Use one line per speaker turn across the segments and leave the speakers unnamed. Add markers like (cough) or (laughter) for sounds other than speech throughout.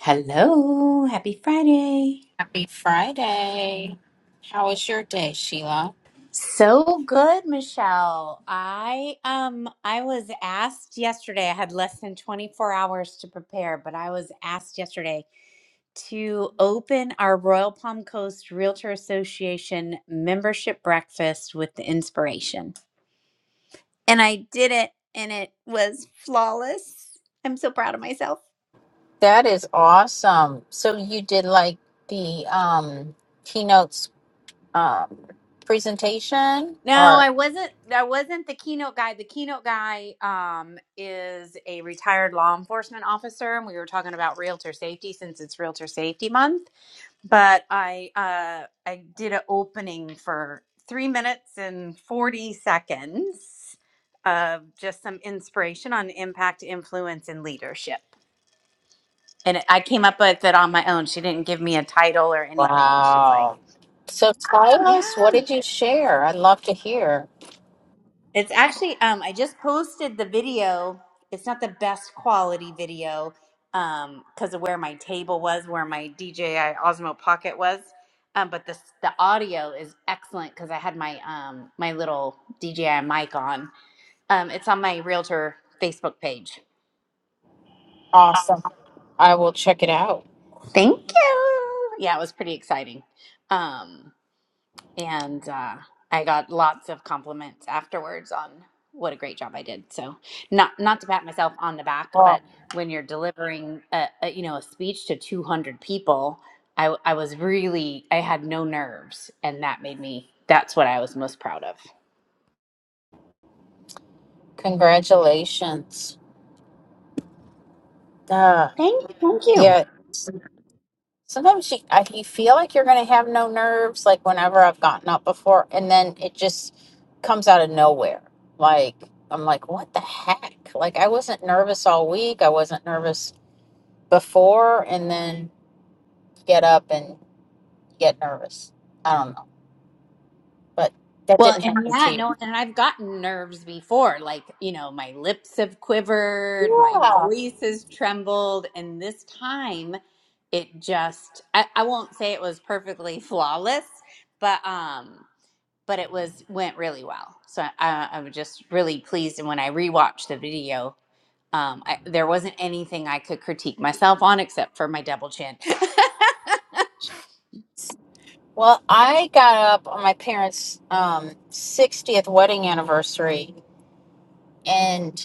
Hello, happy Friday.
Happy Friday. How was your day, Sheila?
So good, Michelle. I um I was asked yesterday, I had less than 24 hours to prepare, but I was asked yesterday to open our Royal Palm Coast Realtor Association membership breakfast with the inspiration. And I did it and it was flawless. I'm so proud of myself.
That is awesome. So you did like the um keynotes um presentation
No,
or
I wasn't. I wasn't the keynote guy. The keynote guy um, is a retired law enforcement officer, and we were talking about realtor safety since it's Realtor Safety Month. But I uh, I did an opening for three minutes and forty seconds of just some inspiration on impact, influence, and leadership. And I came up with it on my own. She didn't give me a title or anything. She's
wow.
like,
So tell
"Yeah."
us what did you share? I'd love to hear.
It's actually um I just posted the video. It's not the best quality video um because of where my table was, where my DJI Osmo Pocket was. Um but the the audio is excellent cuz I had my um my little DJI mic on. Um it's on my realtor Facebook page.
Awesome. I will check it out.
Thank you. Yeah, it was pretty exciting. Um and uh, I got lots of compliments afterwards on what a great job I did. So, not not to pat myself on the back,
Well,
but when you're delivering a, a you know a speech to 200 people, I I was really I had no nerves, and that made me that's what I was most proud of.
congratulations. Uh,
Thank, thank you.
yeah. sometimes you, I, you feel like you're going to have no nerves like whenever i've gotten up before and then it just comes out of nowhere like i'm like what the heck like i wasn't nervous all week i wasn't nervous before and then get up and get nervous i don't know but that
Well,
didn't
and
happen to
yeah, no,
you
and I've gotten nerves before. Like, you know, my lips have quivered, my
yeah
voice has trembled, and this time it just I, I won't say it was perfectly (laughs) flawless, but um but it was went really well. So I I was just really pleased and when I rewatched the video, um I, there wasn't anything I could critique myself on except for my double chin. (laughs)
well i got up on my parents um 60th wedding anniversary and.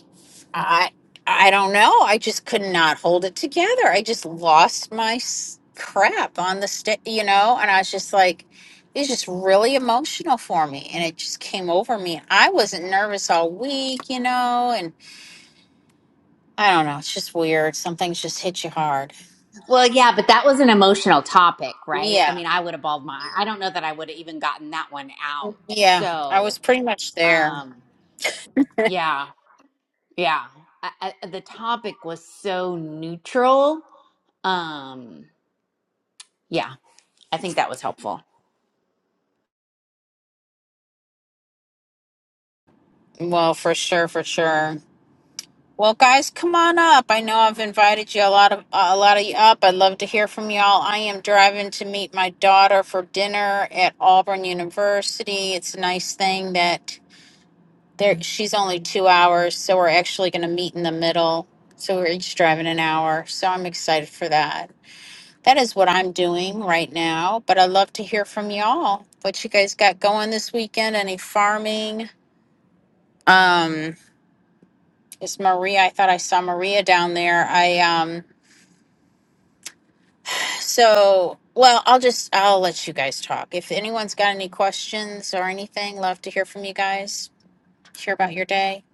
I I don't know. I just could not hold it together. I just lost my s- crap on the sta you know, and I was just like, it was just really emotional for me, and it just came over me. I wasn't nervous all week, you know, and I don't know. It's just weird. Some things just hit you hard.
Well, yeah, but that was an emotional topic, right? I
Yeah,
mean, I would have bawled my I don't know that I would have even gotten that one out.
yeah. I was
So,
pretty much there.
um, yeah, yeah. I, I, the topic was so neutral. Um, yeah, I think that was helpful.
Well, for sure, for sure. Well, guys, come on up. I know I've invited you a lot of uh, a lot of you up. I'd love to hear from y'all. I am driving to meet my daughter for dinner at Auburn University. It's a nice thing that there she's only two hours, so we're actually going to meet in the middle. So we're each driving an hour. So I'm excited for that. That is what I'm doing right now. But I'd love to hear from y'all. What you guys got going this weekend? Any farming? Um, is Maria? I thought I saw Maria down there. I um So, well, I'll just I'll let you guys talk. If anyone's got any questions or anything, love to hear from you guys. Hear about your day.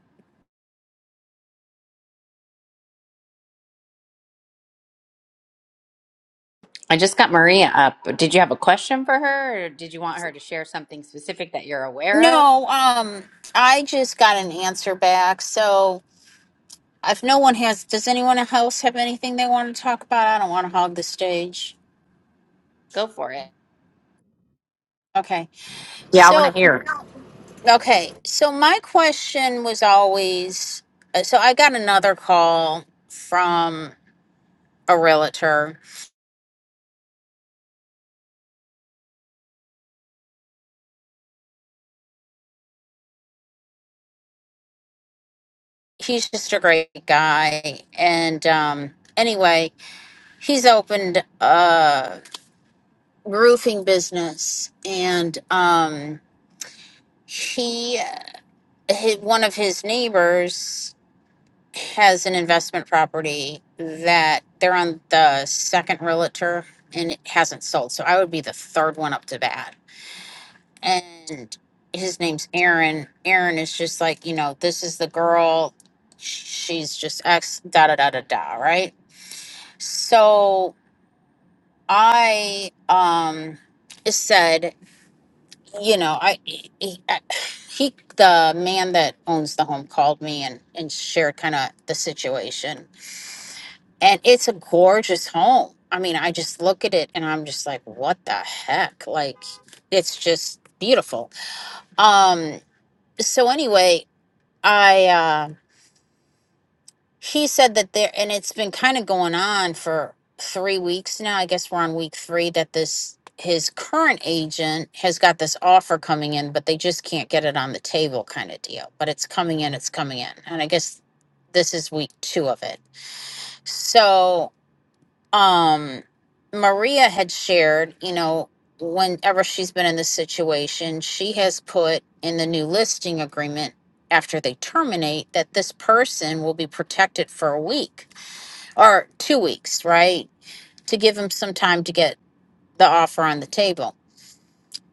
I just got Maria up. Did you have a question for her or did you want her to share something specific that you're aware of?
No, um, I just got an answer back. So, if no one has, does anyone else have anything they want to talk about? I don't want to hog the stage.
Go for it.
Okay.
Yeah, I want to
So,
hear.
okay. So, my question was always uh, so I got another call from a realtor he's just a great guy. And um, anyway, he's opened a roofing business, and um, he, hi one of his neighbors has an investment property that they're on the second realtor, and it hasn't sold. So I would be the third one up to bat, and. His name's Aaron. Aaron is just like, you know, this is the girl. She's just ex. da da da da da, right? So I um said, you know, I he, I- he the man that owns the home called me and and shared kind of the situation. And it's a gorgeous home. I mean, I just look at it and I'm just like, what the heck? Like it's just beautiful. Um so anyway, I uh, She said that there, and it's been kind of going on for three weeks now. I guess we're on week three that this his current agent has got this offer coming in, but they just can't get it on the table kind of deal. But it's coming in, it's coming in. And I guess this is week two of it. So, um, Maria had shared, you know, whenever she's been in this situation, she has put in the new listing agreement after they terminate that this person will be protected for a week or two weeks, right? To give him some time to get the offer on the table.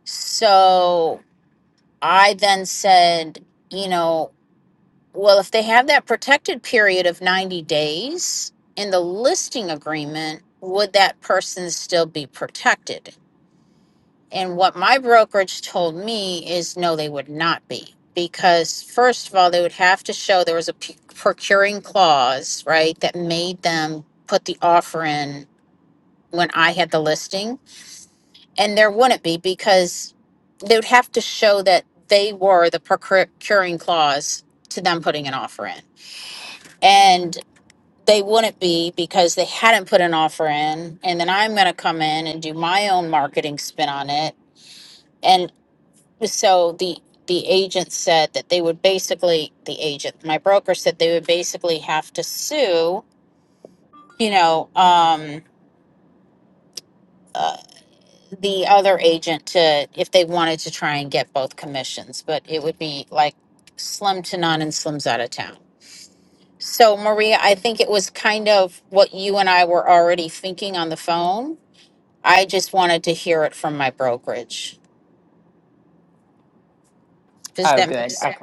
So I then said, you know, well, if they have that protected period of 90 days in the listing agreement, would that person still be protected? And what my brokerage told me is no, they would not be. Because, first of all, they would have to show there was a p- procuring clause, right, that made them put the offer in when I had the listing and there wouldn't be because they would have to show that they were the procuring clause to them putting an offer in and they wouldn't be because they hadn't put an offer in and then i'm going to come in and do my own marketing spin on it and so the the agent said that they would basically the agent my broker said they would basically have to sue you know um uh, the other agent to, if they wanted to try and get both commissions, but it would be like slim to none and slims out of town. So, Maria, I think it was kind of what you and I were already thinking on the phone. I just wanted to hear it from my brokerage. Does
Oh,
that make
good. Okay.
sense?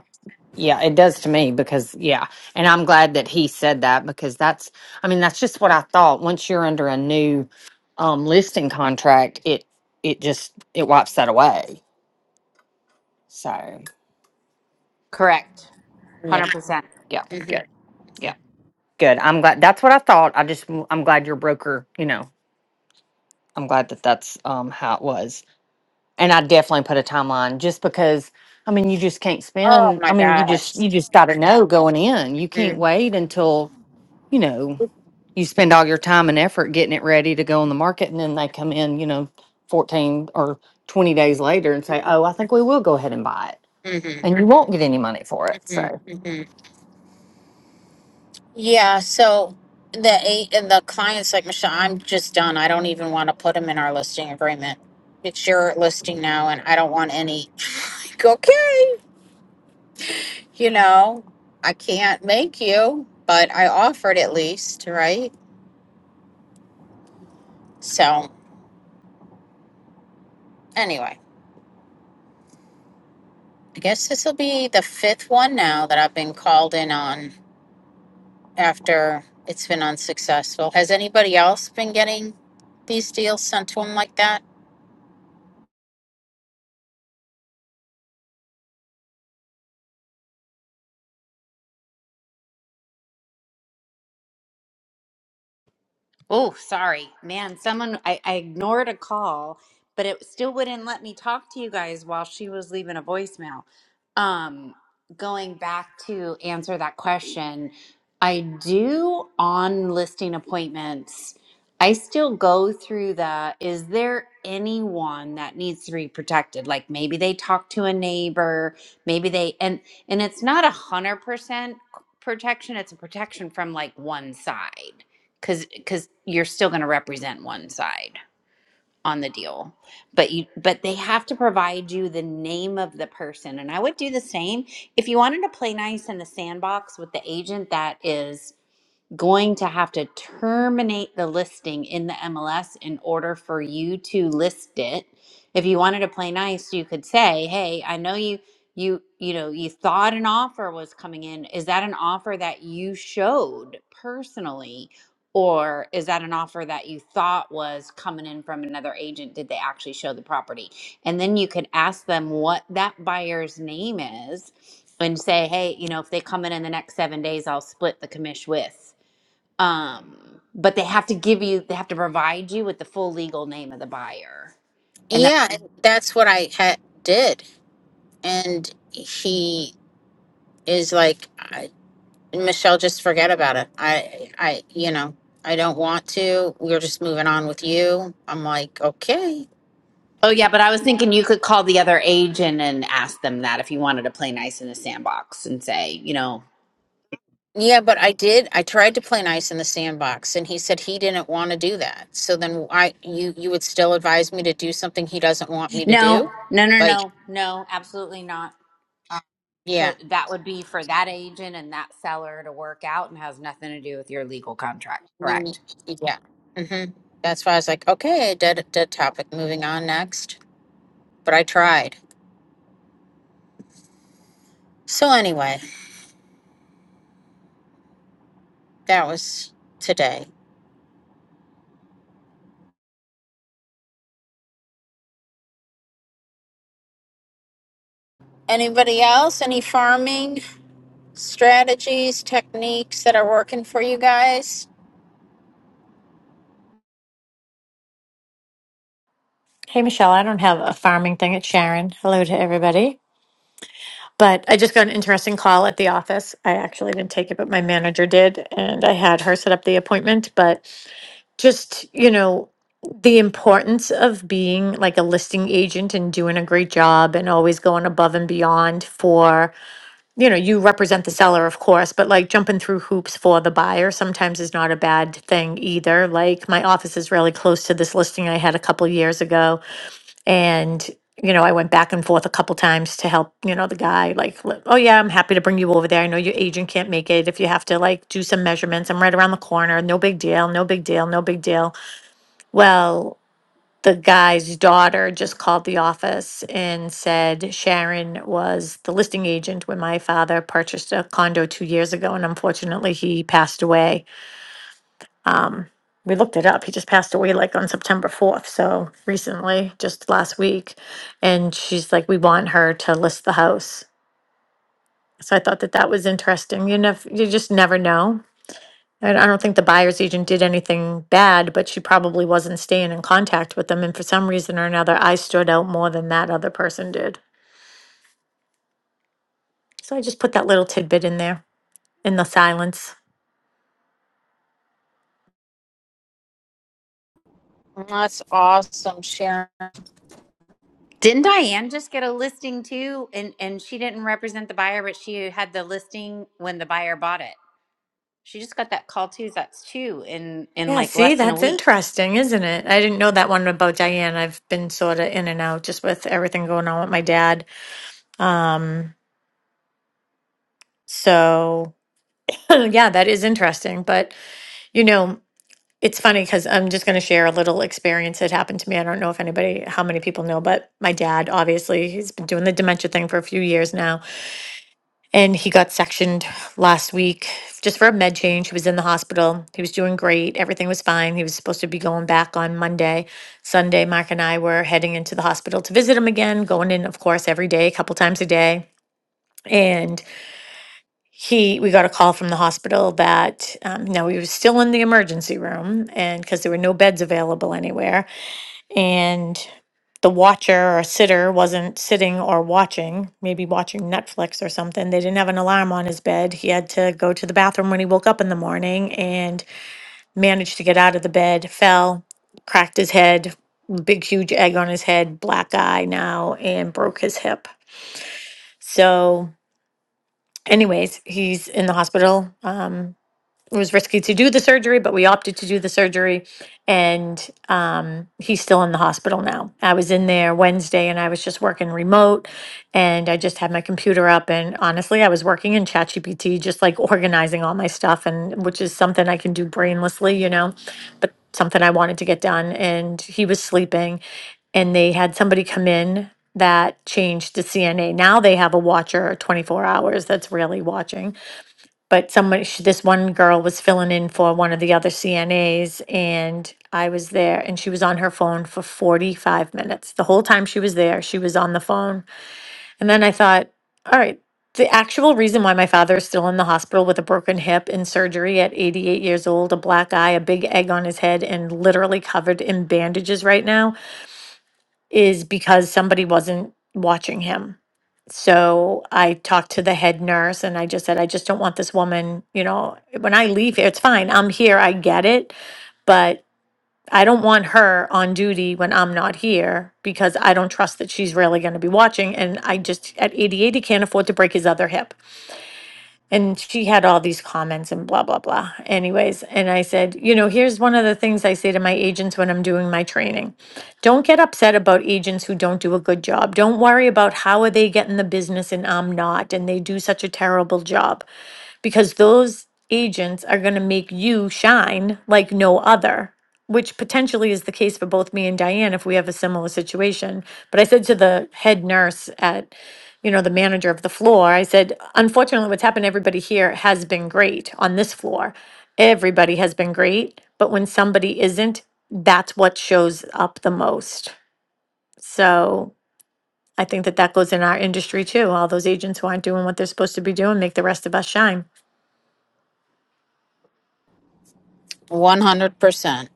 Yeah, it does to me because, yeah. And I'm glad that he said that because that's, I mean, that's just what I thought. Once you're under a new um, listing contract, it, it just, it wipes that away. So,
Correct.
Yeah.
100%.
yeah,
Mhm.
good. Yeah, good. I'm glad. That's what I thought. I just, I'm glad your broker, you know, I'm glad that that's um, how it was. And I definitely put a timeline just because I mean, you just can't
Oh
spend. I
my
mean, you just
gosh.
you just gotta know going in. You can't
hmm
wait until you know. you spend all your time and effort getting it ready to go on the market and then they come in you know 14 or 20 days later and say oh i think we will go ahead and buy it
hmm
and you won't get any money for it so
hmm Yeah, so the eight and the clients like Michelle, I'm just done. I don't even want to put them in our listing agreement. It's your listing now, and I don't want any. (sighs) (laughs) like, okay, you know, I can't make you, but I offered at least, right? So anyway, I guess this will be the fifth one now that I've been called in on after it's been unsuccessful. Has anybody else been getting these deals sent to them like that?
Oh, sorry, man. Someone I, I ignored a call, but it still wouldn't let me talk to you guys while she was leaving a voicemail. Um, going back to answer that question, I do on listing appointments. I still go through the is there anyone that needs to be protected? Like maybe they talk to a neighbor, maybe they and and it's not a hundred percent protection, it's a protection from like one side because because you're still going to represent one side on the deal but you but they have to provide you the name of the person and i would do the same if you wanted to play nice in the sandbox with the agent that is going to have to terminate the listing in the MLS in order for you to list it. If you wanted to play nice, you could say, "Hey, I know you you you know, you thought an offer was coming in. Is that an offer that you showed personally or is that an offer that you thought was coming in from another agent? Did they actually show the property?" And then you could ask them what that buyer's name is and say, "Hey, you know, if they come in in the next 7 days, I'll split the commish with." um but they have to give you they have to provide you with the full legal name of the buyer and that
Yeah, and that's what I had did. and he is like I, michelle just forget about it i i you know i don't want to we're just moving on with you i'm like okay
oh yeah but i was thinking you could call the other agent and ask them that if you wanted to play nice in the sandbox and say you know
yeah but i did i tried to play nice in the sandbox and he said he didn't want to do that so then i you you would still advise me to do something he doesn't want me to
no
do
no no
like
no no absolutely not Uh, 'cause
yeah
that would be for that agent and that seller to work out and has nothing to do with your legal contract
I mean,
correct
yeah hmm that's why i was like okay dead dead topic moving on next but i tried so anyway that was today Anybody else? Any farming strategies, techniques that are working for you guys?
Hey, Michelle, I don't have a farming thing. It's Sharon. Hello to everybody. But I just got an interesting call at the office. I actually didn't take it, but my manager did. And I had her set up the appointment. But just, you know, the importance of being like a listing agent and doing a great job and always going above and beyond for, you know, you represent the seller, of course, but like jumping through hoops for the buyer sometimes is not a bad thing either. Like my office is really close to this listing I had a couple years ago and, you know, I went back and forth a couple times to help, you know, the guy, like, li- oh, yeah, I'm happy to bring you over there. I know your agent can't make it. If you have to, like, do some measurements, I'm right around the corner. No big deal. No big deal. No big deal. Well, the guy's daughter just called the office and said Sharon was the listing agent when my father purchased a condo two years ago. And unfortunately, he passed away um, we looked it up. He just passed away like on September 4th. So recently, just last week. And she's like, we want her to list the house. So I thought that that was interesting. You know, you just never know. And I don't think the buyer's agent did anything bad, but she probably wasn't staying in contact with them. And for some reason or another, I stood out more than that other person did. So I just put that little tidbit in there in the silence.
That's awesome, Sharon.
didn't diane just get a listing too and and she didn't represent the buyer but she had the listing when the buyer bought it She just got that call too. That's two in in
Yeah,
like
see,
less than a
that's
week.
interesting, isn't it? I didn't know that one about Diane. I've been sort of in and out just with everything going on with my dad. Um, so (clears throat) (laughs) yeah, that is interesting. But you know, it's funny because I'm just going to share a little experience that happened to me. I don't know if anybody, how many people know, but my dad, obviously, he's been doing the dementia thing for a few years now. and he got sectioned last week just for a med change. He was in the hospital. He was doing great. Everything was fine. He was supposed to be going back on Monday. Sunday, Mark and I were heading into the hospital to visit him again, going in, of course, every day, a couple times a day. And he, we got a call from the hospital that um, now he was still in the emergency room, and because there were no beds available anywhere, and the watcher or sitter wasn't sitting or watching, maybe watching Netflix or something. They didn't have an alarm on his bed. He had to go to the bathroom when he woke up in the morning and managed to get out of the bed, fell, cracked his head, big, huge egg on his head, black eye now, and broke his hip. So, anyways, he's in the hospital. Um, it was risky to do the surgery, but we opted to do the surgery. And um, he's still in the hospital now. I was in there Wednesday and I was just working remote and I just had my computer up. And honestly, I was working in ChatGPT, just like organizing all my stuff, and which is something I can do brainlessly, you know, but something I wanted to get done. And he was sleeping and they had somebody come in that changed to CNA. Now they have a watcher 24 hours that's really watching but someone, sh- this one girl was filling in for one of the other CNAs, and I was there, and she was on her phone for 45 minutes. The whole time she was there, she was on the phone. And then I thought, all right, the actual reason why my father is still in the hospital with a broken hip and surgery at 88 years old, a black eye, a big egg on his head, and literally covered in bandages right now is because somebody wasn't watching him. So I talked to the head nurse and I just said, I just don't want this woman, you know, when I leave here, it's fine. I'm here. I get it. But I don't want her on duty when I'm not here because I don't trust that she's really going to be watching. And I just, at 88, he can't afford to break his other hip and she had all these comments and blah blah blah anyways and i said you know here's one of the things i say to my agents when i'm doing my training don't get upset about agents who don't do a good job don't worry about how are they getting the business and i'm not and they do such a terrible job because those agents are going to make you shine like no other which potentially is the case for both me and Diane if we have a similar situation. But I said to the head nurse at, you know, the manager of the floor, I said, unfortunately, what's happened to everybody here has been great on this floor. Everybody has been great. But when somebody isn't, that's what shows up the most. So I think that that goes in our industry too. All those agents who aren't doing what they're supposed to be doing make the rest of us shine.
100%.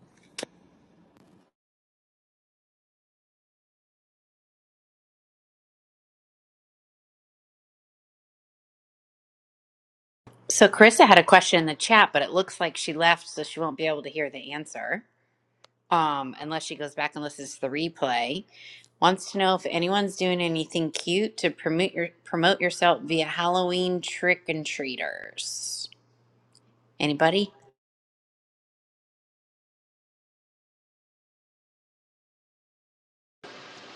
So Carissa had a question in the chat, but it looks like she left, so she won't be able to hear the answer. Um, unless she goes back and listens to the replay. Wants to know if anyone's doing anything cute to promote your promote yourself via Halloween trick and treaters. Anybody?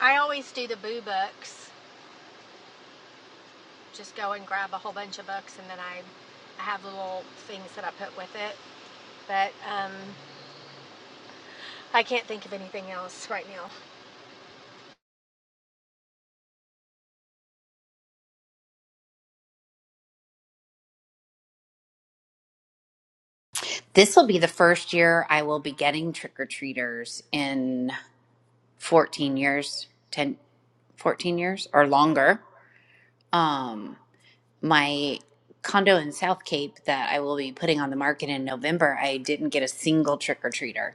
I always do the boo books. Just go and grab a whole bunch of books, and then I, I have little things that I put with it. But um, I can't think of anything else right now.
This will be the first year I will be getting trick or treaters in 14 years, 10 14 years or longer. Um, my condo in South Cape that I will be putting on the market in November, I didn't get a single trick or treater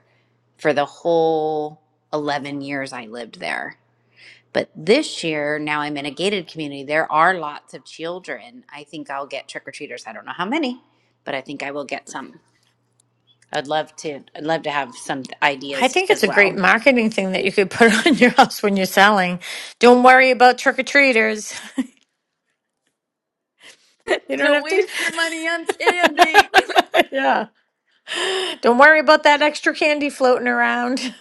for the whole 11 years I lived there. But this year, now I'm in a gated community, there are lots of children. I think I'll get trick or treaters. I don't know how many, but I think I will get some. I'd love to I'd love to have some
I
ideas
think it's
as
a great
well.
marketing thing that you could put (laughs) on your house when you're selling. Don't worry about trick or treaters. (laughs)
(laughs)
You don't
Don't
have to.
waste your money on candy. (laughs)
(laughs) yeah. Don't worry about that extra candy floating around.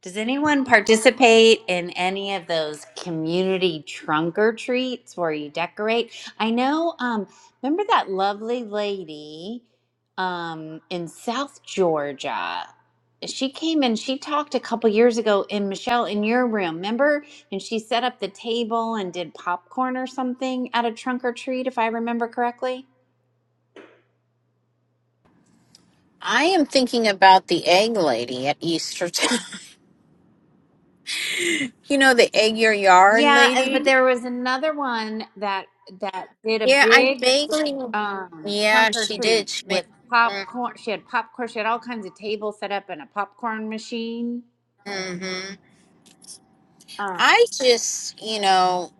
Does anyone participate in any of those community trunk or treats where you decorate? I know, um, remember that lovely lady um, in South Georgia? She came and she talked a couple years ago in Michelle in your room, remember? And she set up the table and did popcorn or something at a trunk or treat, if I remember correctly.
I am thinking about the egg lady at Easter time. (laughs) you know, the egg your yard
Yeah, and but
lady?
there was another one that that did a
Yeah, I
big
vaguely.
um
Yeah,
trunk or
she did.
treat
She made.
with popcorn. She had popcorn. She had all kinds of tables set up and a popcorn machine.
Mm-hmm.
Uh,
I just, you know,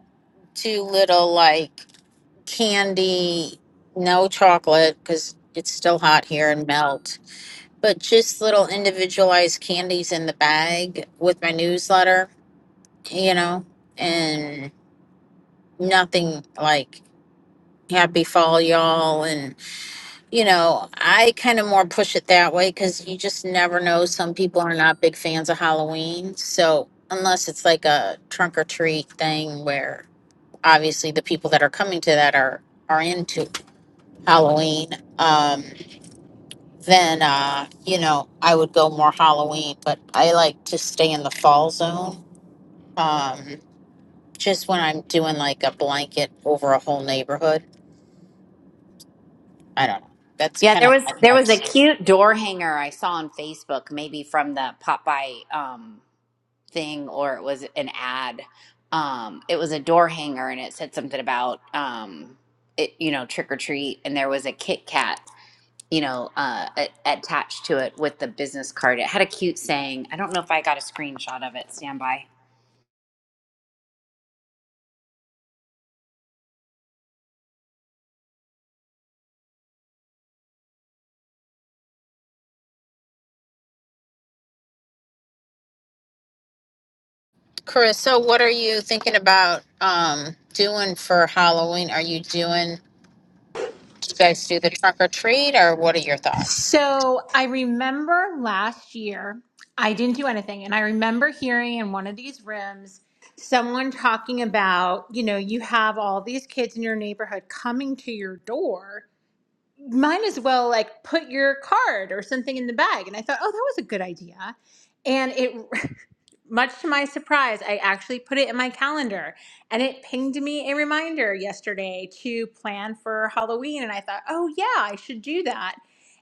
do little like candy, no chocolate because it's still hot here and melt. but just little individualized candies in the bag with my newsletter, you know, and nothing like happy fall y'all and you know i kind of more push it that way because you just never know some people are not big fans of halloween so unless it's like a trunk or treat thing where obviously the people that are coming to that are are into halloween Um, then uh, you know I would go more Halloween. But I like to stay in the fall zone. Um, just when I'm doing like a blanket over a whole neighborhood. I don't know. That's
yeah,
kind
there
of
was
my
there was a
vibes.
cute door hanger I saw on Facebook, maybe from the Popeye um thing, or it was an ad. Um, it was a door hanger, and it said something about um, it, you know, trick or treat, and there was a Kit Kat you know, uh, a- attached to it with the business card. It had a cute saying. I don't know if I got a screenshot of it. Stand by.
Chris, so what are you thinking about um, doing for Halloween? Are you doing? Do you guys do the trunk or treat, or what are your thoughts?
So I remember last year, I didn't do anything. And I remember hearing in one of these rooms someone talking about, you know, you have all these kids in your neighborhood coming to your door might as well like put your card or something in the bag. And I thought, oh, that was a good idea. And it, (laughs) much to my surprise, I actually put it in my calendar and it pinged me a reminder yesterday to plan for Halloween. And I thought, oh, yeah, I should do that.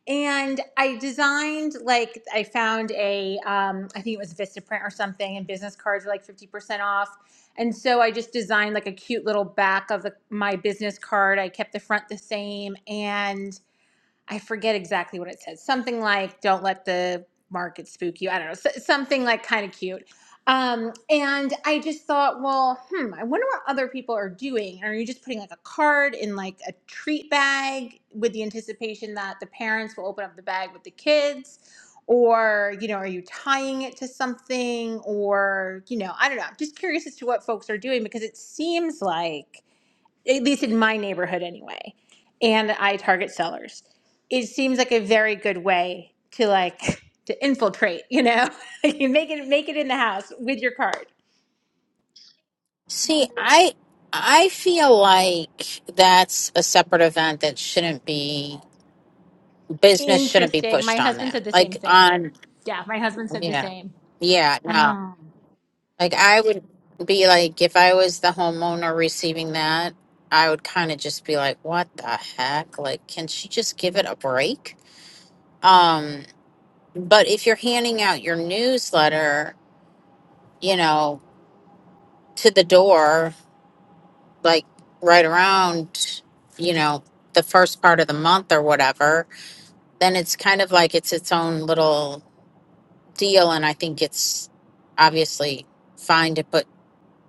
And I designed like I found a um, I think it was Vistaprint or something, and business cards are like fifty percent off. And so I just designed like a cute little back of the, my business card. I kept the front the same, and I forget exactly what it says. Something like "Don't let the market spook you." I don't know. S- something like kind of cute. Um, and I just thought, well, hmm, I wonder what other people are doing. Are you just putting like a card in like a treat bag with the anticipation that the parents will open up the bag with the kids? Or, you know, are you tying it to something? Or, you know, I don't know. I'm just curious as to what folks are doing because it seems like at least in my neighborhood anyway, and I target sellers. It seems like a very good way to like (laughs) to infiltrate, you know? (laughs) you make it make it in the house with your card.
See, I I feel like that's a separate event that shouldn't be business shouldn't be
Interesting. My
pushed on
husband
that.
said the same
Like
thing.
on
Yeah, my husband said the
Yeah.
same.
Yeah. No.
Hmm.
Like I would be like, if I was the homeowner receiving that, I would kind of just be like, what the heck? Like, can she just give it a break? Um, but if you're handing out your newsletter, you know, to the door, like right around, you know, the first part of the month or whatever, then it's kind of like it's its own little deal. And I think it's obviously fine to put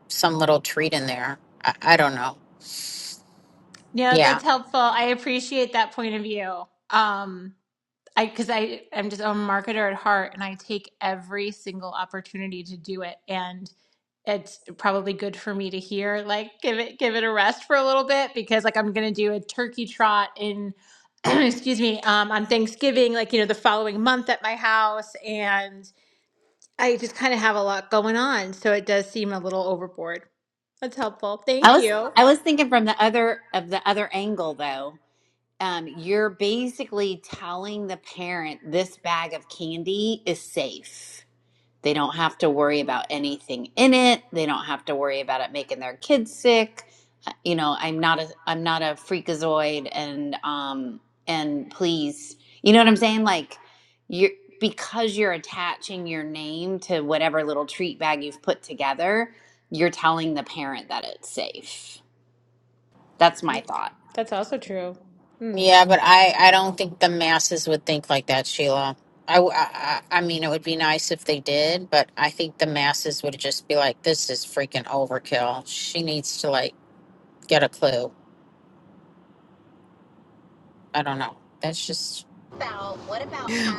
some little treat in there. I, I don't know.
Yeah,
Yeah.
that's helpful. I appreciate that point of view. Um, I because I I'm just I'm a marketer at heart and I take every single opportunity to do it and it's probably good for me to hear like give it give it a rest for a little bit because like I'm gonna do a turkey trot in (clears throat) excuse me um, on Thanksgiving like you know the following month at my house and I just kind of have a lot going on so it does seem a little overboard. That's helpful.
I
Thank
was
you.
I was thinking from the other of the other angle though. Um, you're basically telling the parent this bag of candy is safe. They don't have to worry about anything in it. They don't have to worry about it making their kids sick. Uh, You know, I'm not a I'm not a freakazoid and um and please, you know what I'm saying? Like you're because you're attaching your name to whatever little treat bag you've put together, you're telling the parent that it's safe. That's my thought.
That's also true.
Yeah, but I, I don't think the masses would think like that, Sheila. I, w- I- I- I mean, it would be nice if they did, but I think the masses would just be like, this is freaking overkill. She needs to, like, get a clue. I don't know. That's just.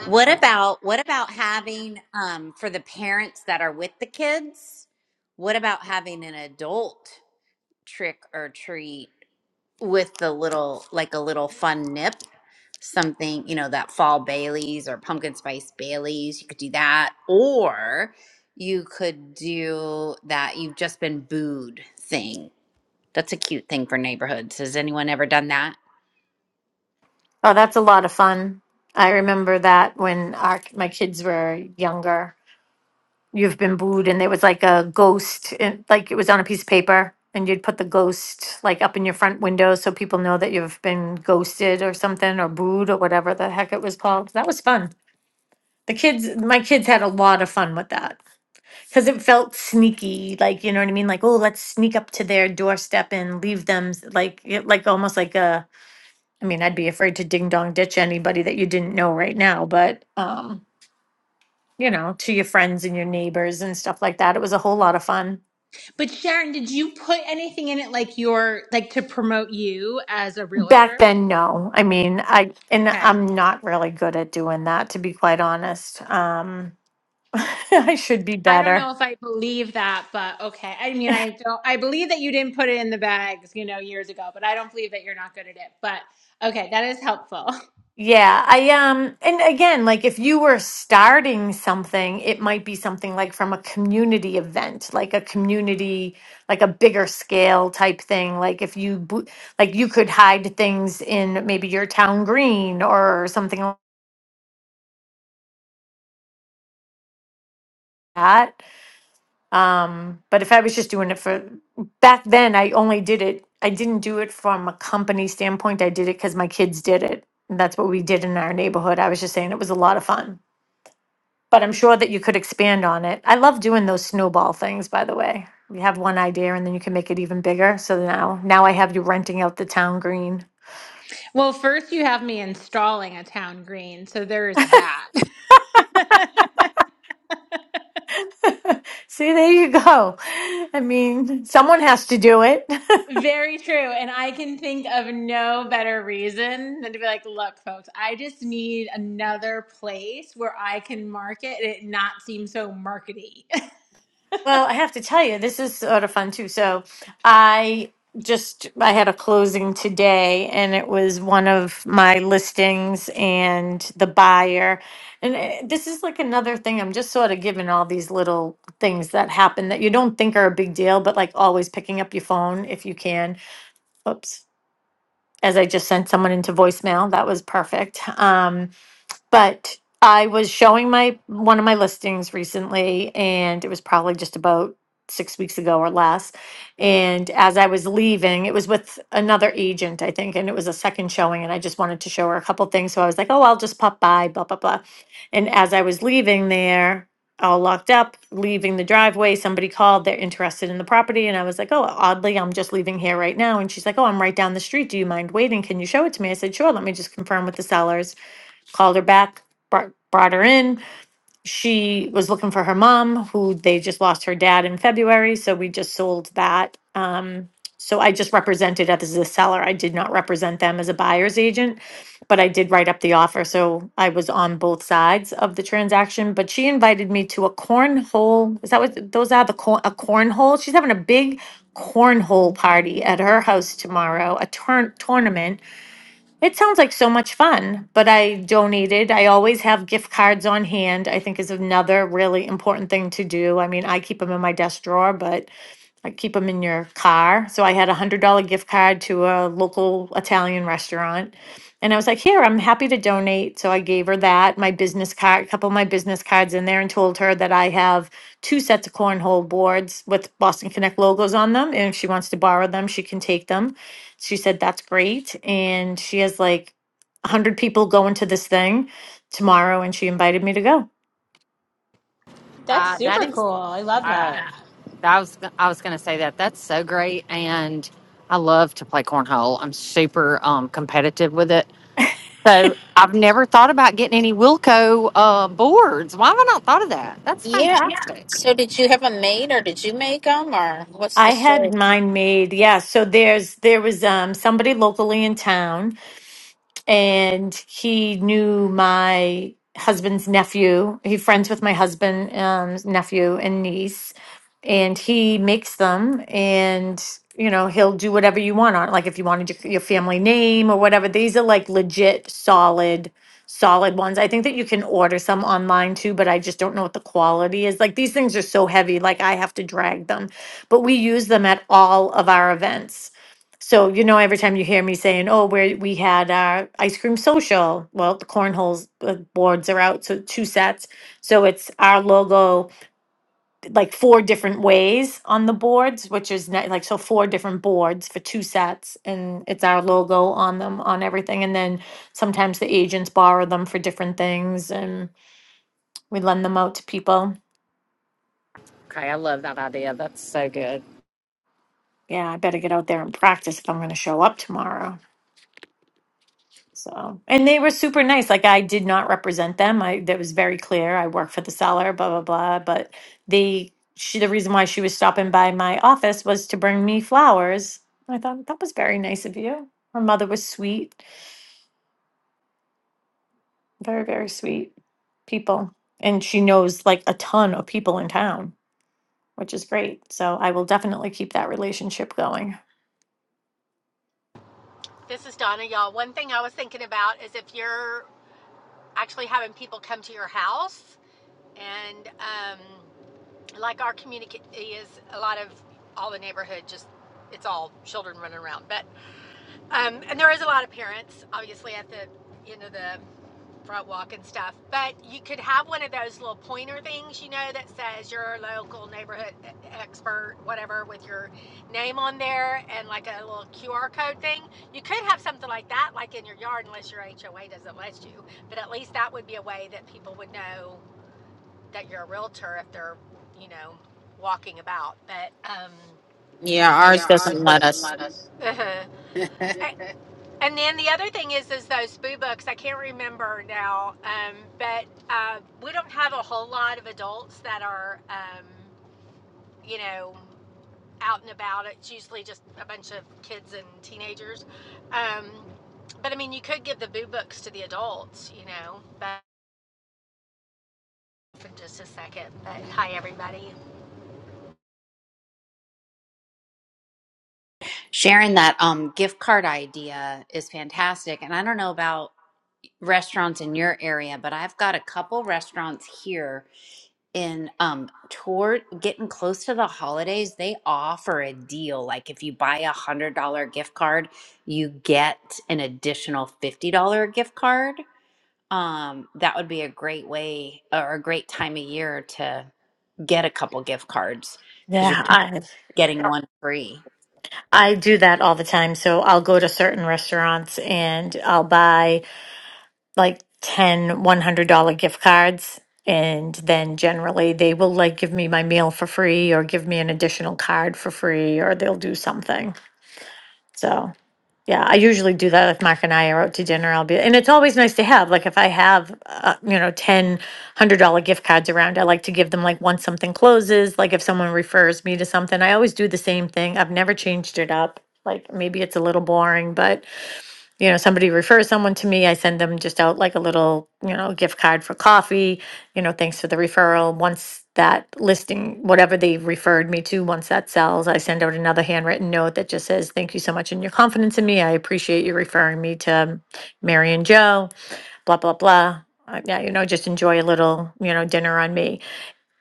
What about what about having um for the parents that are with the kids? What about having an adult? trick or treat with the little like a little fun nip something you know that fall baileys or pumpkin spice baileys you could do that or you could do that you've just been booed thing that's a cute thing for neighborhoods has anyone ever done that
(laughs) oh, that's a lot of fun. I remember that when our my kids were younger. You've been booed, and there was like a ghost, in, like it was on a piece of paper, and you'd put the ghost like up in your front window so people know that you've been ghosted or something, or booed or whatever the heck it was called. That was fun. The kids, my kids had a lot of fun with that because it felt sneaky, like you know what I mean. Like, oh, let's sneak up to their doorstep and leave them, s- like, it- like almost like a. I mean, I'd be afraid to ding dong ditch anybody that you didn't know right now, but um, you know, to your friends and your neighbors and stuff like that. It was a whole lot of fun.
But Sharon, did you put anything in it like your like to promote you as a
Back
realtor?
then, no. I mean, I and
Okay.
I'm not really good at doing that, to be quite honest. Um, (laughs) I should be
I don't
better.
know if I believe that, but okay. I mean, I don't I believe that you didn't put it in the bags, you know, years ago, but I don't believe that you're not good at it. But okay, that is helpful. (laughs)
Yeah, I um and again, like if you were starting something, it might be something like from a community event, like a community, like a bigger scale type thing. Like if you bo- like you could hide things in maybe your town green or something like that. Um, but if I was just doing it for back then, I only did it. I didn't do it from a company standpoint. I did it because my kids did it. And that's what we did in our neighborhood. I was just saying it was a lot of fun. but I'm sure that you could expand on it. I love doing those snowball things, by the way. You have one idea and then you can make it even bigger. So now now I have you renting out the town green.
Well, first you have me installing a town green, so there's that. (laughs)
See, there you go. (laughs) I mean, someone has to do it. (laughs)
Very true. And I can think of no better reason than to be like, look, folks, I just need another place where I can market and it not seem so markety.
Well, I have to tell you, this is sort of fun too. So I just I had a closing today and it was one of my listings and the buyer. And eh, this is like another thing. I'm just sort of given all these little things that happen that you don't think are a big deal, but like always picking up your phone if you can. Oops. As I just sent someone into voicemail, that was perfect. Um, but I was showing my one of my listings recently, and it was probably just about six weeks ago or less. And as I was leaving, it was with another agent, I think, and it was a second showing, and I just wanted to show her a couple things. So I was like, oh, I'll just pop by, blah, blah, blah. And as I was leaving there, all locked up, leaving the driveway, somebody called, they're interested in the property. And I was like, oh, oddly, I'm just leaving here right now. And she's like, oh, I'm right down the street. Do you mind waiting? Can you show it to me? I said, sure, let me just confirm with the sellers called her back, brought, brought her in. She was looking for her mom, who they just lost her dad in February. So we just sold that. Um, so I just represented it as a seller. I did not represent them as a buyer's agent, but I did write up the offer. So I was on both sides of the transaction. But she invited me to a cornhole. Is that what those are? The corn a cornhole. She's having a big cornhole party at her house tomorrow. A turn tournament it sounds like so much fun, but I donated. I always have gift cards on hand, I think is another really important thing to do. I mean, I keep them in my desk drawer, but I keep them in your car. So I had a hundred dollar gift card to a local Italian restaurant. And I was like, here, I'm happy to donate. So I gave her that, my business card, a couple of my business cards in there, and told her that I have two sets of cornhole boards with Boston Connect logos on them. And if she wants to borrow them, she can take them. She said, that's great. And she has like 100 people going to this thing tomorrow. And she invited me to go.
(laughs) That's
Uh, that
super
is,
cool. I love
uh,
that.
I was, I was going to say that. That's so great, and I love to play cornhole. I'm super um, competitive with it. So I've never thought about getting any Wilco uh, boards. Why have I not thought of that? That's
Yeah.
fantastic.
So did you have a maid or did you make them or what's
I
the
had
story?
mine made. Yeah, so there's there was um somebody locally in town and he knew my husband's nephew. He friends with my husband um nephew and niece and he makes them and you know he'll do whatever you want on it. like if you wanted your, your family name or whatever these are like legit solid solid ones i think that you can order some online too but i just don't know what the quality is like these things are so heavy like i have to drag them but we use them at all of our events so you know every time you hear me saying oh where we had our ice cream social well the cornholes uh, boards are out so two sets so it's our logo like four different ways on the boards, which is ne- like so four different boards for two sets, and it's our logo on them on everything. And then sometimes the agents borrow them for different things, and we lend them out to people.
Okay, I love that idea. That's so good.
Yeah, I better get out there and practice if I'm going to show up tomorrow. So, and they were super nice. Like I did not represent them. I that was very clear. I work for the seller, blah blah blah. But they, she, the reason why she was stopping by my office was to bring me flowers. I thought that was very nice of you. Her mother was sweet, very very sweet people, and she knows like a ton of people in town, which is great. So I will definitely keep that relationship going.
This is Donna, y'all. One thing I was thinking about is if you're actually having people come to your house, and um, like our community is a lot of all the neighborhood, just it's all children running around, but Um, and there is a lot of parents, obviously, at the you know the front walk and stuff. But you could have one of those little pointer things, you know, that says your local neighborhood e- expert, whatever, with your name on there and like a little QR code thing. You could have something like that, like in your yard, unless your HOA doesn't let you. But at least that would be a way that people would know that you're a realtor if they're, you know, walking about. But um,
Yeah, ours
Yeah, ours
doesn't let
doesn't
us.
let us. Uh-huh. I- And then the other thing is, is those boo books. I can't remember now, um, but uh, we don't have a whole lot of adults that are, um, you know, out and about. It's usually just a bunch of kids and teenagers. Um, but I mean, you could give the boo books to the adults, you know. But for just a second. But hi, everybody.
sharon that um gift card idea is fantastic and i don't know about restaurants in your area but i've got a couple restaurants here in um toward getting close to the holidays they offer a deal like if you buy a hundred dollar gift card you get an additional fifty dollar gift card um that would be a great way or a great time of year to get a couple gift cards because you're
Yeah, I
getting one free
I do that all the time. So I'll go to certain restaurants and I'll buy like ten one dollars gift cards and then generally they will like give me my meal for free or give me an additional card for free or they'll do something. So Yeah, I usually do that if Mark and I are out to dinner. I'll be, and it's always nice to have, like, if I have, uh, you know, ten, hundred dollar gift cards around, I like to give them like once something closes, like if someone refers me to something, I always do the same thing. I've never changed it up. Like maybe it's a little boring, but you know, somebody refers someone to me, I send them just out like a little, you know, gift card for coffee, you know, thanks for the referral. Once that listing, whatever they referred me to, once that sells, I send out another handwritten note that just says, thank you so much and your confidence in me. I appreciate you referring me to Mary and Joe, blah, blah, blah. Uh, yeah, you know, just enjoy a little, you know, dinner on me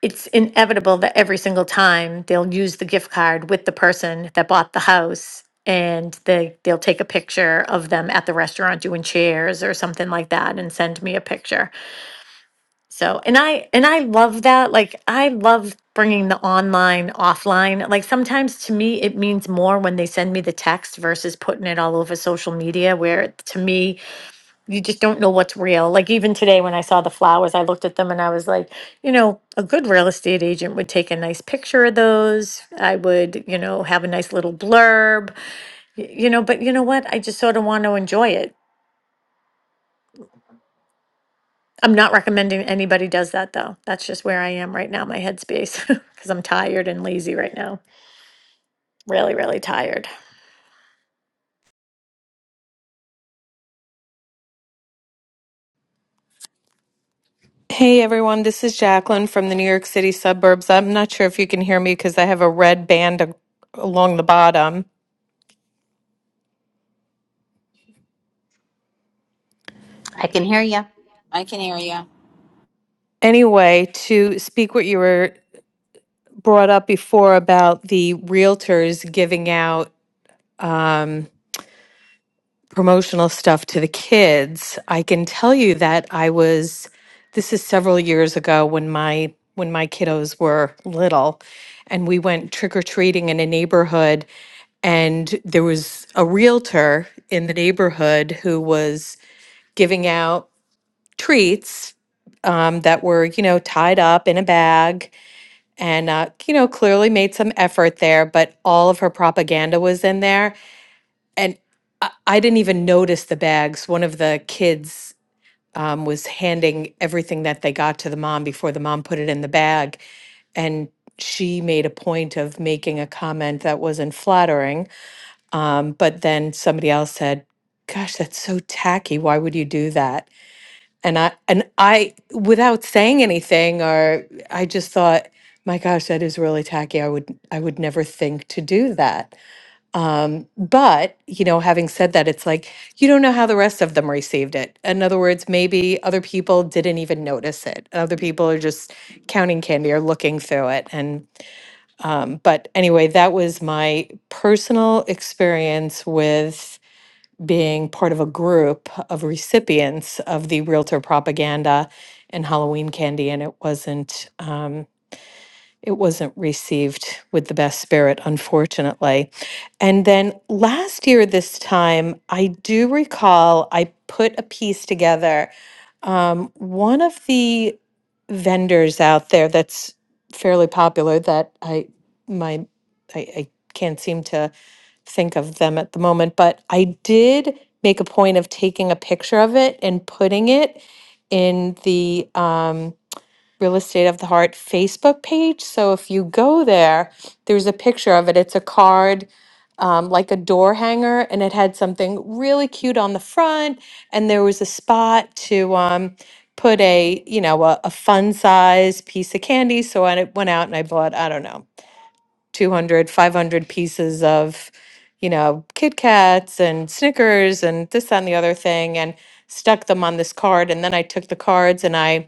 it's inevitable that every single time they'll use the gift card with the person that bought the house and they they'll take a picture of them at the restaurant doing chairs or something like that and send me a picture. So, and I and I love that. Like I love bringing the online offline. Like sometimes to me it means more when they send me the text versus putting it all over social media where to me you just don't know what's real. Like even today when I saw the flowers, I looked at them and I was like, you know, a good real estate agent would take a nice picture of those. I would, you know, have a nice little blurb. y- You know, but you know what? I just sort of want to enjoy it. I'm not recommending anybody does that though. That's just where I am right now, my headspace, (laughs) because I'm tired and lazy right now. Really, really tired.
Hey everyone, this is Jacqueline from the New York City suburbs. I'm not sure if you can hear me because I have a red band a- along the bottom.
i can hear you
I can hear you.
Anyway, to speak what you were brought up before about the realtors giving out um, promotional stuff to the kids, I can tell you that I was this is several years ago when my when my kiddos were little and we went trick-or-treating in a neighborhood and there was a realtor in the neighborhood who was giving out treats um, that were you know tied up in a bag and uh, you know clearly made some effort there but all of her propaganda was in there and I, I didn't even notice the bags. One of the kids um, was handing everything that they got to the mom before the mom put it in the bag, and she made a point of making a comment that wasn't flattering. Um, but then somebody else said, "Gosh, that's so tacky. Why would you do that?" And I and I, without saying anything, or I just thought, "My gosh, that is really tacky. I would I would never think to do that." Um, but, you know, having said that, it's like you don't know how the rest of them received it. In other words, maybe other people didn't even notice it. Other people are just counting candy or looking through it. And, um, but anyway, that was my personal experience with being part of a group of recipients of the realtor propaganda and Halloween candy. And it wasn't, um, it wasn't received with the best spirit, unfortunately. And then last year, this time, I do recall I put a piece together. Um, one of the vendors out there that's fairly popular that I my I, I can't seem to think of them at the moment, but I did make a point of taking a picture of it and putting it in the um, Real Estate of the Heart Facebook page. So if you go there, there's a picture of it. It's a card, um, like a door hanger, and it had something really cute on the front. And there was a spot to um, put a, you know, a, a fun size piece of candy. So I went out and I bought, I don't know, 200, 500 pieces of, you know, Kit Kats and Snickers and this, that, and the other thing, and stuck them on this card. And then I took the cards and I,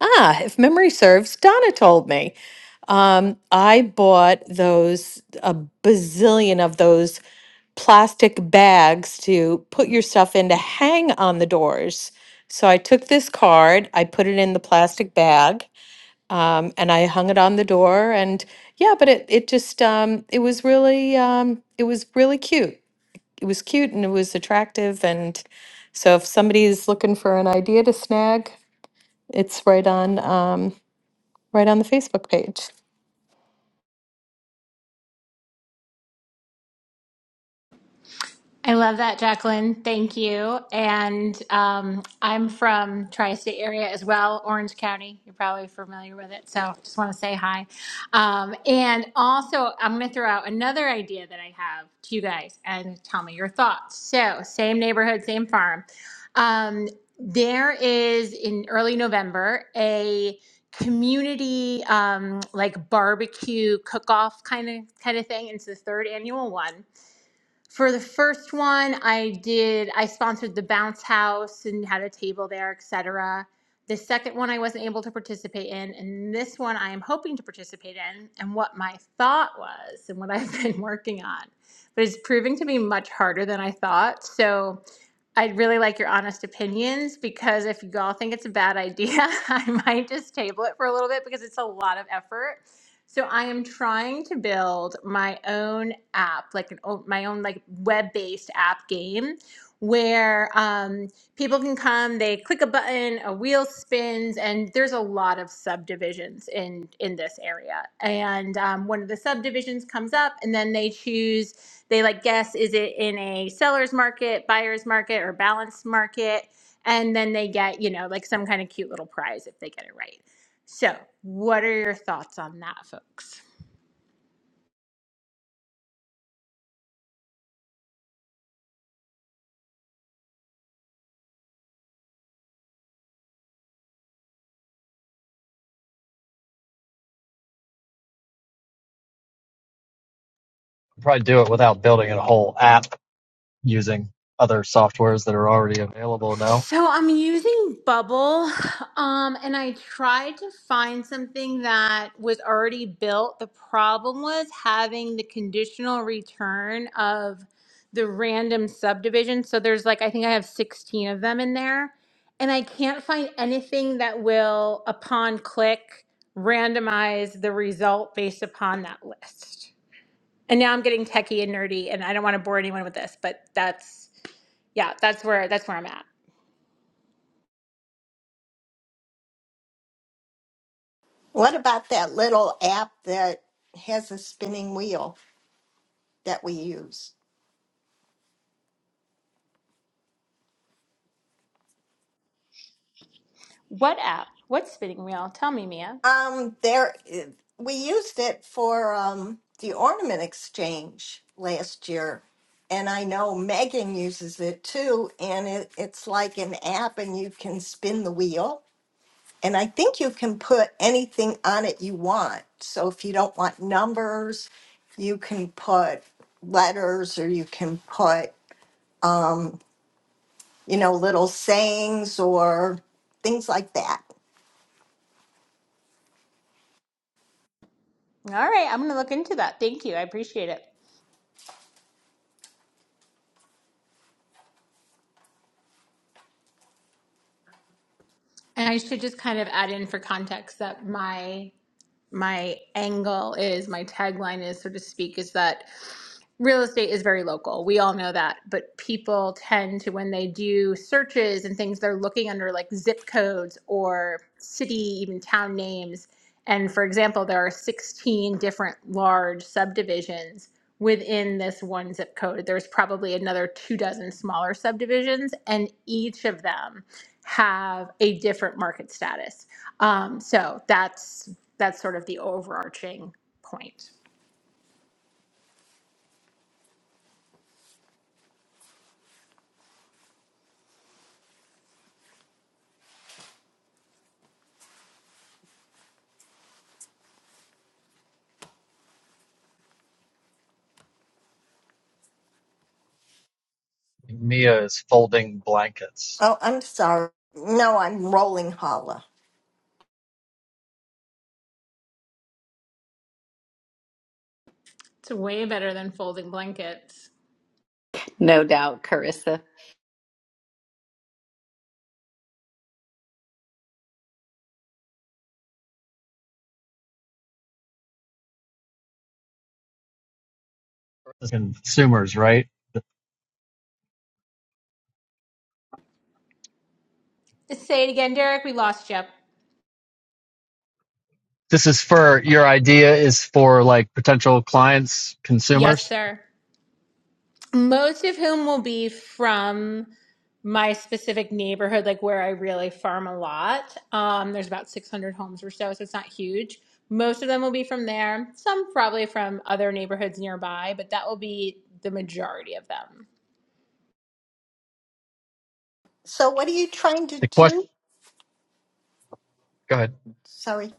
Ah, if memory serves, Donna told me. Um, I bought those, a bazillion of those plastic bags to put your stuff in to hang on the doors. So I took this card, I put it in the plastic bag, um, and I hung it on the door. And yeah, but it it just um, it was really um, it was really cute. It was cute and it was attractive. And so if somebody's looking for an idea to snag, it's right on. Um, right on the Facebook page.
I love that, Jacqueline. Thank you. And um, I'm from tri-state area as well, Orange County. You're probably familiar with it, so just want to say hi. Um, and also, I'm going to throw out another idea that I have to you guys, and tell me your thoughts. So, same neighborhood, same farm. Um, there is in early November a community um, like barbecue cook-off kind of kind of thing. It's the third annual one for the first one, I did I sponsored the bounce house and had a table there, etc. The second one I wasn't able to participate in, and this one I am hoping to participate in, and what my thought was and what I've (laughs) been working on. But it's proving to be much harder than I thought. So I'd really like your honest opinions because if you all think it's a bad idea, (laughs) I might just table it for a little bit because it's a lot of effort. So I am trying to build my own app, like an o- my own like web-based app game, where um, People can come, they click a button, a wheel spins, and there's a lot of subdivisions in in this area. And um, one of the subdivisions comes up, and then they choose. They like guess is it in a seller's market, buyer's market, or balanced market, and then they get you know like some kind of cute little prize if they get it right. So, what are your thoughts on that, folks?
probably do it without building a whole app using other softwares that are already available now.
So I'm using Bubble, um, and I tried to find something that was already built. The problem was having the conditional return of the random subdivision. So there's like, I think I have 16 of them in there, and I can't find anything that will, upon click, randomize the result based upon that list. And now I'm getting techie and nerdy, and I don't want to bore anyone with this, but that's, yeah, that's where that's where I'm at.
What about that little app that has a spinning wheel that we use?
What app? What spinning wheel? Tell me, Mia.
Um, there, we used it for um, the ornament exchange last year, and I know Megan uses it too. And it, it's like an app, and you can spin the wheel, and I think you can put anything on it you want. So if you don't want numbers, you can put letters, or you can put you know, little sayings or things like that.
All right, I'm going to look into that. Thank you. I appreciate it. And I should just kind of add in for context that my my angle is my tagline is so to speak is that real estate is very local. We all know that, but people tend to when they do searches and things they're looking under like zip codes or city even town names. And for example, there are 16 different large subdivisions within this one zip code, there's probably another two dozen smaller subdivisions, and each of them have a different market status. Um, so that's that's sort of the overarching point.
Mia is folding blankets
Oh, I'm sorry. No, I'm rolling holla.
It's way better than folding blankets.
No doubt, Carissa.
for consumers, right?
Say it again, Derek. We lost you.
This is for your idea is for like potential clients,
Yes,
consumers.
sir. most of whom will be from my specific neighborhood, like where I really farm a lot. Um, there's about 600 homes or so, so it's not huge. Most of them will be from there. Some probably from other neighborhoods nearby, but that will be the majority of them.
So what are you trying to
The question,
do?
go ahead.
Sorry.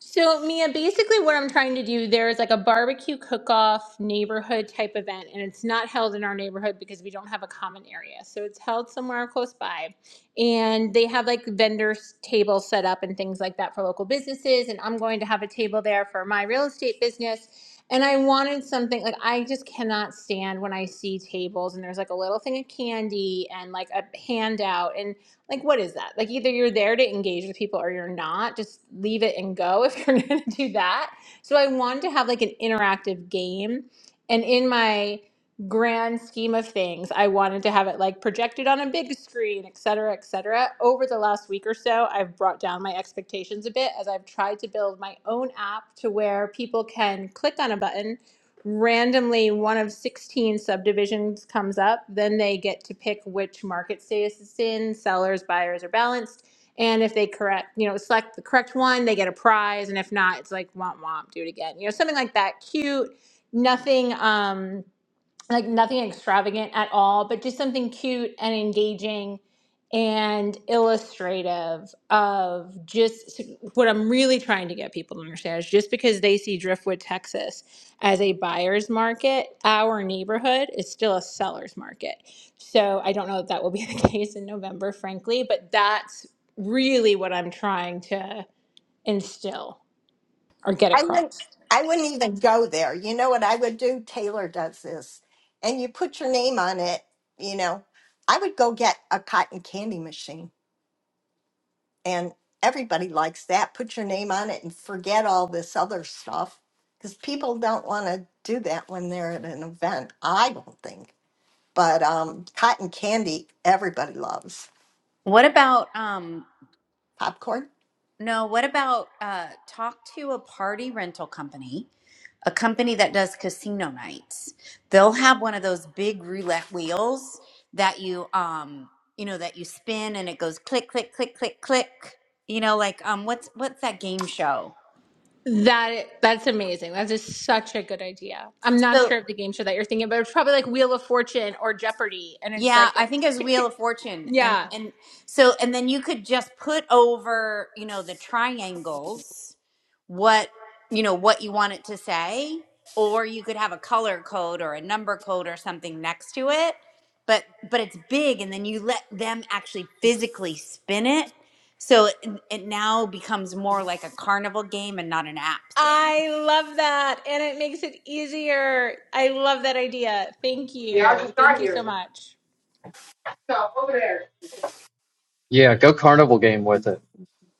So, Mia, basically what I'm trying to do there is like a barbecue cook-off neighborhood type event, and it's not held in our neighborhood because we don't have a common area. So it's held somewhere close by, and they have like vendors tables set up and things like that for local businesses. And I'm going to have a table there for my real estate business. And I wanted something like I just cannot stand when I see tables and there's like a little thing of candy and like a handout. and like what is that like either you're there to engage with people or you're not just leave it and go if you're (laughs) going to do that so i wanted to have like an interactive game and in my grand scheme of things i wanted to have it like projected on a big screen et cetera et cetera over the last week or so i've brought down my expectations a bit as i've tried to build my own app to where people can click on a button randomly one of 16 subdivisions comes up, then they get to pick which market status it's in, sellers, buyers or balanced. And if they correct, you know, select the correct one, they get a prize. And if not, it's like womp womp, do it again. You know, something like that. Cute, nothing um like nothing extravagant at all, but just something cute and engaging and illustrative of just what I'm really trying to get people to understand is just because they see Driftwood, Texas as a buyer's market, our neighborhood is still a seller's market. So I don't know if that will be (laughs) the case in November, frankly, but that's really what I'm trying to instill or get
I wouldn't
across.
I wouldn't even go there. You know what I would do? Taylor does this. And you put your name on it, you know. I would go get a cotton candy machine and everybody likes that. Put your name on it and forget all this other stuff. Because people don't want to do that when they're at an event. I don't think. But um, cotton candy, everybody loves.
what about um
Popcorn,
no what about uh talk to a party rental company a company that does casino nights they'll have one of those big roulette wheels that you um you know that you spin and it goes click click click click click you know like um what's what's that game show
That that's amazing. That is such a good idea. I'm not
So.
sure of the game show that you're thinking, but it's probably like Wheel of Fortune or Jeopardy, and it's
Yeah,
like
I
that
think
tick
as
tick
Wheel
tick.
of Fortune, and
Yeah,
and so and then you could just put over, you know, the triangles, what you know what you want it to say, or you could have a color code or a number code or something next to it. But but it's big, and then you let them actually physically spin it, so it, it now becomes more like a carnival game and not an app thing.
I love that, and it makes it easier. I love that idea. Thank
Yeah, I
you.
just
Thank
got
you
here.
so much.
So over there. Yeah, go carnival game with it.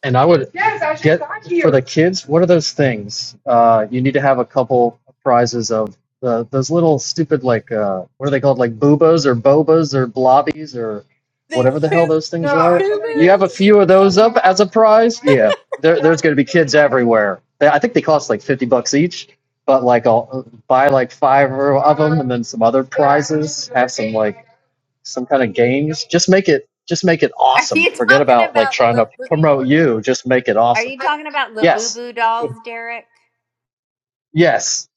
and I would Yes, I just get got for the here. kids. What are those things? Uh, you need to have a couple prizes of the those little stupid like uh, what are they called? Like boobas or bobas or blobbies or
The
whatever the hell
food,
those No, things I are. told her You have a to.
Fubu's.
few of those up as a prize. Yeah, there, No, there's going to be kids everywhere. They- I think they cost like fifty bucks each. But like, I'll uh, buy like five or of them, and then some other yeah, prizes. Have some like some kind of games. Just make it just make it
Are
awesome.
you
Forget
talking
about like
about
trying to
Labu-
promote you. Just make it
Are
awesome.
you talking about
Yes.
Labubu dolls, Derek?
Yes.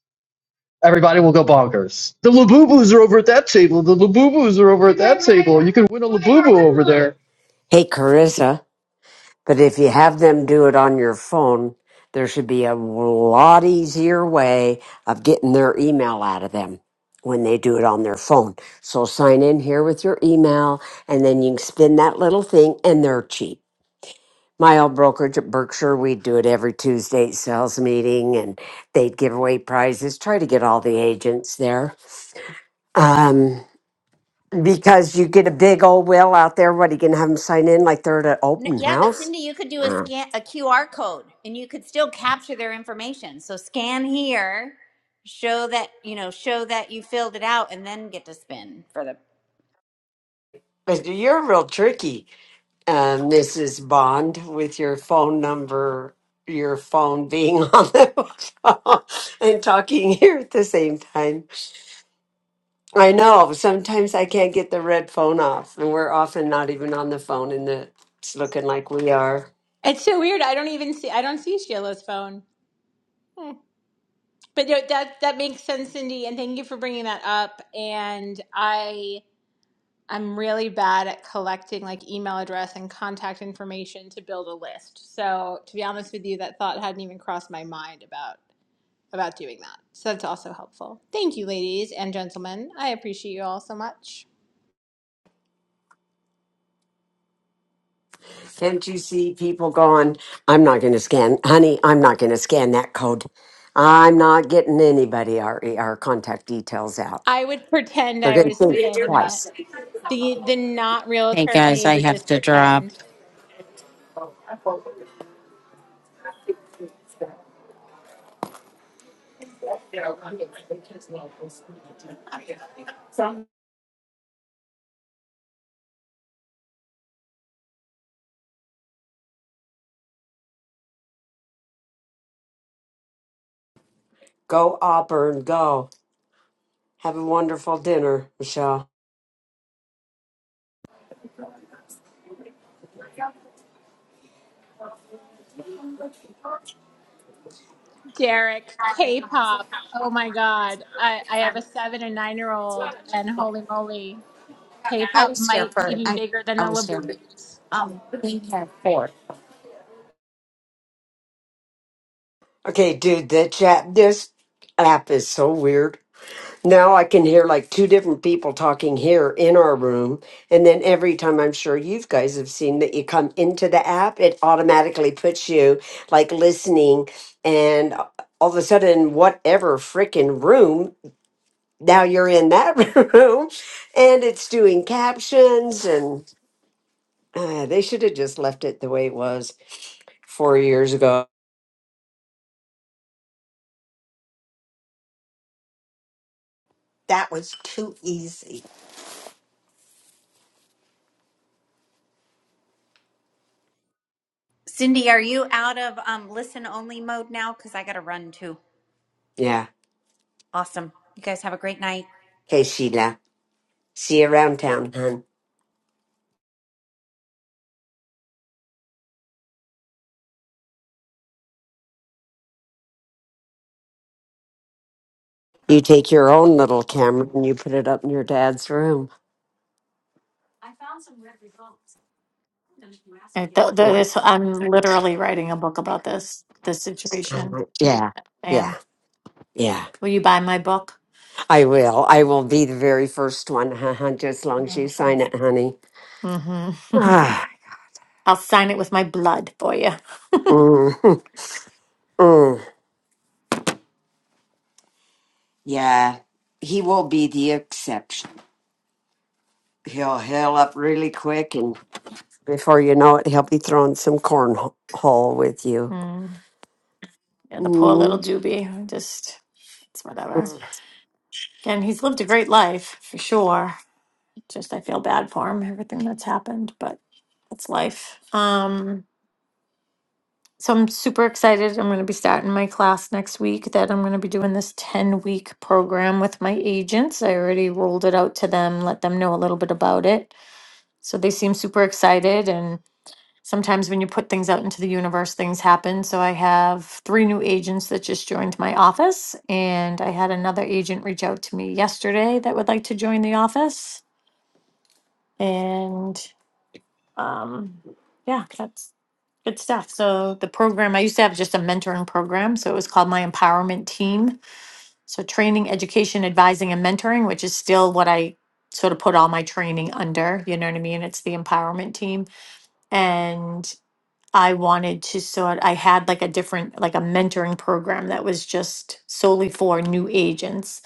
Everybody will go bonkers. The Labubus are over at that table. The Labubus are over at that table. You can win a Labubu over there.
Hey, Carissa, but if you have them do it on your phone, there should be a lot easier way of getting their email out of them when they do it on their phone. So sign in here with your email and then you can spin that little thing and they're cheap. My old brokerage at Berkshire, we'd do it every Tuesday at sales meeting and they'd give away prizes, try to get all the agents there. Um, because you get a big old will out there, what are you going to have them sign in like they're at an
N-
open
yeah, but
house?
Cindy, you could do a
Uh,
scan, a QR code, and you could still capture their information. So scan here, show that you know, show that you filled it out, and then get to spin for the.
But you're real tricky, uh, Mrs. Bond, with your phone number, your phone being (laughs) on the phone and talking here at the same time. I know sometimes I can't get the red phone off, and we're often not even on the phone, and the- it's looking like we are.
It's so weird. I don't even see. I don't see Sheila's phone. Hmm. But no, that that makes sense, Cindy. And thank you for bringing that up. And I. I'm really bad at collecting like email address and contact information to build a list. So to be honest with you, that thought hadn't even crossed my mind about about doing that. So that's also helpful. Thank you, ladies and gentlemen. I appreciate you all so much.
Can't you see people going, I'm not going to scan, honey, I'm not going to scan that code. I'm not getting anybody our, our contact details out.
I would pretend
They're
I
going to
was
think
scanning it.
twice.
The the not
Hey,
realtor
guys,
me
I
would
have
just
to drop.
pretend.
Go Auburn, go. Have a wonderful dinner, Michelle.
Derek, K-pop. Oh my God. I, I have a seven and nine year old and holy moly,
I
K-pop
was here
might be
for,
even
I,
bigger than
I
the
was here.
Labubu's.
Um, we had four.
Okay, dude, the chat, this app is so weird. Now I can hear like two different people talking here in our room. And then every time I'm sure you guys have seen that you come into the app, it automatically puts you like listening. And all of a sudden, whatever freaking room, now you're in that (laughs) room and it's doing captions. And uh, they should have just left it the way it was four years ago.
that was too easy.
Cindy, are you out of um, listen only mode now? Because I got to run too.
Yeah.
Awesome. You guys have a great night.
Okay, Sheila. See you around town, hon. You take your own little camera and you put it up in your dad's room.
And th- th-
I'm like,
this, I'm literally writing a book about this this
I'm
situation.
like, yeah,
I
yeah,
am.
yeah.
will you buy my book?
I will. I will be the very first one, haha, just as long as you
No.
sign
thanks.
it, honey. (sighs)
Mm-hmm. (laughs)
Ah,
I'll sign it with my blood for you.
mm, (laughs) mm. Yeah, he will be the exception. He'll heal up really quick, and before you know it, he'll be throwing some cornhole with you.
Mm. Yeah, the poor little
Mm,
doobie. Just, it's whatever.
mm.
And he's lived a great life for sure. Just, I feel bad for him, everything that's happened, but it's life. Um, so I'm super excited. I'm going to be starting my class next week that I'm going to be doing this 10 week program with my agents. I already rolled it out to them, let them know a little bit about it. So they seem super excited. and. Sometimes when you put things out into the universe, things happen. So I have three new agents that just joined my office, and I had another agent reach out to me yesterday that would like to join the office. And um, yeah, that's good stuff. So the program I used to have just a mentoring program, so it was called my empowerment team. So training, education, advising, and mentoring, which is still what I sort of put all my training under. You know what I mean? It's the empowerment team, and I wanted to sort I had like a different like a mentoring program that was just solely for new agents.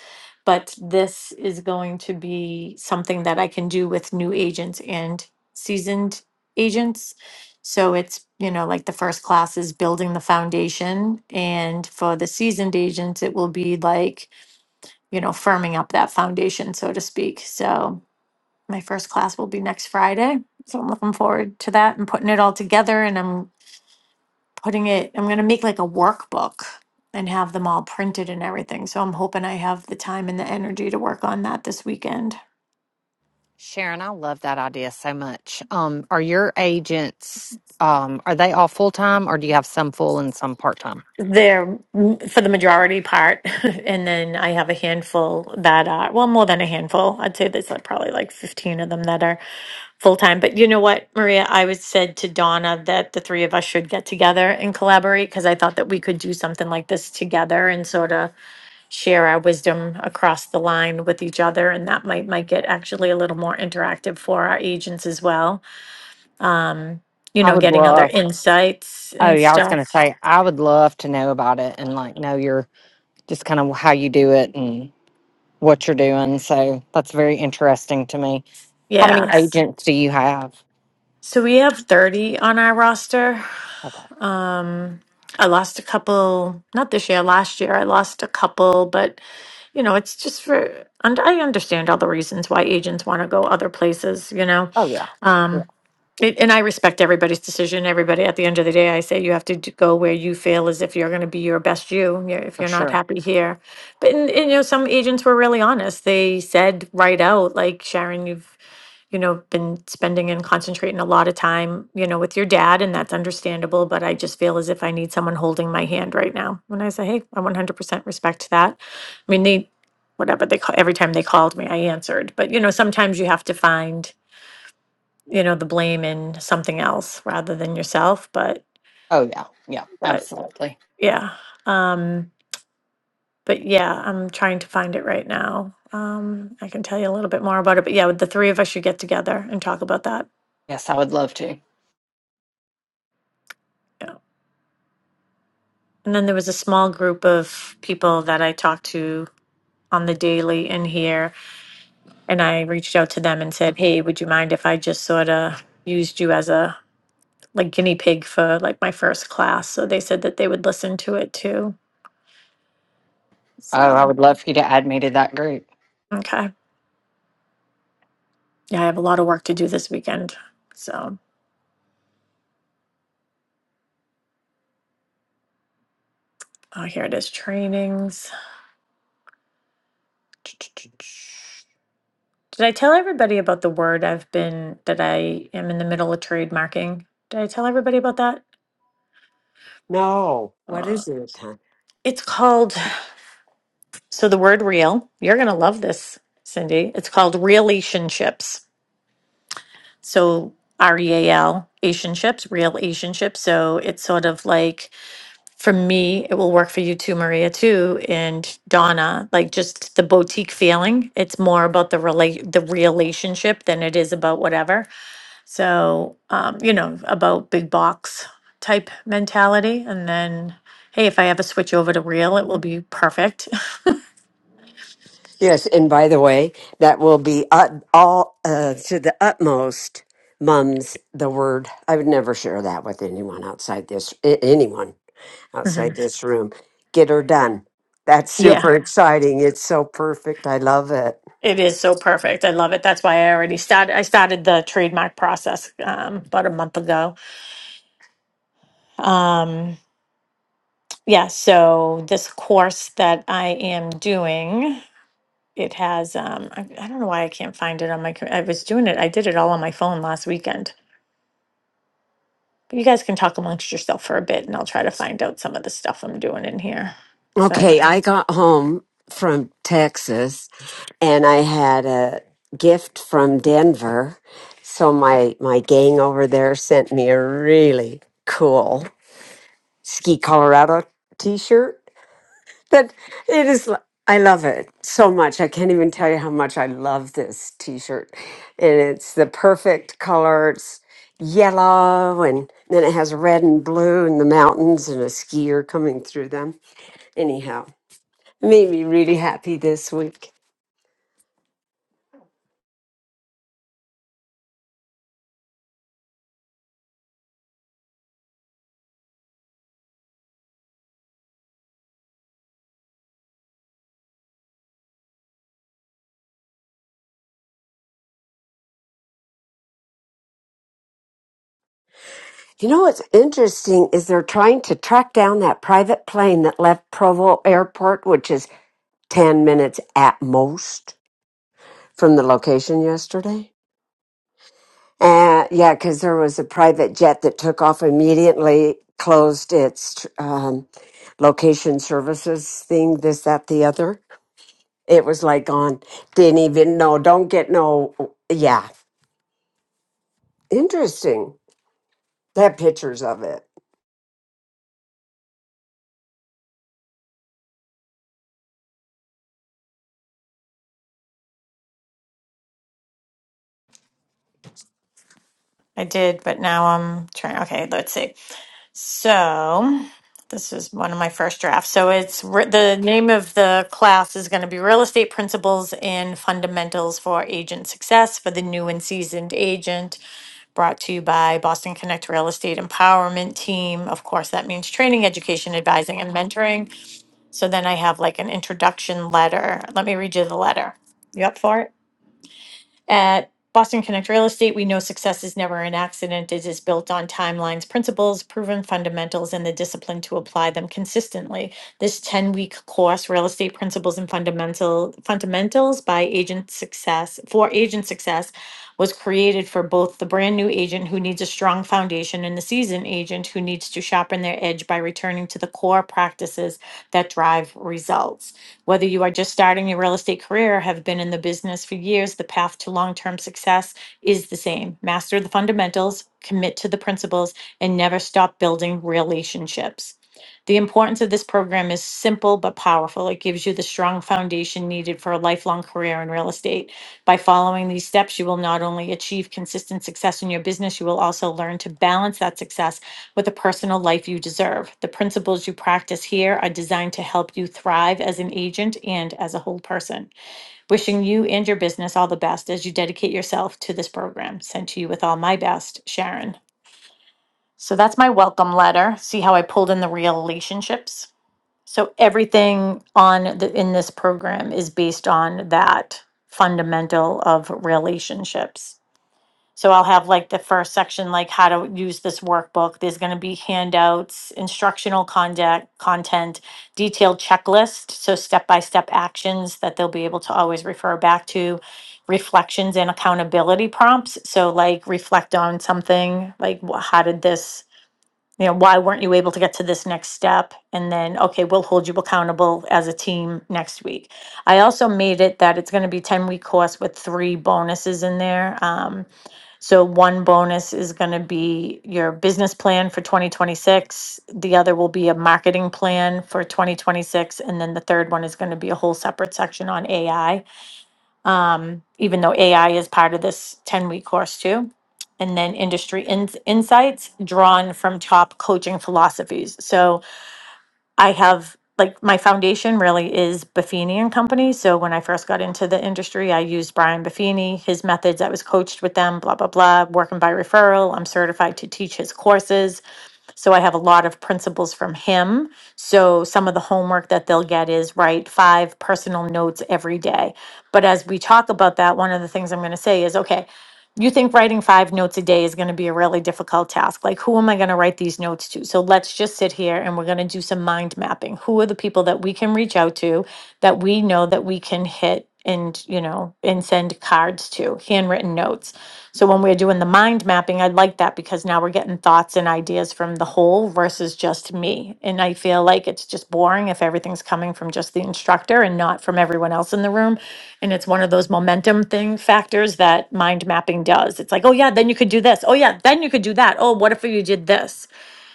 But this is going to be something that I can do with new agents and seasoned agents. So it's, you know, like the first class is building the foundation and for the seasoned agents it will be like, you know, firming up that foundation so to speak. So my first class will be next Friday. So I'm looking forward to that and putting it all together and I'm putting it, I'm going to make like a workbook and have them all printed and everything. So I'm hoping I have the time and the energy to work on that this weekend.
Sharon, I love that idea so much. Um, are your agents um are they all full time or do you have some full and some part time?
They're mm, for the majority part. (laughs) and then I have a handful that are, well, more than a handful. I'd say there's like probably like 15 of them that are full time. But you know what, Maria? I was said to Donna that the three of us should get together and collaborate because I thought that we could do something like this together and sort of share our wisdom across the line with each other, and that might make it actually a little more interactive for our agents as well. Um, you
I
know,
would
getting other
love
insights
oh
and
yeah, I was gonna
stuff.
say I would love to know about it and like know your just kind of how you do it what you're doing. So that's very interesting to me. How many
Yes.
agents do you have?
So we have 30 on our roster.
Okay.
Um, I lost a couple, not this year, last year. I lost a couple, but you know, it's just for, and I understand all the reasons why agents want to go other places, you know.
Oh yeah, yeah,
Um, it, and I respect everybody's decision. Everybody, at the end of the day, I say you have to d- go where you feel as if you're going to be your best you. you- If
for
you're not
sure.
happy here, but and, and, you know, some agents were really honest. They said right out, like Sharon, you've you know been spending and concentrating a lot of time, you know, with your dad, and that's understandable. But I just feel as if I need someone holding my hand right now. And I say, hey, I 100% respect that I mean, they, whatever they call, every time they called me, I answered. But, you know, sometimes you have to find, you know, the blame in something else rather than yourself. But,
Oh yeah, yeah,
but
absolutely.
yeah. Um, but yeah, I'm trying to find it right now. Um, I can tell you a little bit more about it. But yeah, the three of us should get together and talk about that.
Yes, I would love to.
Yeah. And then there was a small group of people that I talked to on the daily in here. And I reached out to them and said, hey, would you mind if I just sort of used you as a like guinea pig for like my first class. So they said that they would listen to it too.
Oh, I
So,
would love for you to add me to that group.
okay. Yeah, I have a lot of work to do this weekend. So, oh, here it is trainings. Did I tell everybody about the word I've been, that I am in the middle of trademarking? Did I tell everybody about that?
No, what
Uh,
is it? huh?
it's called, so the word real, you're going to love this, Cindy. It's called relationships. So, R E A L, relationships, real relationships. So it's sort of like for me, it will work for you too, Maria too, and Donna. Like just the boutique feeling. It's more about the relate the relationship than it is about whatever. So, um, you know, about big box type mentality. And then, hey, if I ever switch over to real, it will be perfect.
Yes, and by the way, that will be ut- all uh, to the utmost. Mum's the word. I would never share that with anyone outside this. a- Anyone
(laughs) hmm
outside this room. Get her done. That's
Yeah,
super exciting. It's so perfect. I love it.
it is so perfect. I love it. That's why I already started. I started the trademark process um, about a month ago. Um, yeah, so this course that I am doing, it has um I, I don't know why I can't find it on my co- I was doing it. I did it all on my phone last weekend. But you guys can talk amongst yourself for a bit and I'll try to find out some of the stuff I'm doing in here cuz I
Okay, I got home from Texas and I had a gift from Denver. So my my gang over there sent me a really cool Ski Colorado t-shirt But it is, I love it so much. I can't even tell you how much I love this t shirt. And it's the perfect color. It's yellow, and then it has red and blue, and the mountains, and a skier coming through them. Anyhow, it made me really happy this week. You know what's interesting is they're trying to track down that private plane that left Provo Airport, which is 10 minutes at most from the location yesterday. Uh, yeah, because there was a private jet that took off immediately, closed its um, location services thing, this, that, the other. It was like gone. didn't even know, don't get no. Yeah, interesting. They have pictures of it.
I did, but now I'm trying okay, let's see. So, this is one of my first drafts. So it's re- the name of the class is going to be Real Estate Principles and Fundamentals for Agent Success for the new and seasoned agent brought to you by Boston Connect Real Estate Empowerment Team. Of course, that means training, education, advising, and mentoring. So then I have like an introduction letter. Let me read you the letter. You up for it? At Boston Connect Real Estate, we know success is never an accident. It is built on timelines, principles, proven fundamentals, and the discipline to apply them consistently. This 10 week course, Real Estate Principles and Fundamental, Fundamentals by Agent Success, for Agent Success, was created for both the brand new agent who needs a strong foundation and the seasoned agent who needs to sharpen their edge by returning to the core practices that drive results. Whether you are just starting your real estate career or have been in the business for years, the path to long term success is the same. Master the fundamentals, commit to the principles, and never stop building relationships. The importance of this program is simple but powerful. It gives you the strong foundation needed for a lifelong career in real estate. By following these steps, you will not only achieve consistent success in your business, you will also learn to balance that success with the personal life you deserve. The principles you practice here are designed to help you thrive as an agent and as a whole person. Wishing you and your business all the best as you dedicate yourself to this program. Sent to you with all my best, Sharon. So that's my welcome letter. See how I pulled in the relationships? So everything on the in this program is based on that fundamental of relationships. So I'll have like the first section, like how to use this workbook. There's gonna be handouts, instructional conduct, content, detailed checklist, so step-by-step actions that they'll be able to always refer back to, reflections and accountability prompts. So like reflect on something, like wh- how did this, you know, why weren't you able to get to this next step? And then, okay, we'll hold you accountable as a team next week. I also made it that it's gonna be ten-week course with three bonuses in there. Um, so one bonus is going to be your business plan for 2026. The other will be a marketing plan for 2026. And then the third one is going to be a whole separate section on AI, um, even though AI is part of this 10 week course too. And then industry ins insights drawn from top coaching philosophies. So I have like my foundation really is Buffini and Company. So when I first got into the industry, I used Brian Buffini, his methods. I was coached with them, blah, blah, blah, working by referral. I'm certified to teach his courses. So I have a lot of principles from him. So some of the homework that they'll get is write five personal notes every day. But as we talk about that, one of the things I'm going to say is okay, you think writing five notes a day is going to be a really difficult task. Like, who am I going to write these notes to? So let's just sit here and we're going to do some mind mapping. Who are the people that we can reach out to that we know that we can hit? and you know and send cards to handwritten notes so when we're doing the mind mapping, I like that because now we're getting thoughts and ideas from the whole versus just me. And I feel like it's just boring if everything's coming from just the instructor and not from everyone else in the room. And it's one of those momentum thing factors that mind mapping does. It's like, oh yeah, then you could do this. Oh yeah, then you could do that. Oh, what if you did this?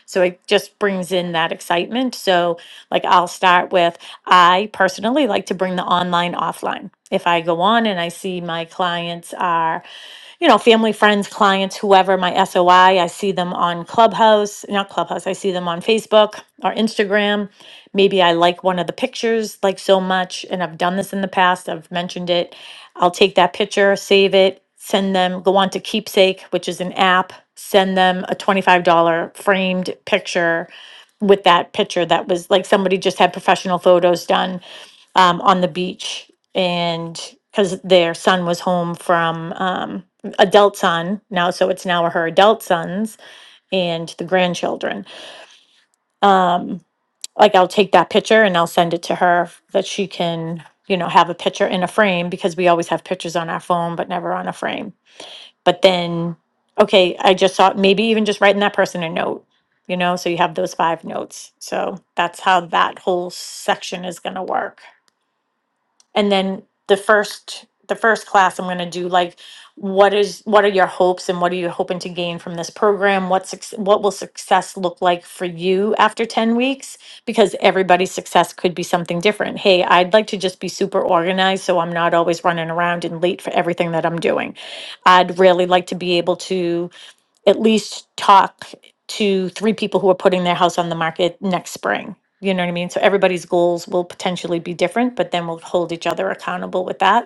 So it just brings in that excitement. So like I'll start with I personally like to bring the online offline. If I go on and I see my clients are you know, family, friends, clients, whoever, my SOI. I I see them on Clubhouse, not Clubhouse, I see them on Facebook or Instagram. Maybe I like one of the pictures like so much, and I've done this in the past, I've mentioned it. I'll take that picture, save it, send them, go on to Keepsake, which is an app, send them a $25 framed picture with that picture that was like somebody just had professional photos done um, on the beach and because their son was home from um, adult son now so it's now her adult sons and the grandchildren um, like i'll take that picture and i'll send it to her that she can you know have a picture in a frame because we always have pictures on our phone but never on a frame but then okay i just saw maybe even just writing that person a note you know so you have those five notes so that's how that whole section is going to work and then the first the first class i'm going to do like what is what are your hopes and what are you hoping to gain from this program what's what will success look like for you after 10 weeks because everybody's success could be something different hey i'd like to just be super organized so i'm not always running around and late for everything that i'm doing i'd really like to be able to at least talk to three people who are putting their house on the market next spring. You know what I mean? So everybody's goals will potentially be different, but then we'll hold each other accountable with that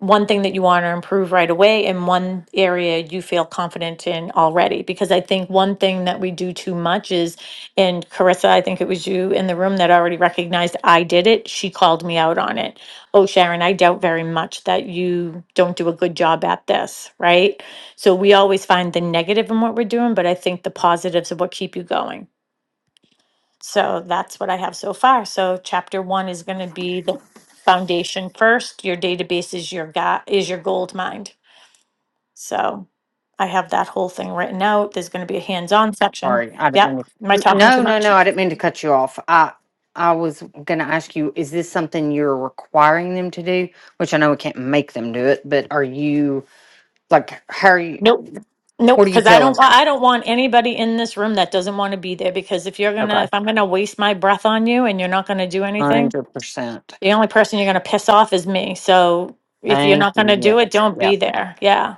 one thing that you want to improve right away and one area you feel confident in already. Because I think one thing that we do too much is, and Carissa, I think it was you in the room that already recognized I did it. She called me out on it. Oh, Sharon, I doubt very much that you don't do a good job at this, right? So we always find the negative in what we're doing, but I think the positives are what keep you going. So that's what I have so far. So chapter one is going to be the foundation first. Your database is your ga is your gold mine. So I have that whole thing written out. There's going to be a hands-on section.
Sorry, I didn't
Yep.
mean
Am I
to.
talking too
No, no,
much?
no, I didn't mean to cut you off. I I was going to ask you, is this something you're requiring them to do? Which I know we can't make them do it, but are you like, how are you?
Nope. Nope,
What are you
because I don't
telling them?
want I don't want anybody in this room that doesn't want to be there because if you're gonna
Okay,
if I'm gonna waste my breath on you and you're not gonna do anything,
hundred percent.
The only person you're going to piss off is me. So if you're
Thank
not going to
you.
do it,
Yes.
don't
Yep.
be there. Yeah.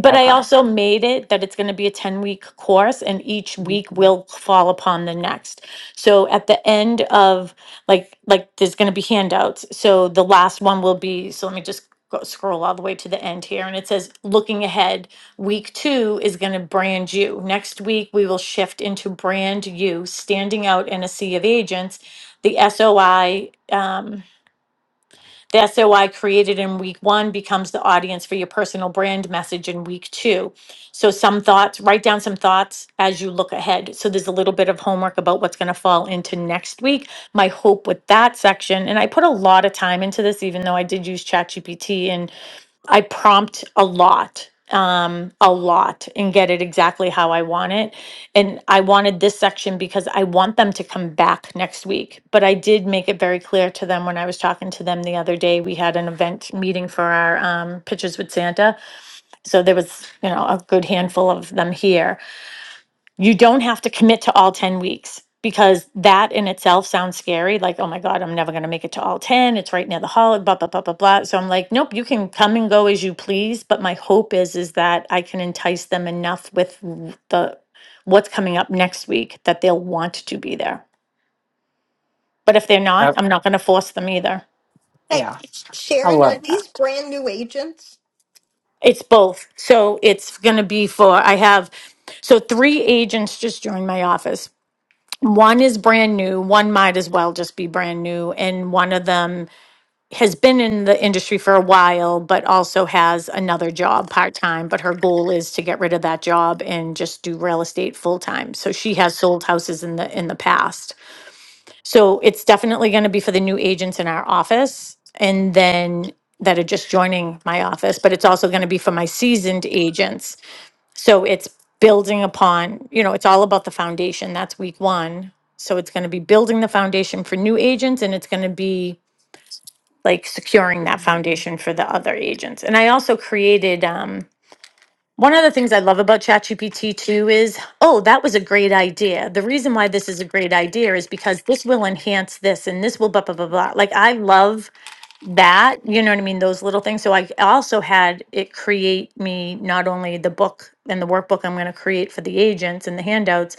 But I
Okay.
also made it that it's going to be a 10 week course and each week will fall upon the next. So at the end of like, like there's going to be handouts. So the last one will be, so let me just go, scroll all the way to the end here. And it says, looking ahead, week two is going to brand you. Next week, we will shift into brand you, standing out in a sea of agents. The SOI, um, the SOI created in week one becomes the audience for your personal brand message in week two. So, some thoughts, write down some thoughts as you look ahead. So, there's a little bit of homework about what's going to fall into next week. My hope with that section, and I put a lot of time into this, even though I did use ChatGPT and I prompt a lot, um, a lot, and get it exactly how I want it. And I wanted this section because I want them to come back next week. But I did make it very clear to them when I was talking to them the other day. We had an event meeting for our um, Pictures with Santa. So there was, you know, a good handful of them here you don't have to commit to all 10 weeks because that in itself sounds scary. Like, oh my God, I'm never going to make it to all 10. It's right near the holiday, blah, blah, blah, blah, blah. So I'm like, nope, you can come and go as you please. But my hope is, is that I can entice them enough with w- the, what's coming up next week that they'll want to be there. But if they're not,
Oh,
I'm not going to force them either.
Hey,
yeah. I
Sharon, are
love that.
these brand new agents?
It's both. So it's going to be for, I have, so three agents just joined my office One is brand new, one might as well just be brand new, and one of them has been in the industry for a while, but also has another job part time. But her goal is to get rid of that job and just do real estate full time. So she has sold houses in the in the past. So it's definitely going to be for the new agents in our office, and then that are just joining my office. But it's also going to be for my seasoned agents so it's building upon, you know, it's all about the foundation. That's week one. So it's going to be building the foundation for new agents and it's going to be like securing that foundation for the other agents. And I also created um, one of the things I love about ChatGPT too is, oh, that was a great idea. The reason why this is a great idea is because this will enhance this and this will blah, blah, blah, blah. Like, I love that, you know what I mean? Those little things. So I also had it create me not only the book and the workbook I'm going to create for the agents and the handouts,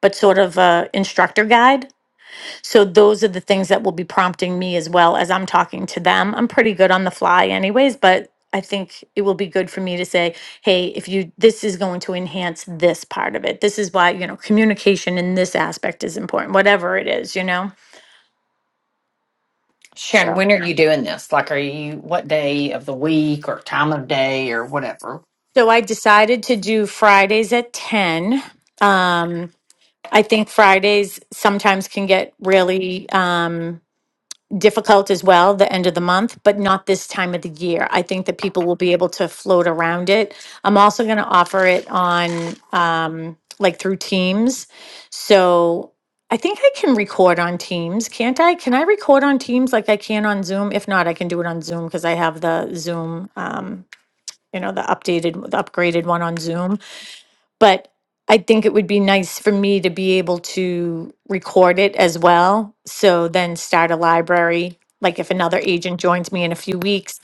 but sort of a instructor guide so those are the things that will be prompting me as well as I'm talking to them. I'm pretty good on the fly anyways, but I think it will be good for me to say, hey, if you this is going to enhance this part of it. This is why, you know, communication in this aspect is important, whatever it is, you know.
Sharon,
So
when are you doing this? Like, are you what day of the week or time of day or whatever?
so I decided to do Fridays at 10. Um I think Fridays sometimes can get really um difficult as well, the end of the month, but not this time of the year. I think that people will be able to float around it. I'm also going to offer it on um, like through Teams. So I think I can record on Teams, can't I? Can I record on Teams like I can on Zoom? If not, I can do it on Zoom because I have the Zoom, um, you know, the updated, the upgraded one on Zoom but I think it would be nice for me to be able to record it as well. So then start a library. Like if another agent joins me in a few weeks,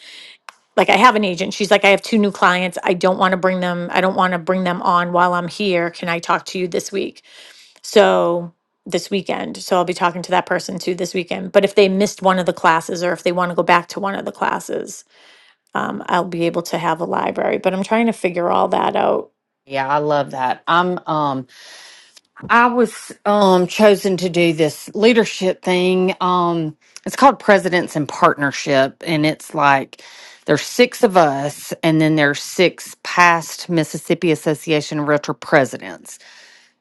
like I have an agent, she's like, I have two new clients. I don't want to bring them, I don't want to bring them on while I'm here. Can I talk to you this week? So this weekend. So I'll be talking to that person too this weekend. But if they missed one of the classes or if they want to go back to one of the classes, um, I'll be able to have a library. But I'm trying to figure all that out
Yeah, I love that. I'm um I was um chosen to do this leadership thing. Um it's called Presidents in Partnership and it's like there's six of us and then there's six past Mississippi Association of Realtor presidents.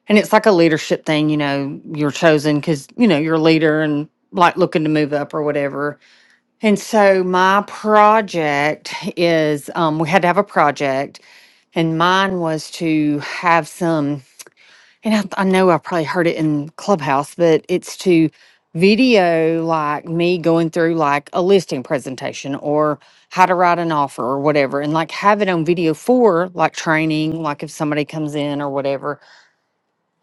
And it's like a leadership thing, you know, you're chosen cuz you know, you're a leader and like looking to move up or whatever And so my project is um, we had to have a project, and mine was to have some. And I, I know I probably heard it in Clubhouse, but it's to video like me going through like a listing presentation or how to write an offer or whatever, and like have it on video for like training, like if somebody comes in or whatever.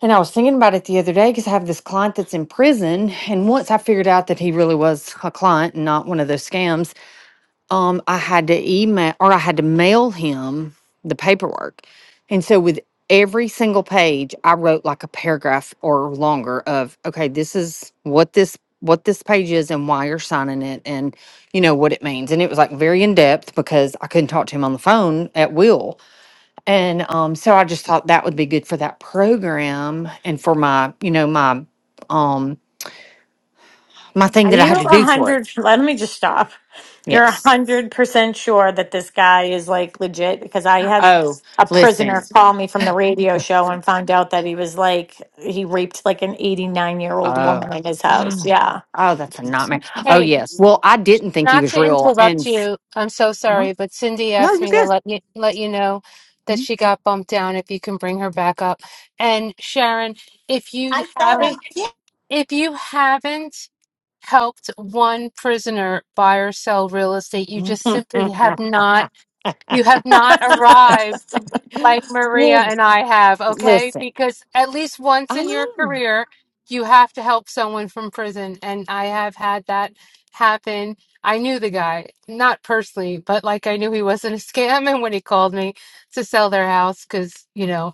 And I was thinking about it the other day because I have this client that's in prison, and once I figured out that he really was a client and not one of those scams um, I had to email or I had to mail him the paperwork. And so with every single page, I wrote like a paragraph or longer of, okay, this is what this what this page is and why you're signing it and you know what it means. And it was like very in depth because I couldn't talk to him on the phone at will. And um so I just thought that would be good for that program and for my, you know, my um my thing
Are
that I
you
had to
a
do for it.
hundred? Let me just stop. You're a
Yes.
hundred percent sure that this guy is like legit because I had
Oh,
a prisoner
listen.
call me from the radio show and found out that he was like he raped like an 89 year old
Oh,
woman in his house.
oh,
Yeah.
oh, that's a nightmare. Oh,
Hey,
yes. Well, I didn't think he
not
was
to
real.
interrupt
And
you, I'm so
uh no,
sorry, but Cindy asked
you're
me to
good.
let you let you know that
Mhm.
she got bumped down if you can bring her back up. And Sharon, if you
I thought
Oh,
I
haven't
did.
if you haven't helped one prisoner buy or sell real estate, you just simply have not
(laughs)
you have not arrived like Maria
well,
and I have, okay?
listen,
Because at least once
I
in your
know.
career, you have to help someone from prison. And I have had that happen. I knew the guy, not personally, but like I knew he wasn't a scam. (laughs) And when he called me to sell their house, because, you know,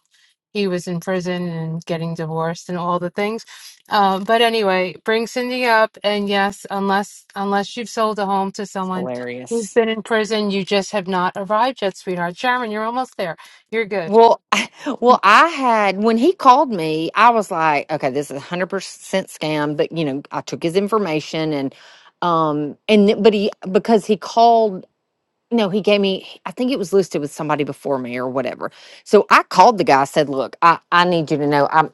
he was in prison and getting divorced and all the things. Uh, but anyway, bring Cindy up, and yes, unless unless you've sold a home to
It's
someone who's
hilarious.
been in prison, you just have not arrived yet, sweetheart. Sharon, you're almost there. You're good.
Well, (laughs) well, I had when he called me, I was like, okay, this is a hundred percent scam. But you know, I took his information and, um, and th- but he because he called No, he gave me, I think it was listed with somebody before me or whatever. So I called the guy, said, Look, I, I need you to know I'm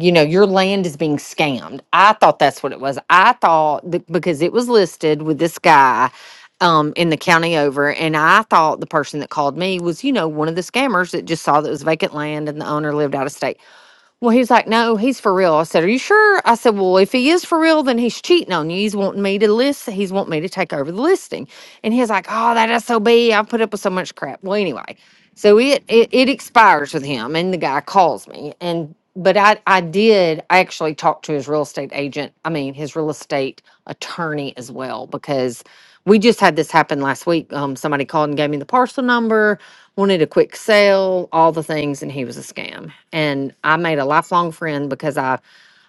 you know, your land is being scammed. I thought that's what it was. I thought that because it was listed with this guy um in the county over, and I thought the person that called me was, you know, one of the scammers that just saw that it was vacant land and the owner lived out of state. Well, he's like, no, he's for real. I said, are you sure? I said, well, if he is for real, then he's cheating on you. He's wanting me to list. He's wanting me to take over the listing. And he's like, oh, that SOB. I put up with so much crap. Well, anyway, so it, it, it expires with him and the guy calls me. And, but I, I did actually talk to his real estate agent. I mean, his real estate attorney as well, because we just had this happen last week. Um, somebody called and gave me the parcel number wanted a quick sale, all the things, and he was a scam. And I made a lifelong friend because I,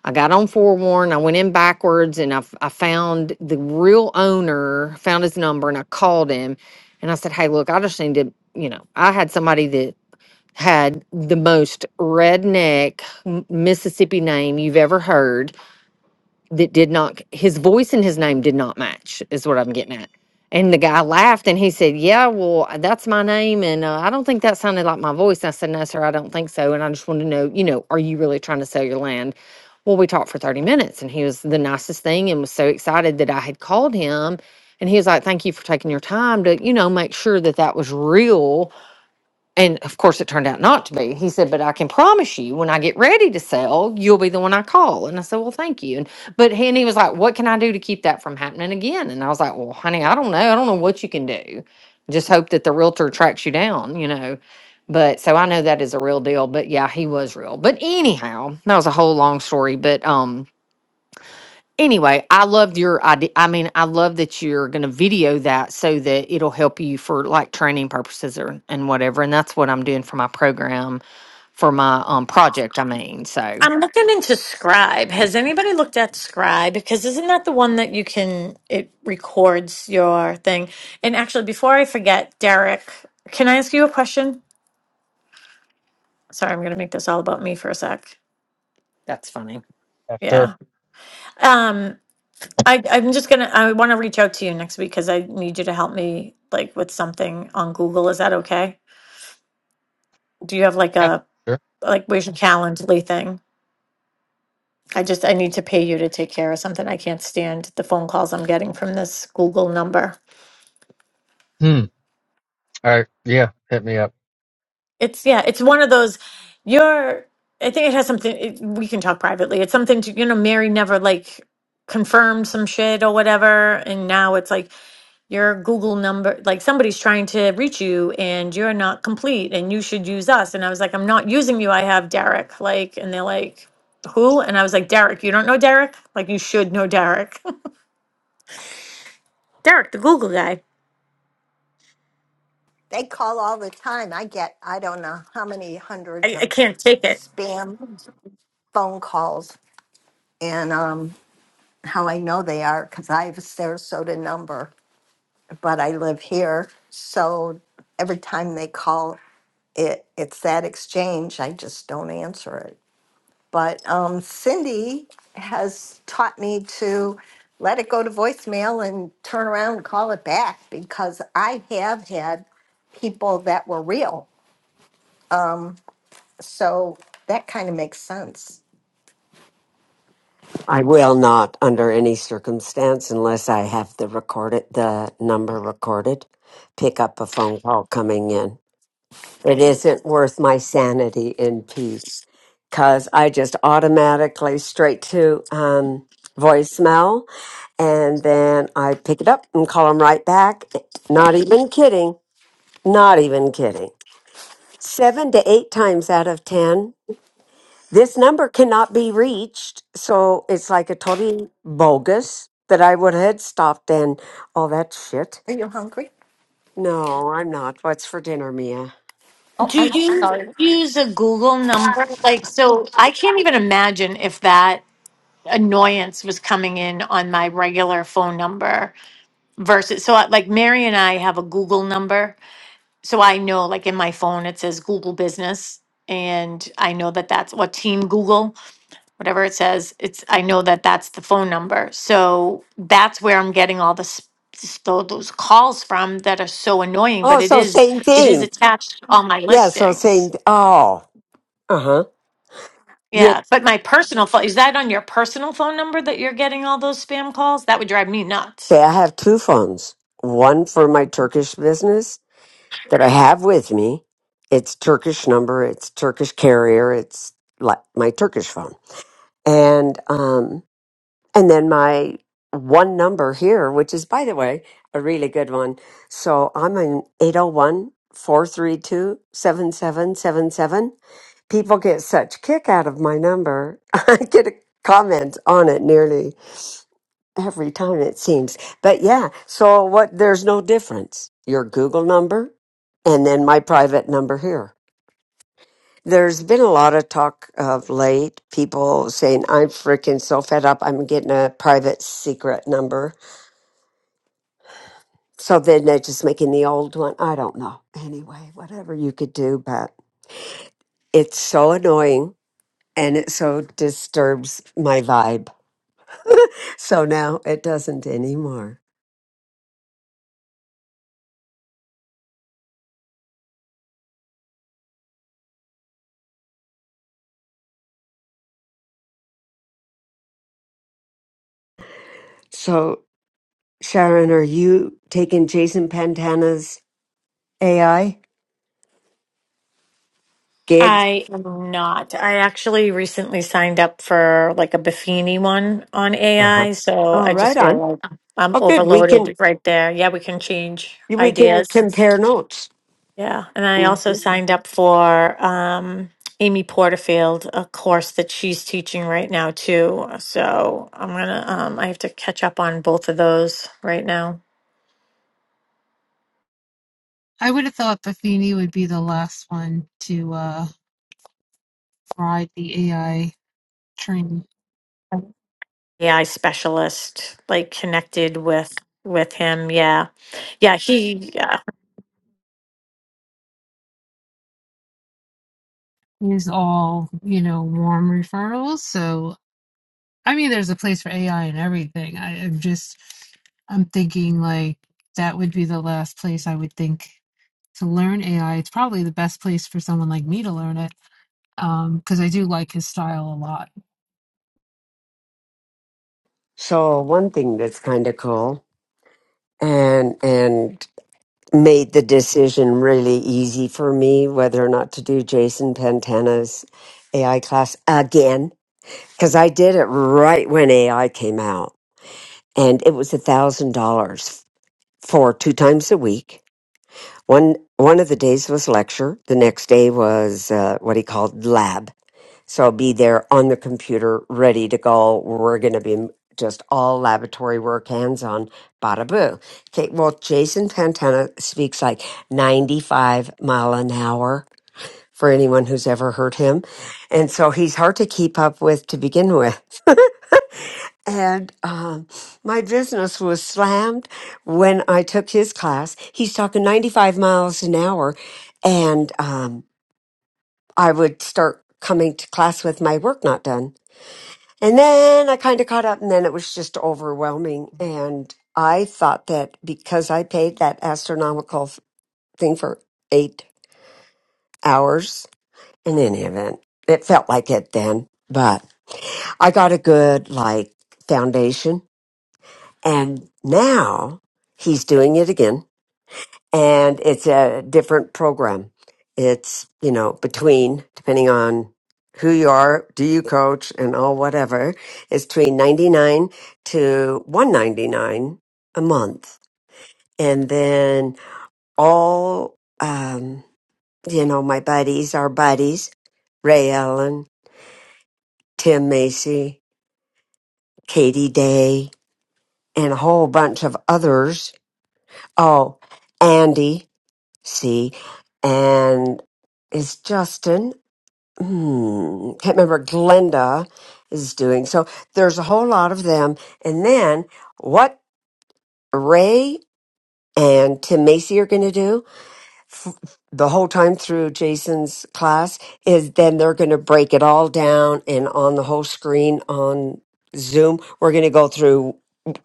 I got on forewarned. I went in backwards, and I, f- I found the real owner, found his number, and I called him, and I said, "Hey, look, I just need to, you know, I had somebody that." Had the most redneck M- Mississippi name you've ever heard that did not his voice and his name did not match is what i'm getting at and the guy laughed and he said yeah well that's my name and uh, i don't think that sounded like my voice and i said no sir i don't think so and i just want to know you know are you really trying to sell your land well we talked for 30 minutes and he was the nicest thing and was so excited that i had called him and he was like thank you for taking your time to you know make sure that that was real and of course, it turned out not to be. He said, "But I can promise you, when I get ready to sell, you'll be the one I call." And I said, "Well, thank you." And but he, and he was like, "What can I do to keep that from happening again?" And I was like, "Well, honey, I don't know. I don't know what you can do. Just hope that the realtor tracks you down, you know." But so I know that is a real deal. But yeah, he was real. But anyhow, that was a whole long story. But um, Anyway, I loved your idea. I mean, I love that you're going to video that so that it'll help you for like training purposes or and whatever. And that's what I'm doing for my program for my um project. I mean, so
I'm looking into Scribe. Has anybody looked at Scribe? Because isn't that the one that you can it records your thing? And actually before I forget, Derek, can I ask you a question? Sorry, I'm gonna make this all about me for a sec.
that's funny.
Yeah, sure.
Yeah. Um, I, I'm just gonna, I want to reach out to you next week because I need you to help me like with something on Google. Is that okay? Do you have like
Yeah,
a,
sure.
like where's your Calendly thing? I just, I need to pay you to take care of something. I can't stand the phone calls I'm getting from this Google number.
Hmm. All right. Yeah. Hit me up.
It's, yeah, it's one of those, you're, I think it has something, it, we can talk privately. It's something to, you know, Mary never like confirmed some shit or whatever. And now it's like, Your Google number, like somebody's trying to reach you and you're not complete and you should use us. And I was like, I'm not using you. I have Derek. Like, and they're like, who? And I was like, Derek, you don't know Derek? Like, you should know Derek. (laughs) Derek, the Google guy.
They call all the time. I get, I don't know how many hundreds
I, I
of
can't take it.
spam phone calls. And um, how I know they are, because I have a Sarasota number, but I live here. So every time they call, it, it's that exchange. I just don't answer it. But um, Cindy has taught me to let it go to voicemail and turn around and call it back because I have had people that were real. Um, so that kind of makes sense.
I will not, under any circumstance, unless I have the recorded, the number recorded, pick up a phone call coming in. It isn't worth my sanity in peace because I just automatically straight to um, voicemail and then I pick it up and call them right back. Not even kidding. Not even kidding. Seven to eight times out of 10, this number cannot be reached. So it's like a totally bogus that I would have stopped and all that shit.
Are you hungry?
No, I'm not. What's for dinner, Mia?
Oh,
Do
I'm
you
sorry.
use a Google number? Like, so I can't even imagine if that annoyance was coming in on my regular phone number versus so I, like Mary and I have a Google number so I know, like in my phone, it says Google Business, and I know that that's what Team Google, whatever it says. It's I know that that's the phone number. So that's where I'm getting all the s- s- tho- those calls from that are so annoying.
Oh,
But it
so
is
same
it is
thing.
attached to all my
Yeah, so same.
listings.
Oh, uh huh. Yeah.
Yeah, but my personal phone is that on your personal phone number that you're getting all those spam calls? That would drive me nuts.
Okay, I have two phones. One for my Turkish business that I have with me. It's Turkish number. It's Turkish carrier. It's like my Turkish phone. And um, And then my one number here, which is, by the way, a really good one. So I'm an 801 432 7777. People get such kick out of my number. (laughs) I get a comment on it nearly every time, it seems. But yeah, so what? There's no difference. Your Google number and then my private number here. There's been a lot of talk of late, people saying, I'm freaking so fed up, I'm getting a private secret number So then they're just making the old one. I don't know. Anyway, whatever you could do, but it's so annoying and it so disturbs my vibe. So now it doesn't anymore. So, Sharon, are you taking Jason Pantana's AI gigs?
I am not. I actually recently signed up for like a Buffini one on
Uh-huh.
AI, so
Oh,
I just
right on.
feel like I'm
Oh, good. We can
overloaded right there. Yeah, we can change
we can
ideas.
compare notes.
Yeah, and I also
Mhm.
signed up for um, Amy Porterfield, a course that she's teaching right now too. So I'm gonna, um, I have to catch up on both of those right now.
I would have thought Buffini would be the last one to uh, ride the AI train.
AI specialist, like connected with with him. Yeah, yeah. He. Yeah.
He's all you know warm referrals, so I mean, there's a place for AI and everything. I, I'm just, I'm thinking like that would be the last place I would think to learn AI. It's probably the best place for someone like me to learn it um, because I do like his style a lot.
So one thing that's kind of cool, and and made the decision really easy for me whether or not to do Jason Pantana's AI class again because I did it right when AI came out, and it was a thousand dollars for two times a week. One one of the days was lecture, the next day was uh, what he called lab, so be there on the computer, ready to go. We're going to be just all laboratory work, hands on, bada boo. Okay, well, Jason Pantana speaks like 95 mile an hour for anyone who's ever heard him. And so he's hard to keep up with to begin with. And um, my business was slammed when I took his class. He's talking 95 miles an hour. And um, I would start coming to class with my work not done And then I kind of caught up, and then it was just overwhelming. And I thought that because I paid that astronomical f- thing for eight hours, in any event, it felt like it then. But I got a good, like, foundation. And now he's doing it again and it's a different program. It's, you know, between, depending on who you are, do you coach and all whatever, it's between 99 to 199 a month. And then all, um, you know, my buddies, our buddies, Ray Allen, Tim Macy, Katie Day, and a whole bunch of others. Oh, Andy, see, and is Justin hmm, can't remember Glenda is doing. So there's a whole lot of them. And then what Ray and Tim Macy are going to do f- the whole time through Jason's class is then they're going to break it all down and on the whole screen on Zoom, we're going to go through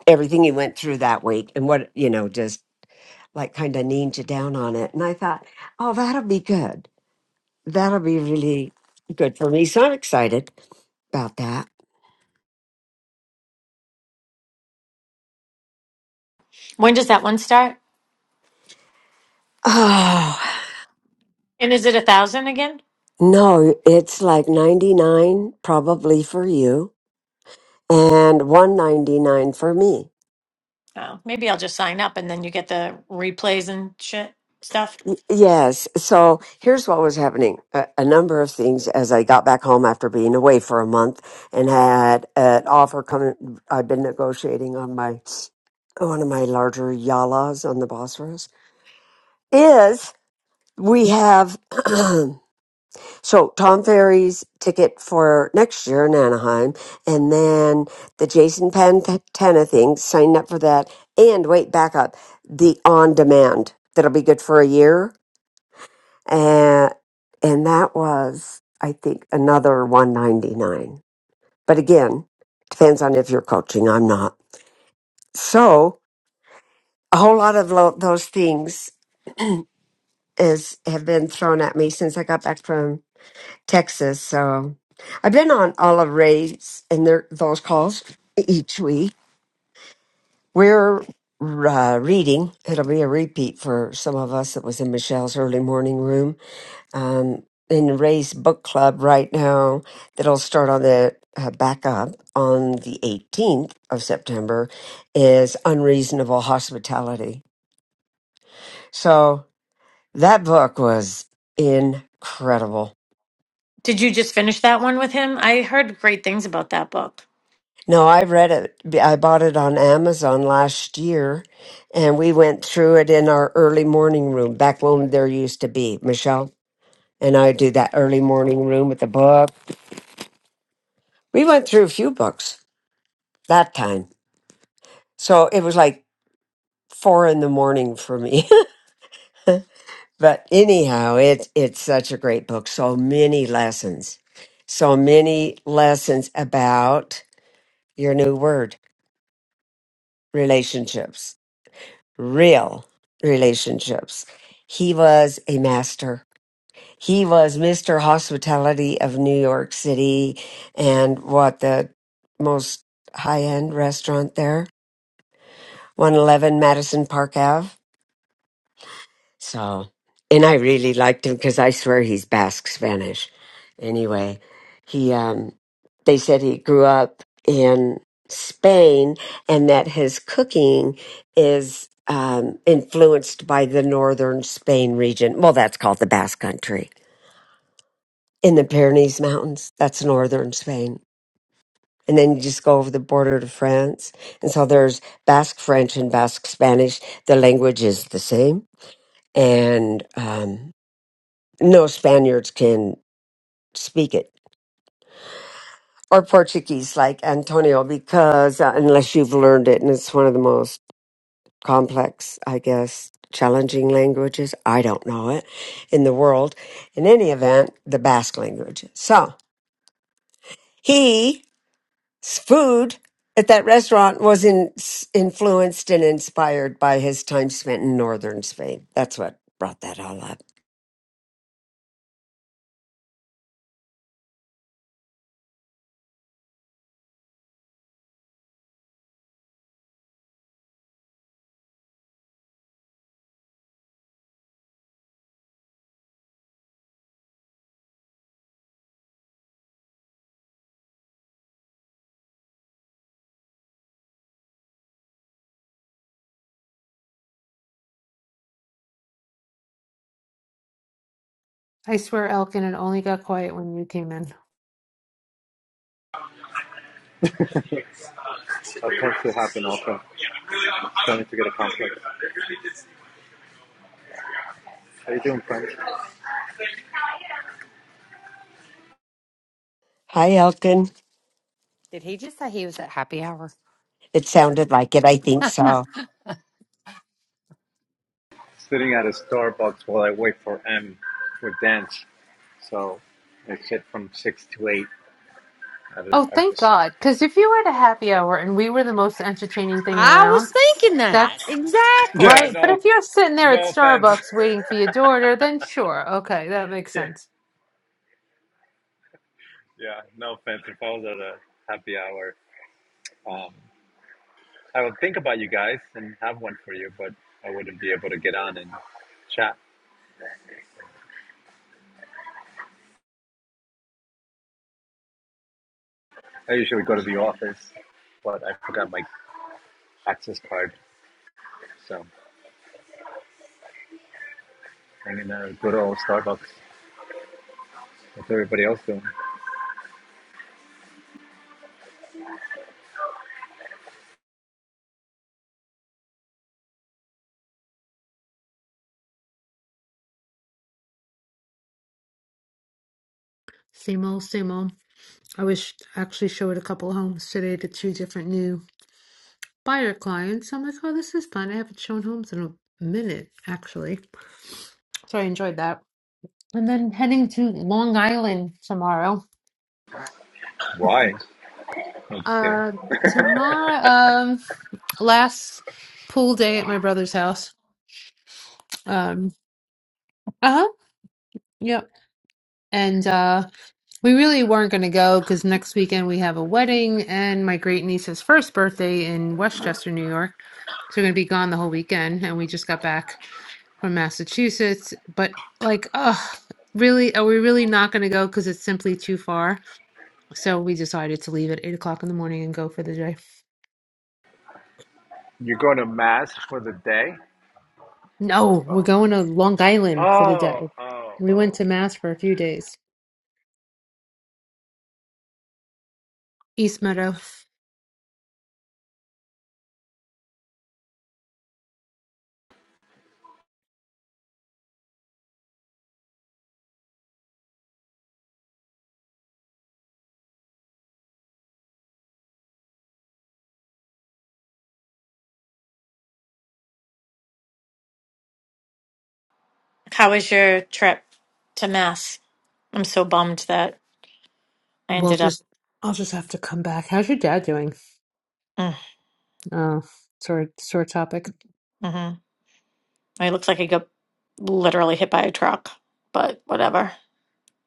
everything he went through that week and what, you know, just like kind of ninja down on it. And I thought, oh, that'll be good. That'll be really good for me. So I'm excited about that.
When does that one start?
(sighs) Oh,
And is it a thousand again?
no, it's like 99 probably for you and 199 for me.
Oh, maybe I'll just sign up and then you get the replays and shit stuff.
Y- Yes. So here's what was happening. A, a number of things as I got back home after being away for a month and had an offer coming. I've been negotiating on my, one of my larger yalas on the Bosphorus is we have (clears throat) So Tom Ferry's ticket for next year in Anaheim, and then the Jason Pantana thing. Sign up for that, and wait, back up the on demand that'll be good for a year, and and that was I think another one ninety nine. But again, depends on if you're coaching. I'm not. So a whole lot of lo- those things is have been thrown at me since I got back from. Texas. So I've been on Olive Ray's and their those calls each week. We're uh, reading. It'll be a repeat for some of us that was in Michelle's early morning room. Um, in Ray's book club right now, that'll start on the uh, back up on the 18th of September, is Unreasonable Hospitality. So that book was incredible
Did you just finish that one with him? I heard great things about that book.
No, I read it. I bought it on Amazon last year, and we went through it in our early morning room back when there used to be Michelle and I do that early morning room with the book. We went through a few books that time, so it was like four in the morning for me. (laughs) but anyhow, it's it's such a great book. So many lessons, so many lessons about your new word relationships real relationships. He was a master. He was Mr. Hospitality of New York City and what the most high end restaurant there, 111 Madison Park Ave. So, and I really liked him because I swear he's Basque Spanish. Anyway, he, um, they said he grew up in Spain and that his cooking is um, influenced by the northern Spain region. Well, that's called the Basque Country in the Pyrenees Mountains. That's northern Spain. And then you just go over the border to France. And so there's Basque French and Basque Spanish. The language is the same. And, um, no Spaniards can speak it or Portuguese like Antonio because uh, unless you've learned it and it's one of the most complex, I guess, challenging languages. I don't know it in the world. In any event, the Basque language. So he s- food at that restaurant was in, s- influenced and inspired by his time spent in northern Spain. That's what brought that all up.
I swear, Elkin, it only got quiet when you came in.
Of tends to happen often. Starting to get a complex. How you doing, friend?
Hi, Elkin.
Did he just say he was at happy hour?
It sounded like it. I think so.
Sitting at a Starbucks while I wait for M for dance. So I sit from six to eight at, a,
Oh,
at
thank
this.
God. Because if you were at a happy hour and we were the most entertaining thing
I
around,
was thinking that.
that's
Yeah,
Exactly.
right. But
no,
if you're sitting there at
no offense. (laughs)
Starbucks waiting for your daughter, then sure. Okay, that makes
yeah,
sense.
yeah, no offense. If I was at a happy hour, um, I would think about you guys and have one for you, but I wouldn't be able to get on and chat. I usually go to the office, but I forgot my access card, so I'm in a good old Starbucks. What's everybody else doing?
Same old, same old. I was actually showed a couple homes today to two different new buyer clients. I'm like, oh, this is fun. I haven't shown homes in a minute, actually. So I enjoyed that. And then heading to Long Island tomorrow. (laughs)
Why? I'm just kidding.
Uh, tomorrow, um, last pool day at my brother's house. Um, uh-huh, yep. And uh, we really weren't going to go because next weekend we have a wedding and my great niece's first birthday in Westchester, New York. So we're gonna be gone the whole weekend, and we just got back from Massachusetts. But like, oh, really? Are we really not gonna go because it's simply too far? So we decided to leave at eight o'clock in the morning and go for the day.
You're going to mass for the day?
No, we're
Oh,
going to Long Island for the
oh,
day.
oh,
We
oh.
went to Mass for a few days. East Meadow.
How was your trip to Mass? I'm so bummed that I
We'll
ended up.
just. I'll just have to come back. How's your dad doing?
mm,
Oh, sore sore topic.
Mm-hmm. It looks like I got literally hit by a truck, but whatever.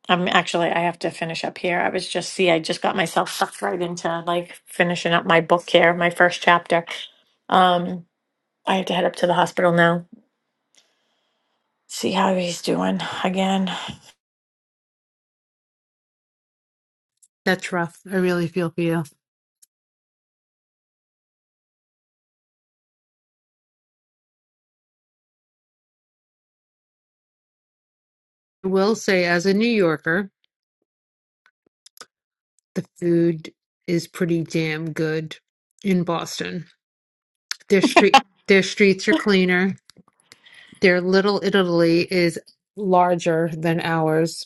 I'm actually, I have to finish up here. I was just, see, I just got myself sucked right into like finishing up my book here, my first chapter. Um, I have to head up to the hospital now See how he's doing again.
That's rough. I really feel for you. I will say, as a New Yorker, The food is pretty damn good in Boston. Their street their streets are cleaner. Their Little Italy is larger than ours.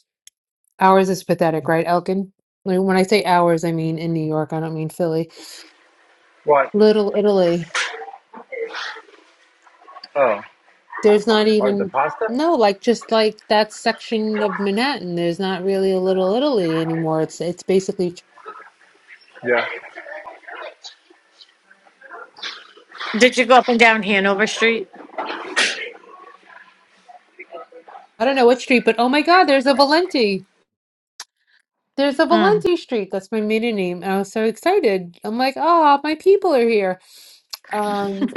Ours is pathetic, right, Elkin? Like, When I say ours, I mean in New York. I don't mean Philly.
What?
Little Italy.
Oh,
There's not
what? The
even
pasta?
no, like just like that section of Manhattan. There's not really a Little Italy anymore. It's it's basically
Yeah.
Did you go up and down Hanover Street?
I don't know what street, but oh my God, there's a Valenti. There's a
Mm.
Valenti Street. That's my maiden name. and I was so excited. I'm like, ah, my people are here. Um,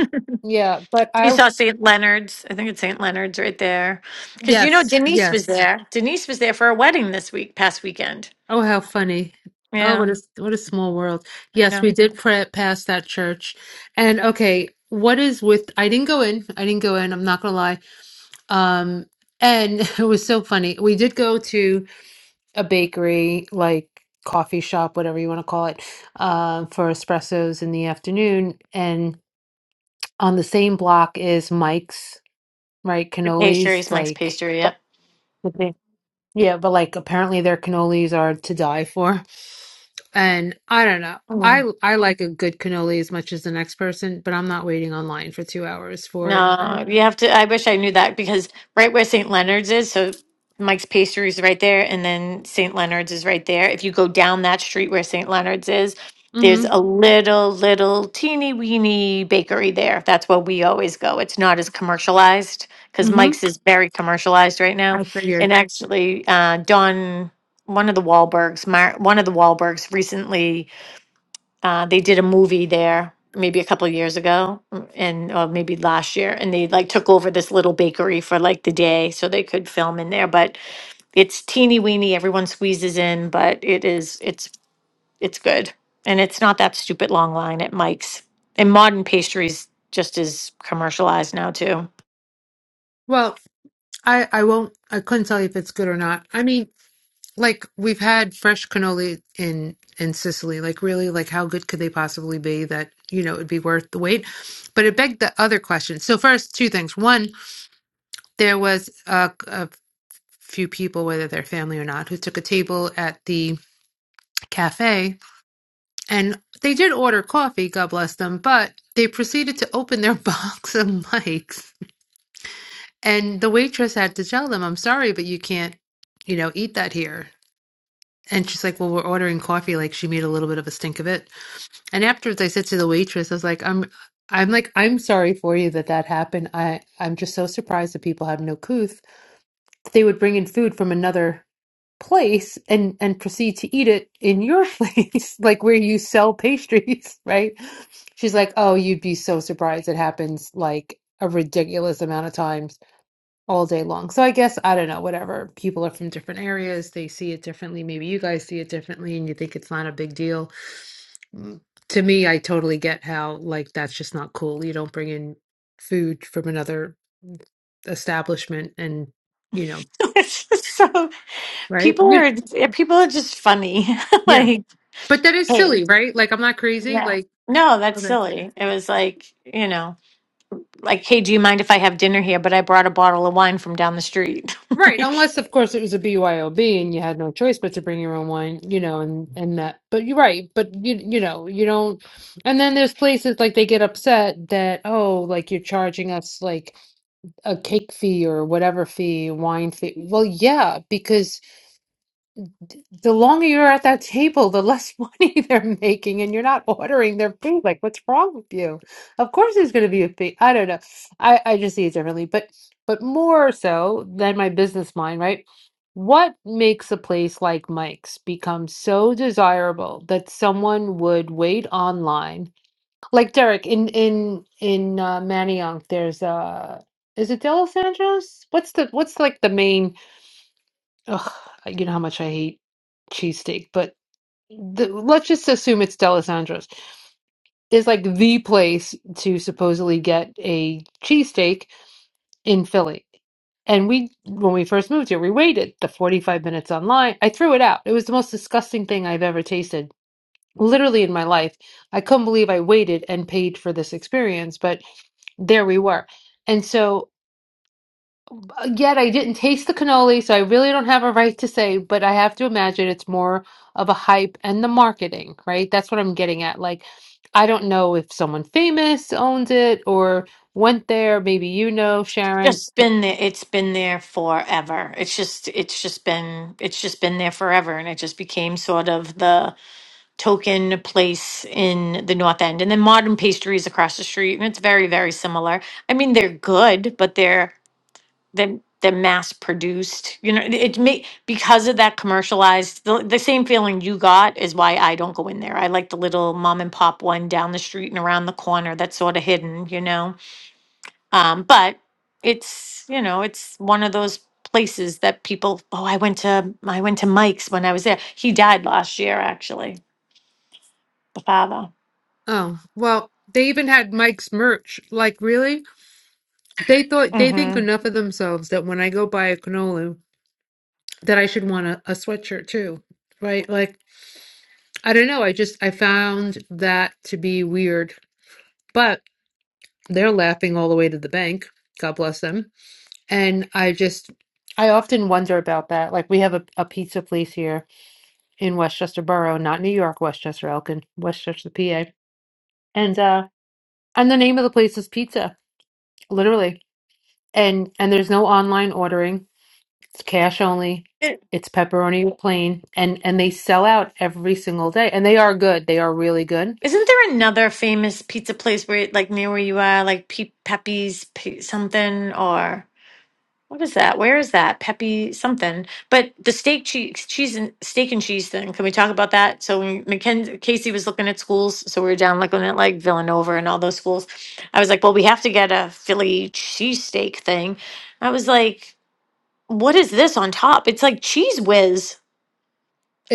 yeah, but
You
I
saw St. Leonard's. I think it's St. Leonard's right there. Because you know
yes,
Denise was
yes.
there. Denise was there for a wedding this week, past weekend.
Oh, how funny. Oh,
Yeah,
what a what a small world.
I
Yes,
know.
we did pray past that church. And okay, what is with I didn't go in. I didn't go in. I'm not gonna lie. Um, and (laughs) it was so funny. We did go to a bakery, like coffee shop, whatever you want to call it, uh, for espressos in the afternoon. and. on the same block is Mike's, right?
The
Cannolis,
pastries, Mike's
like
pastry. Yep.
Okay. yeah, but like apparently their cannolis are to die for. And I don't know. I I like a good cannoli as much as the next person, but I'm not waiting online for two hours for it.
No,
Okay.
you have to. I wish I knew that because right where St. Leonard's is, so Mike's Pastry is right there, and then St. Leonard's is right there. If you go down that street where St. Leonard's is, there's a
Mm-hmm.
little, little teeny weeny bakery there. That's where we always go. It's not as commercialized because
Mm-hmm.
Mike's is very commercialized right now.
I
And
figured.
actually, uh, Don, one of the Wahlbergs, Mar- one of the Wahlbergs recently uh, they did a movie there maybe a couple years ago, mm, and or maybe last year, and they like took over this little bakery for like the day so they could film in there. But it's teeny weeny, everyone squeezes in, but it is it's it's good, and it's not that stupid long line at Mike's. And modern pastries just is commercialized now too.
Well, I I won't. I couldn't tell you if it's good or not. I mean, like we've had fresh cannoli in in Sicily. Like really, like how good could they possibly be that, you know, it'd be worth the wait? But it begged the other question. So first, two things. One, there was a, a few people, whether they're family or not, who took a table at the cafe and they did order coffee, God bless them, but they proceeded to open their (laughs) box of mics and the waitress had to tell them, I'm sorry, but you can't, you know, eat that here. And she's like, Well, we're ordering coffee. Like she made a little bit of a stink of it. And afterwards, I said to the waitress, I was like, I'm, I'm like, I'm sorry for you that that happened. I, I'm just so surprised that people have no couth. They would bring in food from another place and and proceed to eat it in your (laughs) place, like where you sell pastries, (laughs) right? She's like, oh, you'd be so surprised. It happens like a ridiculous amount of times all day long. So I guess I don't know, whatever. People are from different areas, they see it differently. Maybe you guys see it differently and you think it's not a big deal. Mm, To me, I totally get how like that's just not cool. You don't bring in food from another establishment and you know,
(laughs) It's just so
right?
people
You,
are yeah, people are just funny. (laughs)
yeah.
like,
But that is
hey,
silly, right? Like I'm not crazy.
yeah,
Like
no, that's silly. It was like you know. like, hey, do you mind if I have dinner here? But I brought a bottle of wine from down the street. (laughs)
Right,
like,
unless of course it was a BYOB and you had no choice but to bring your own wine, you know, and and that. But you're right, but you you know, you don't. And then there's places like they get upset that oh, like you're charging us like a cake fee or whatever fee, wine fee. Well, yeah, the longer you're at that table, the less (laughs) money they're making, and you're not ordering their food. Like, what's wrong with you? Of course, there's going to be a fee. I don't know. I I just see it differently, but but more so than my business mind, right? What makes a place like Mike's become so desirable that someone would wait online? Like Derek in in in uh, Manayunk, there's uh, is it Delos Angeles? What's the what's like the main? Ugh, you know how much I hate cheesesteak, but the, let's just assume it's D'Alessandro's. It's like the place to supposedly get a cheesesteak in Philly. And we, when we first moved here, we waited the 45 minutes online. I threw it out. It was the most disgusting thing I've ever tasted, literally in my life. I couldn't believe I waited and paid for this experience, but there we were. And so Uh, Yet I didn't taste the cannoli, so I really don't have a right to say, but I have to imagine it's more of a hype and the marketing, right? That's what I'm getting at. Like, I don't know if someone famous owns it or went there. Maybe you know, Sharon.
just been there. It's been there forever. It's just, it's just been, it's just been there forever, and it just became sort of the token place in the North End. And then Modern Pastries across the street, and it's very, very similar. I mean, they're good, but they're the the mass produced you know it may because of that commercialized the, the same feeling you got is why i don't go in there i like the little mom and pop one down the street and around the corner that's sort of hidden you know um but it's you know it's one of those places that people oh i went to i went to mike's when i was there he died last year actually the father
Oh, well, they even had Mike's merch. Like, really? They thought they think
mm-hmm
enough of themselves that when I go buy a cannoli, that I should want a, a sweatshirt too, right? Like, I don't know. I just I found that to be weird. But They're laughing all the way to the bank. God bless them. And I just, I often wonder about that. Like we have a, a pizza place here in Westchester Borough, not New York, Westchester, Elkin, Westchester, PA. And uh and the name of the place is Pizza, literally. And and there's no online ordering. It's cash only.
It,
It's pepperoni plain and and they sell out every single day. And they are good. They are really good.
isn't there another famous pizza place where like near where you are like Pe- pepe's Pe- something or What is that? Where is that? Peppy something. But the steak cheese, cheese and steak and cheese thing. Can we talk about that? So when Mackenzie Casey was looking at schools, so we were down looking at like Villanova and all those schools. I was like, well, we have to get a Philly cheesesteak thing. I was like, what is this on top? It's like cheese whiz.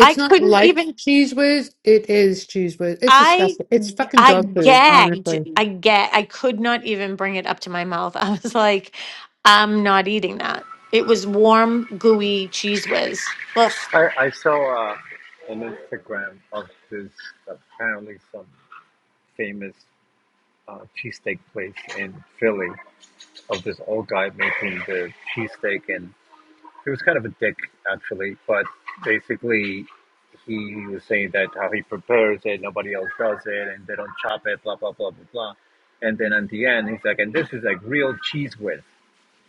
I
not
couldn't
like
even
Cheese Whiz. It is Cheese Whiz. It's
I
disgusting. It's fucking
I
dog food, honestly.
gagged. I gag. I could not even bring it up to my mouth. (laughs) I was like, I'm not eating that. It was warm, gooey cheese whiz. Ugh.
I, I saw uh, an Instagram of this apparently some famous uh, cheesesteak place in Philly of this old guy making the cheesesteak and. He was kind of a dick, actually, but basically, he was saying that how he prepares it, nobody else does it, and they don't chop it, blah, blah, blah, blah, blah. And then at the end, he's like, and this is like real cheese whiz.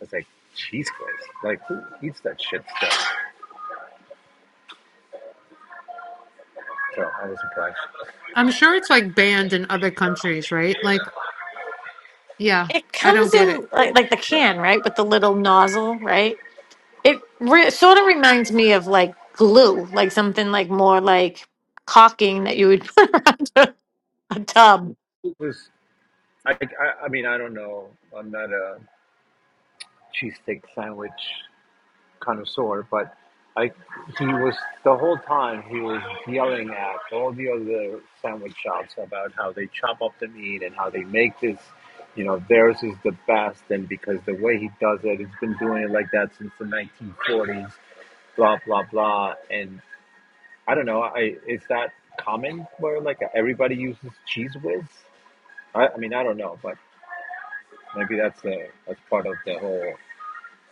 I was like, cheese whiz? Like, who eats that shit stuff? So I was surprised.
I'm sure it's like banned in other countries, right? Like, yeah,
It
I don't
comes
get it.
in like, like the
Yeah.
can, right, with the little nozzle, right? It re- sort of reminds me of like glue, like something like more like caulking that you would (laughs) put around a, a tub,
It was, I, I, I mean, I don't know. I'm not a cheesesteak sandwich connoisseur, but I he was the whole time he was yelling at all the other sandwich shops about how they chop up the meat and how they make this, you know, theirs is the best, and because the way he does it, he's been doing it like that since the 1940s, blah blah blah, and I don't know, I is that common where like everybody uses cheese whiz? I, I mean, I don't know, but maybe that's a that's part of the whole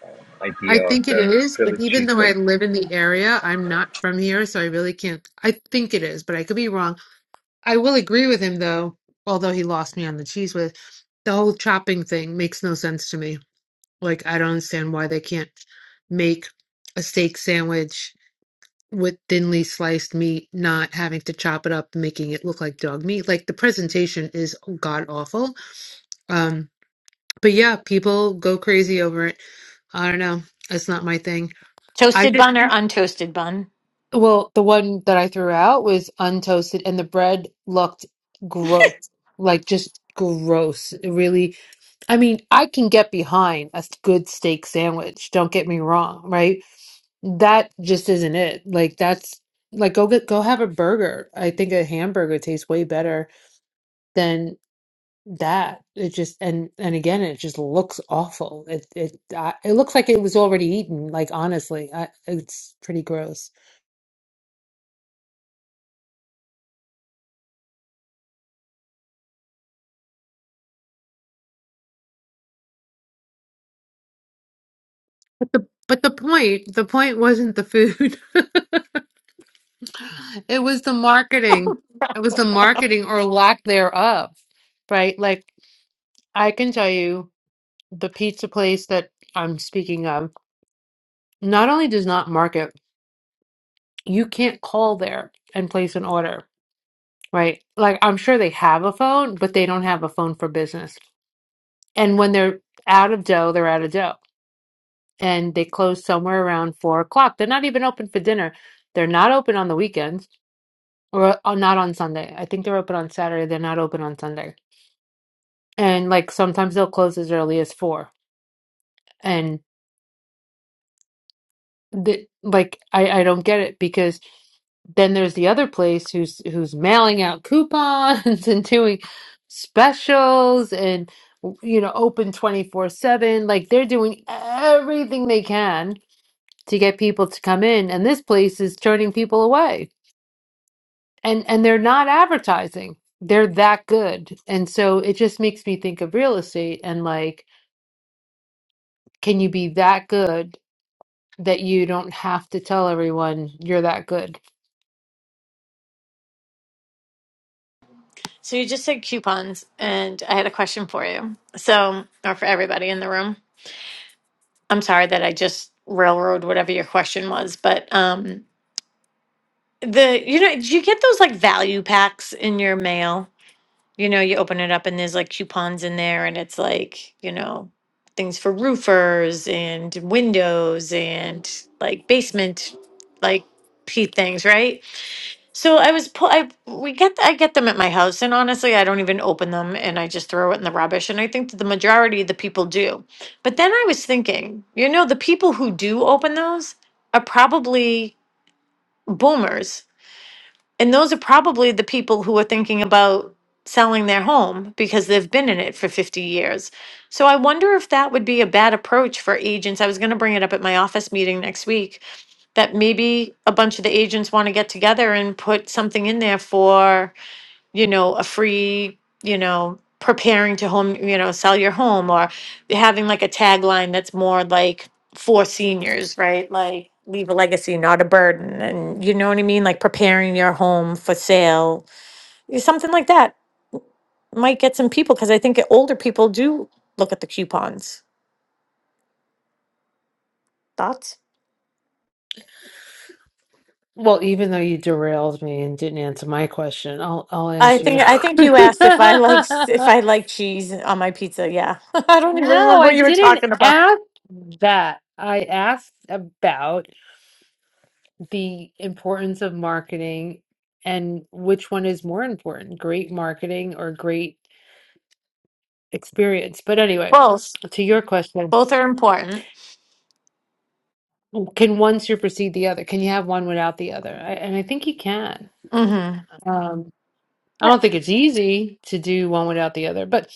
uh,
I
idea of
think it
the
is, but
privileged
even though
cheesesteak
I live in the area, I'm not from here, so I really can't. I think it is, but I could be wrong. I will agree with him though, although he lost me on the cheese with the whole chopping thing makes no sense to me. Like, I don't understand why they can't make a steak sandwich with thinly sliced meat, not having to chop it up, making it look like dog meat. Like, the presentation is god awful. But yeah, people go crazy over it. I don't know. That's not my thing. I
toasted
just
bun or untoasted bun.
well, the one that I threw out was untoasted, and the bread looked gross, like just gross. It really, I mean, I can get behind a good steak sandwich. Don't get me wrong, right? That just isn't it. Like that's like go get go have a burger. I think a hamburger tastes way better that it just and and again it just looks awful it it I, it looks like it was already eaten like honestly I, it's pretty gross but the but the point the point wasn't the food (laughs) it was the marketing it was the marketing or lack thereof right like I can tell you the pizza place that I'm speaking of not only does not market you can't call there and place an order right like I'm sure they have a phone but they don't have a phone for business and when they're out of dough, they're out of dough. And they close somewhere around four o'clock. They're not even open for dinner. They're not open on the weekends or uh, not on Sunday. I think they're open on Saturday. They're not open on Sunday. And like sometimes they'll close as early as four. And the, like I, I don't get it because then there's the other place who's who's mailing out coupons (laughs) and doing specials and you know open 24/7 like they're doing everything they can to get people to come in and this place is turning people away and and they're not advertising they're that good and so it just makes me think of real estate and like can you be that good that you don't have to tell everyone you're that good
So you just said coupons, and I had a question for you. So, or for everybody in the room. I'm sorry that I just railroad whatever your question was, but um the you know, do you get those like value packs in your mail? You know, you open it up and there's like coupons in there and it's like, you know, things for roofers and windows and like basement like pea things, right? So I was pull. I we get I get them at my house, and honestly, I don't even open them, and I just throw it in the rubbish. And I think that the majority of the people do. But then I was thinking, you know, the people who do open those are probably boomers, and those are probably the people who are thinking about selling their home because they've been in it for 50 years. So I wonder if that would be a bad approach for agents. I was going to bring it up at my office meeting next week that maybe a bunch of the agents want to get together and put something in there for, you know, a free, you know, preparing to home, you know, sell your home or having like a tagline that's more like for seniors, right? Like leave a legacy, not a burden. And you know what I mean? Like preparing your home for sale, something like that might get some people because I think older people do look at the coupons. Thoughts?
well even though you derailed me and didn't answer my question i'll i'll
I
answer you (laughs)
think I think you asked if I like (laughs) if I like cheese on my pizza. Yeah, (laughs) I don't even
no
remember
i
what you were
didn't
talking about.
ask that i asked about the importance of marketing and which one is more important, great marketing or great experience. But anyway,
Both.
to your question,
Both are important.
can one supersede the other? Can you have one without the other? I, and I think you can.
hmm
Um, I don't
Well,
think it's easy to do one without the other, but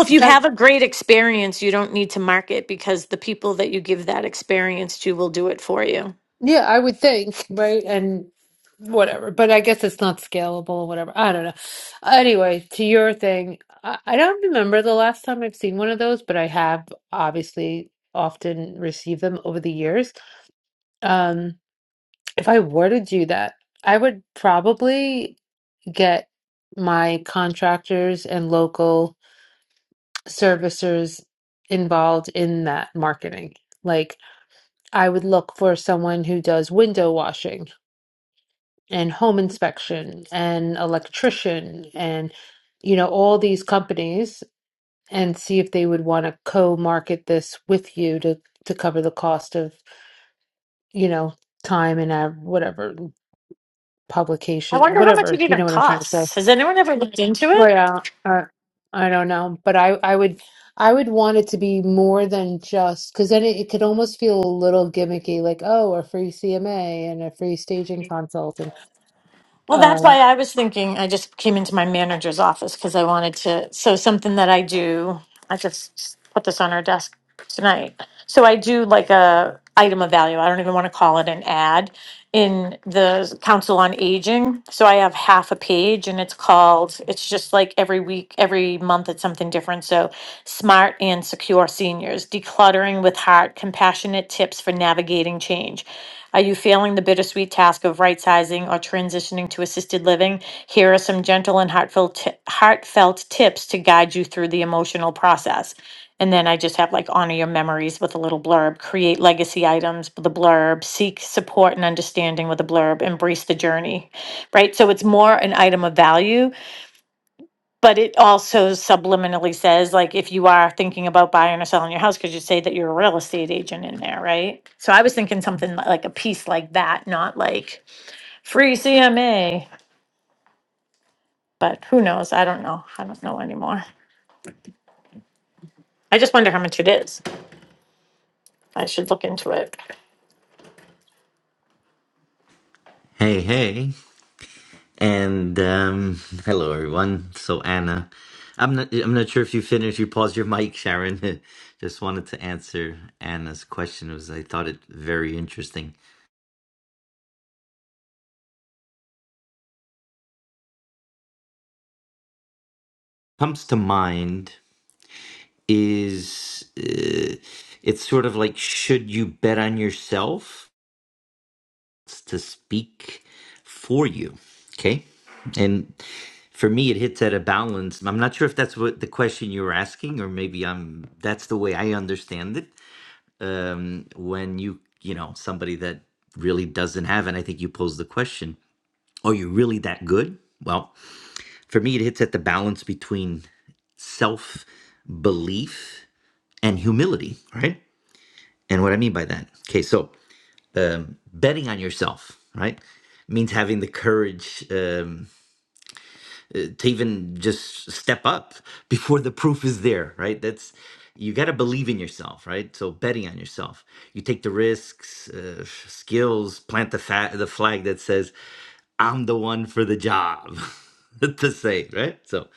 if you have a great experience, you don't need to market because the people that you give that experience to will do it for you.
Yeah, I would think, right? And whatever. But I guess it's not scalable or whatever. I don't know. Anyway, to your thing, I, I don't remember the last time I've seen one of those, but I have obviously often received them over the years. Um, if I were to do that, I would probably get my contractors and local servicers involved in that marketing. Like, I would look for someone who does window washing and home inspection and electrician and you know all these companies and see if they would want to co-market this with you to to cover the cost of you know time and uh, whatever
I
publication
wonder how much
whatever
it
you
even
know what I'm trying to say
costs. Has anyone ever looked into it?
Well, yeah uh, I don't know but I I would I would want it to be more than just because then it, it could almost feel a little gimmicky like oh a free CMA and a free staging consult and
Well, that's
um,
why I was thinking. I just came into my manager's office because I wanted to. So, something that I do, I just put this on our desk tonight. So, I do like a item of value. I don't even want to call it an ad in the Council on Aging. So, I have half a page and it's called, it's just like every week, every month, it's something different. So, smart and secure seniors, decluttering with heart, compassionate tips for navigating change. Are you feeling the bittersweet task of right sizing or transitioning to assisted living? Here are some gentle and heartfelt, ti- heartfelt tips to guide you through the emotional process. And then I just have like honor your memories with a little blurb, create legacy items with a blurb, seek support and understanding with a blurb, embrace the journey, right? So it's more an item of value but it also subliminally says like if you are thinking about buying or selling your house could you say that you're a real estate agent in there right so i was thinking something li- like a piece like that not like free cma but who knows i don't know i don't know anymore i just wonder how much it is i should look into it
Hey, hey, and um, hello, everyone. So, Anna, I'm not. I'm not sure if you finished. You paused your mic, Sharon. (laughs) Just wanted to answer Anna's question. It Was I thought it very interesting. Comes to mind is uh, it's sort of like should you bet on yourself to speak for you? Okay, and for me, it hits at a balance. I'm not sure if that's what the question you were asking, or maybe I'm. That's the way I understand it um, when you you know somebody that really doesn't have and i think you pose the question are you really that good well for me it hits at the balance between self belief and humility right and what i mean by that okay so um, betting on yourself right means having the courage um, to even just step up (laughs) before the proof is there, right? That's you got to believe in yourself, right? So betting on yourself, you take the risks, uh, skills, plant the fa- the flag that says, "I'm the one for the job," (laughs) to say, right? So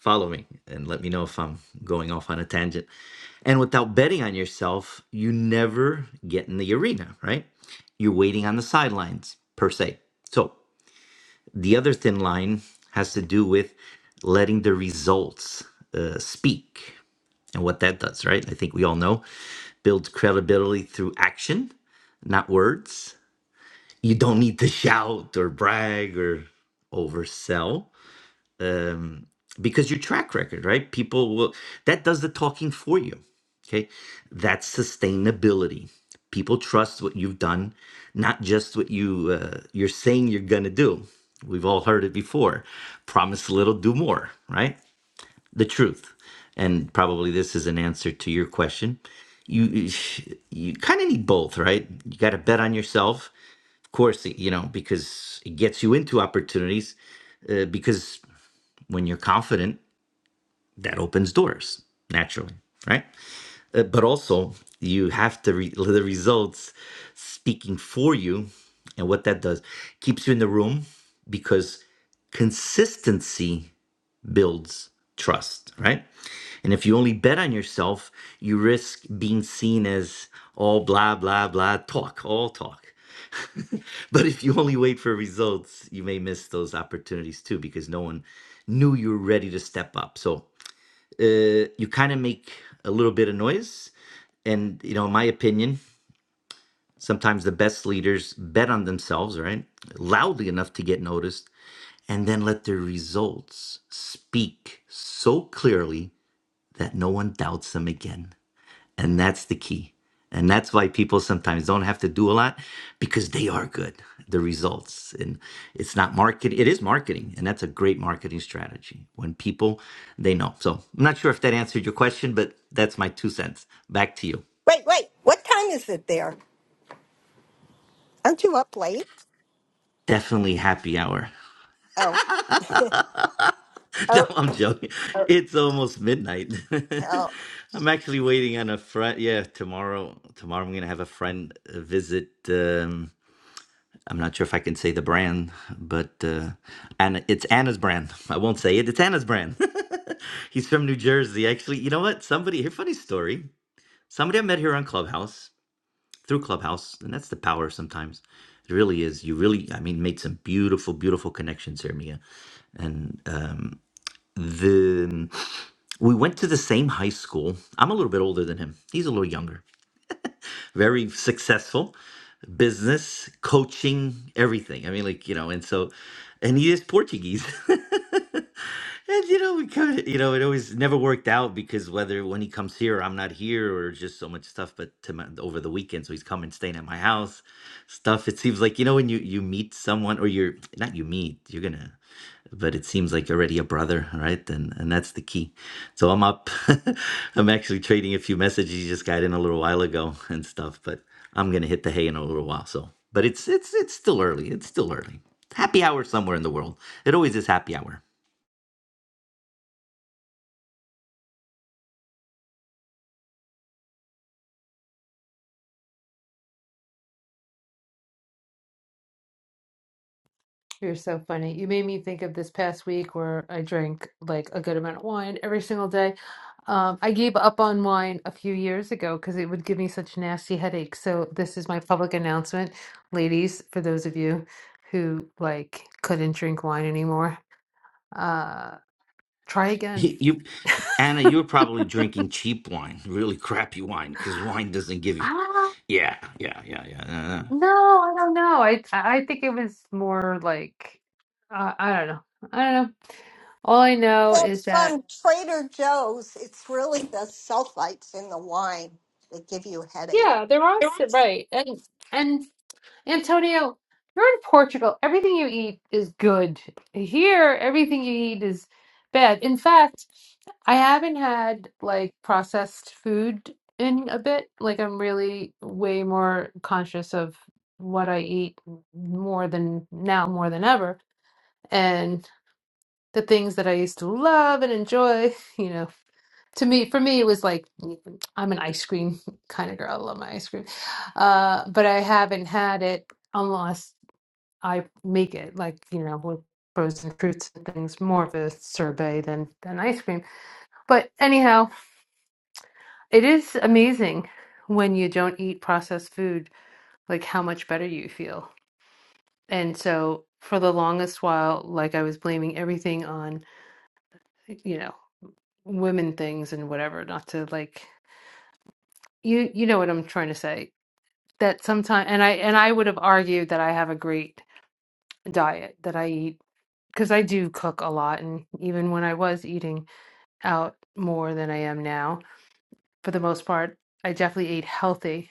follow me and let me know if I'm going off on a tangent. And without betting on yourself, you never get in the arena, right? You're waiting on the sidelines per se. So the other thin line has to do with letting the results uh, speak and what that does, right? I think we all know builds credibility through action, not words. You don't need to shout or brag or oversell because your track record, right? People will, that does the talking for you. Okay. That's sustainability. People trust what you've done, not just what you, uh, you're saying you're going to do. We've all heard it before. Promise a little, do more, right? The truth. And probably this is an answer to your question. You, you kind of need both, right? You got to bet on yourself of course, you know, because it gets you into opportunities. Uh, because when you're confident, that opens doors naturally right Uh, but also you have to re- the results speaking for you and what that does keeps you in the room because consistency builds trust right and if you only bet on yourself you risk being seen as all blah blah blah talk all talk (laughs) but if you only wait for results you may miss those opportunities too because no one knew you were ready to step up so uh, you kind of make a little bit of noise. And, you know, in my opinion, sometimes the best leaders bet on themselves, right? Loudly enough to get noticed, and then let their results speak so clearly that no one doubts them again. And that's the key. And that's why people sometimes don't have to do a lot because they are good, the results. And it's not market, it is marketing. And that's a great marketing strategy when people, they know. So I'm not sure if that answered your question, but that's my two cents. Back to you.
Wait, wait. What time is it there? Aren't you up late?
Definitely happy hour.
Oh,
(laughs)
(laughs) oh,
no,
oh.
I'm joking. It's almost midnight.
oh.
(laughs) I'm actually waiting on a friend. Yeah, tomorrow, tomorrow I'm going to have a friend uh, visit. Um, I'm not sure if I can say the brand, but uh, Anna, it's Anna's brand. I won't say it. It's Anna's brand. (laughs) He's from New Jersey. Actually, you know what? Somebody here, funny story. Somebody I met here on Clubhouse through Clubhouse, and that's the power sometimes. It really is. You really, I mean, made some beautiful, beautiful connections here, Mia. And uh, the we went to the same high school. I'm a little bit older than him. He's a little younger. Very successful business, coaching, everything. I mean, like, you know, and so, and he is Portuguese. (laughs) And you know, we kind of, you know, it always never worked out because whether when he comes here, I'm not here, or just so much stuff. But to my, over the weekend, so he's coming, staying at my house, stuff. It seems like you know when you you meet someone, or you're not you meet, you're gonna but it seems like already a brother, right? And and that's the key. So I'm up. (laughs) I'm actually trading a few messages. You just got in a little while ago and stuff, but I'm gonna hit the hay in a little while. So, but it's it's it's still early. It's still early. Happy hour somewhere in the world. It always is happy hour. (laughs)
You're so funny. You made me think of this past week where I drank like a good amount of wine every single day. Um, I gave up on wine a few years ago because it would give me such nasty headaches. So this is my public announcement, ladies, for those of you who like couldn't drink wine anymore, uh, try again.
You, Anna, you are probably drinking cheap wine, really crappy wine, because wine doesn't give
I
you.
don't
Yeah, yeah, yeah, yeah. yeah.
know. No, I don't know. I I think it was more like uh, I don't know. I don't know. All I know is
That's
that
from Trader Joe's. It's really the sulfites in the wine that give you a headache.
yeah, there are s- right and. and Antonio, you're in Portugal. Everything you eat is good. Here, everything you eat is bad. In fact, I haven't had like processed food in a bit. Like, I'm really way more conscious of what I eat more than now, more than ever. And the things that I used to love and enjoy, (laughs) you know, to me for me it was like i'm an ice cream (laughs) kind of girl i love my ice cream uh but i haven't had it unless. I make it like you know with frozen fruits and things more of a sorbet than than ice cream. But anyhow, it is amazing when you don't eat processed food like how much better you feel. And so for the longest while like I was blaming everything on you know women things and whatever not to like you you know what I'm trying to say that sometimes and I and I would have argued that I have a great diet that I eat because I do cook a lot and even when I was eating out more than I am now. For the most part, I definitely ate healthy,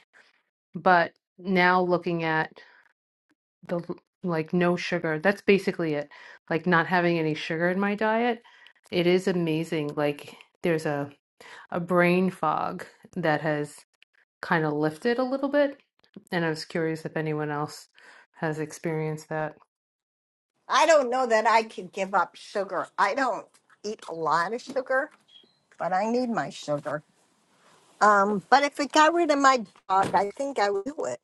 but now looking at the like no sugar, that's basically it. Like not having any sugar in my diet, it is amazing. Like there's a a brain fog that has kind of lifted a little bit, and I was curious if anyone else has experienced that.
I don't know that I could give up sugar. I don't eat a lot of sugar, but I need my sugar. Um, but if it got rid of my dog, I think I would do it.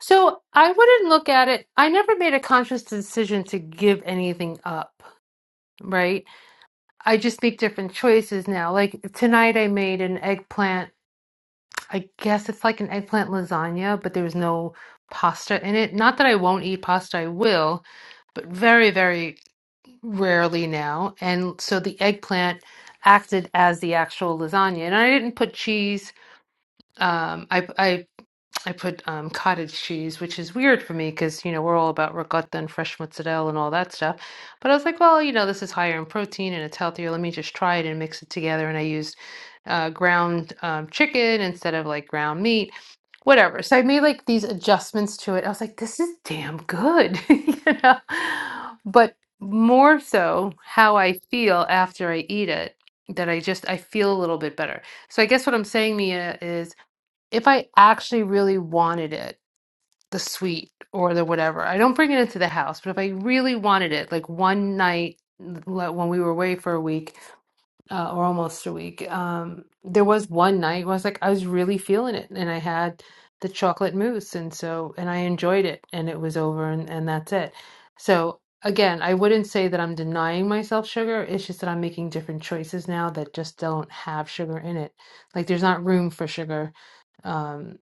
So I wouldn't look at it. I never made a conscious decision to give anything up, right? I just make different choices now. Like tonight, I made an eggplant. I guess it's like an eggplant lasagna, but there was no pasta in it. Not that I won't eat pasta, I will, but very, very rarely now. And so the eggplant acted as the actual lasagna. And I didn't put cheese. Um, I, I I put um, cottage cheese, which is weird for me because, you know, we're all about ricotta and fresh mozzarella and all that stuff. But I was like, well, you know, this is higher in protein and it's healthier. Let me just try it and mix it together. And I used uh, ground um, chicken instead of like ground meat, whatever. So I made like these adjustments to it. I was like, this is damn good, (laughs) you know? But more so how I feel after I eat it, that I just, I feel a little bit better. So I guess what I'm saying, Mia, is if I actually really wanted it, the suite or the whatever, I don't bring it into the house, but if I really wanted it, like one night l- when we were away for a week, uh, or almost a week. Um, there was one night where I was like, I was really feeling it, and I had the chocolate mousse, and so and I enjoyed it, and it was over, and and that's it. So again, I wouldn't say that I'm denying myself sugar. It's just that I'm making different choices now that just don't have sugar in it. Like there's not room for sugar, um,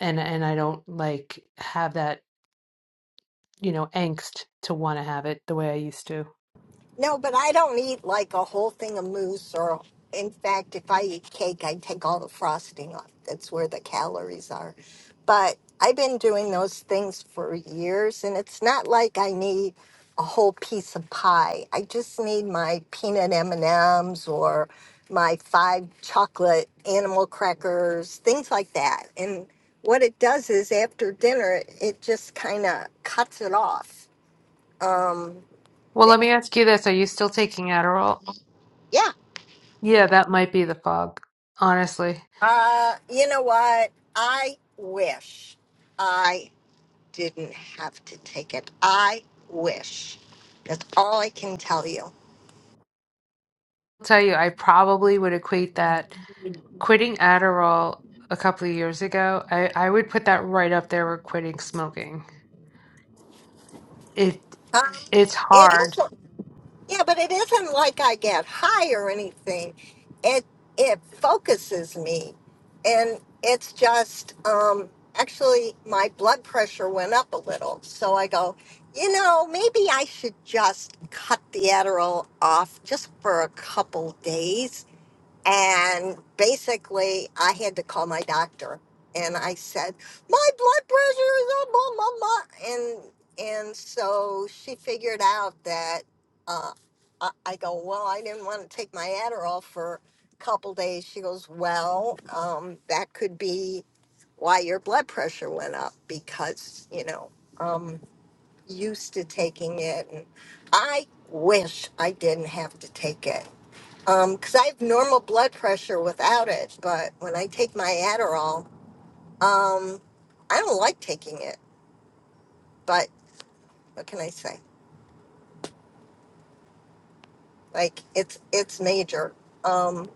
and and I don't like have that you know angst to want to have it the way I used to.
No, but I don't eat like a whole thing of mousse or in fact if I eat cake I take all the frosting off. That's where the calories are. But I've been doing those things for years and it's not like I need a whole piece of pie. I just need my peanut M&Ms or my five chocolate animal crackers, things like that. And what it does is after dinner it just kind of cuts it off. Um
Well, let me ask you this. Are you still taking Adderall?
yeah
Yeah, that might be the fog, honestly.
Uh, you know what? I wish I didn't have to take it. I wish. That's all I can tell you.
I'll tell you, I probably would equate that quitting Adderall a couple of years ago, I, I would put that right up there with quitting smoking. It
Um,
it's
it
hard.
isn't. Yeah, but it isn't like I get high or anything. It it focuses me, and it's just um, actually my blood pressure went up a little. So I go, you know, maybe I should just cut the Adderall off just for a couple days And basically, I had to call my doctor, and I said, "My blood pressure is up, blah, blah, blah." and and so she figured out that uh, I, I go, "Well, I didn't want to take my Adderall for a couple days." She goes, "Well, um, that could be why your blood pressure went up because you know um, used to taking it, and I wish I didn't have to take it." Um, 'cause I have normal blood pressure without it, but when I take my Adderall, um, I don't like taking it. But what can I say? Like it's it's major. Um,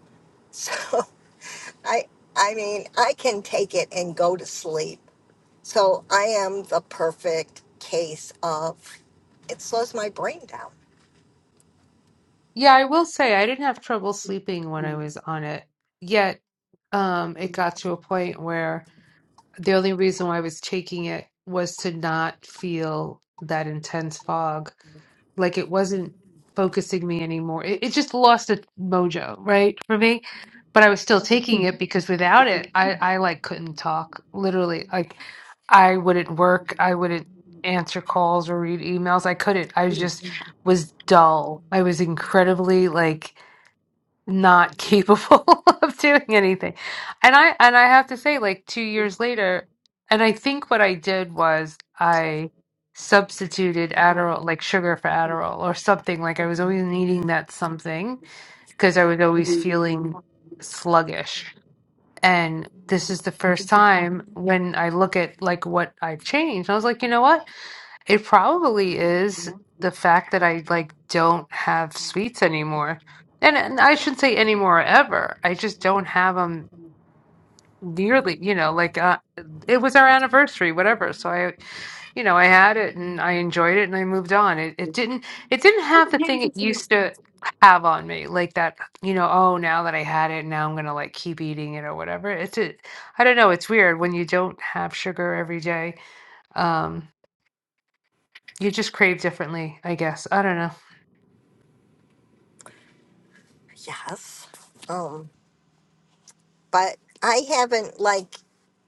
so (laughs) I I mean I can take it and go to sleep. So I am the perfect case of it slows my brain down.
Yeah, I will say I didn't have trouble sleeping when I was on it. Yet, um, it got to a point where the only reason why I was taking it was to not feel that intense fog. Like it wasn't focusing me anymore. It, it just lost its mojo, right? For me. But I was still taking it because without it, I, I like couldn't talk. Literally, like I wouldn't work. I wouldn't answer calls or read emails. I couldn't. I just was dull. I was incredibly like not capable (laughs) of doing anything. And I and I have to say like 2 years later and I think what I did was I substituted Adderall like sugar for Adderall or something like I was always needing that something because I was always feeling sluggish. And this is the first time when I look at like what I've changed. I was like, "You know what? It probably is the fact that I like don't have sweets anymore. And, and I shouldn't say anymore ever. I just don't have them nearly, you know, like uh, it was our anniversary, whatever. So I, you know, I had it and I enjoyed it and I moved on. It it didn't it didn't have the thing it used to have on me, like that, you know, oh, now that I had it, now I'm gonna like keep eating it or whatever. It's a, I don't know, it's weird when you don't have sugar every day. um, you just crave differently, I guess. I don't know.
Yes. Um, but I haven't like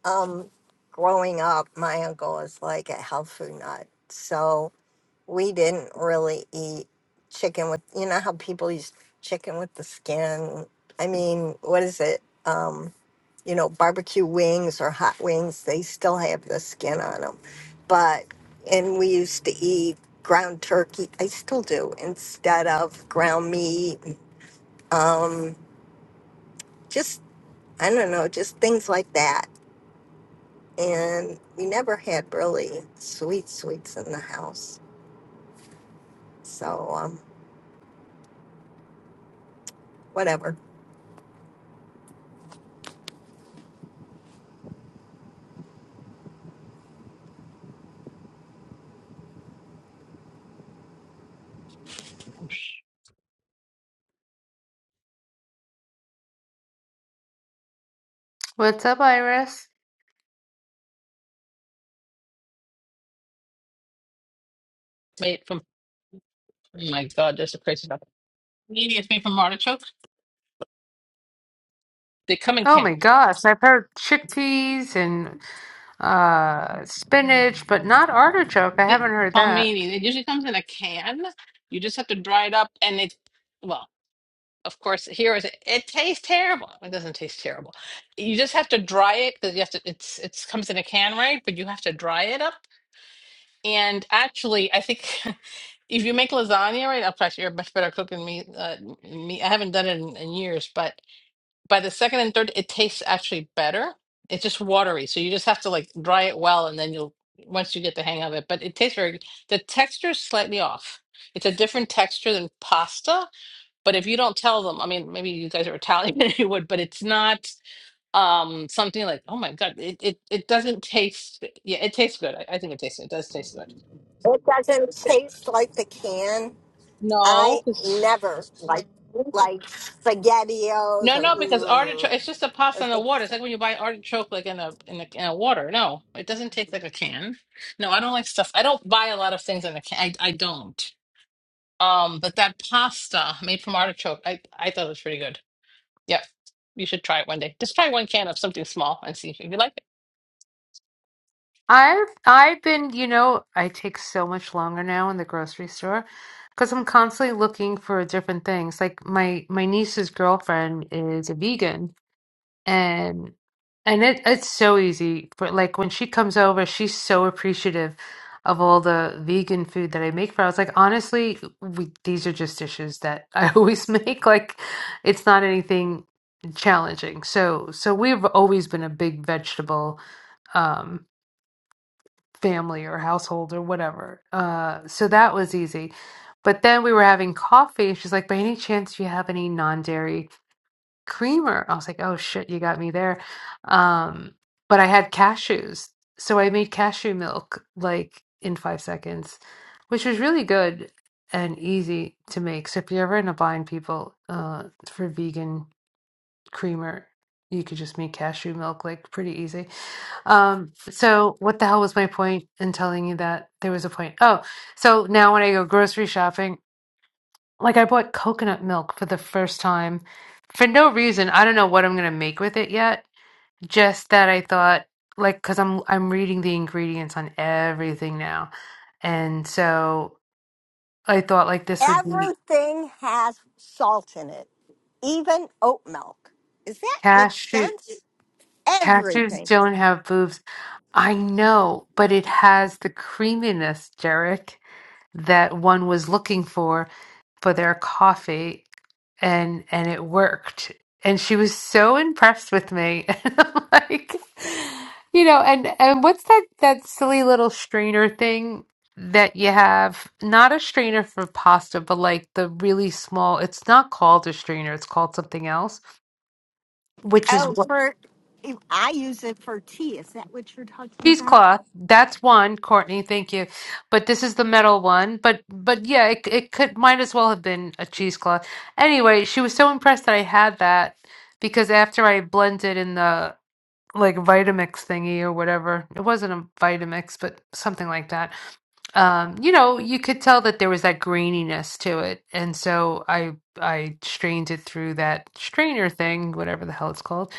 um, growing up, my uncle was like a health food nut. So we didn't really eat chicken with, you know, how people use chicken with the skin. I mean, what is it? Um, you know, barbecue wings or hot wings, they still have the skin on them. But, and we used to eat ground turkey. I still do instead of ground meat. Um, just, I don't know, just things like that and we never had really sweet sweets in the house. So um, whatever.
What's up, Iris?
made from oh my god, that's a crazy stuff. Meaty is made from artichoke. They come in
Oh
can.
my gosh, I've heard chickpeas and uh spinach, but not artichoke. I
The,
haven't heard that.
palmini. It usually comes in a can. You just have to dry it up, and it. Well, of course, here is it. It tastes terrible. It doesn't taste terrible. You just have to dry it because you have to. It's it's comes in a can, right? But you have to dry it up. And actually, I think (laughs) if you make lasagna, right? I'll you're a much better cook than me. Uh, me, I haven't done it in, in years, but by the second and third, it tastes actually better. It's just watery, so you just have to like dry it well, and then you'll once you get the hang of it. But it tastes very good. The texture is slightly off. It's a different texture than pasta. But if you don't tell them, I mean, maybe you guys are Italian, (laughs) maybe you would, but it's not um something like, oh my God, it it, it doesn't taste. Yeah, it tastes good. I, I think it tastes. It does taste good.
It doesn't taste like the can. I
No, 'cause
never like like spaghettios
No,
or,
no, because artichoke
mm,
it's just a
or
pasta in the
th-
water. It's like when you buy artichoke like in a in a, in a water. No, it doesn't taste like a can. No, I don't like stuff. I don't buy a lot of things in a can. I I don't. Um, but that pasta made from artichoke, I I thought it was pretty good. Yeah, you should try it one day. Just try one can of something small and see if you like it.
I've I've been, you know, I take so much longer now in the grocery store because I'm constantly looking for different things. Like my my niece's girlfriend is a vegan, and and it it's so easy for like when she comes over, she's so appreciative of all the vegan food that I make for her. I was like, honestly, we, these are just dishes that I (laughs) always make. Like, it's not anything challenging. So so we've always been a big vegetable um family or household or whatever. Uh, so that was easy. But then we were having coffee, and she's like, "By any chance, do you have any non-dairy?" creamer. I was like, oh shit, you got me there. Um, but I had cashews. So I made cashew milk like in five seconds, which was really good and easy to make. So if you're ever in a bind, people, uh, for vegan creamer, you could just make cashew milk like pretty easy. Um, so what the hell was my point in telling you that there was a point? Oh, so now when I go grocery shopping, like I bought coconut milk for the first time for no reason. I don't know what I'm gonna make with it yet. Just that I thought like because I'm I'm reading the ingredients on everything now. And so I thought like this would be
everything has salt in it, even oat milk. Does that make
cashew
sense?
cashews
Everything.
don't have boobs. I know, but it has the creaminess, Derek. that one was looking for for their coffee and and it worked and she was so impressed with me (laughs) and I'm like you know and and what's that that silly little strainer thing that you have not a strainer for pasta but like the really small it's not called a strainer it's called something else which is
Oh,
what
for I use it for tea. Is that what you're talking about?
cheesecloth that's one courtney thank you but this is the metal one but but yeah it, it could might as well have been a cheesecloth anyway she was so impressed that i had that because after i blended in the like vitamix thingy or whatever it wasn't a vitamix but something like that um, you know, you could tell that there was that graininess to it, and so I I strained it through that strainer thing, whatever the hell it's called,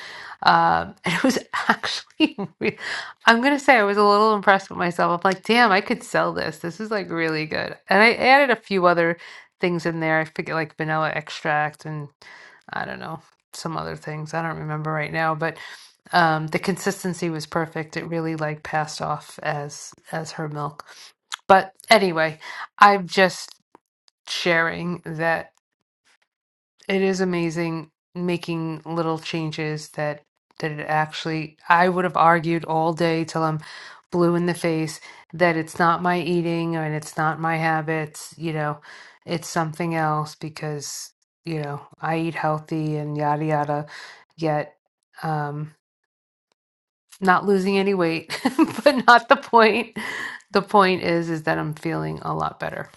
um, (laughs) and it was (laughs) actually. Re I'm gonna say I was a little impressed with myself. I'm like, damn, I could sell this. This is like really good, and I added a few other things in there. I forget like vanilla extract and I don't know some other things. I don't remember right now, but um, the consistency was perfect. It really like passed off as as her milk. But anyway, I'm just sharing that it is amazing making little changes that that it actually I would have argued all day till I'm blue in the face that it's not my eating and it's not my habits, you know, it's something else because, you know, I eat healthy and yada yada, yet um not losing any weight, (laughs) but not the point. The point is is that I'm feeling a lot better.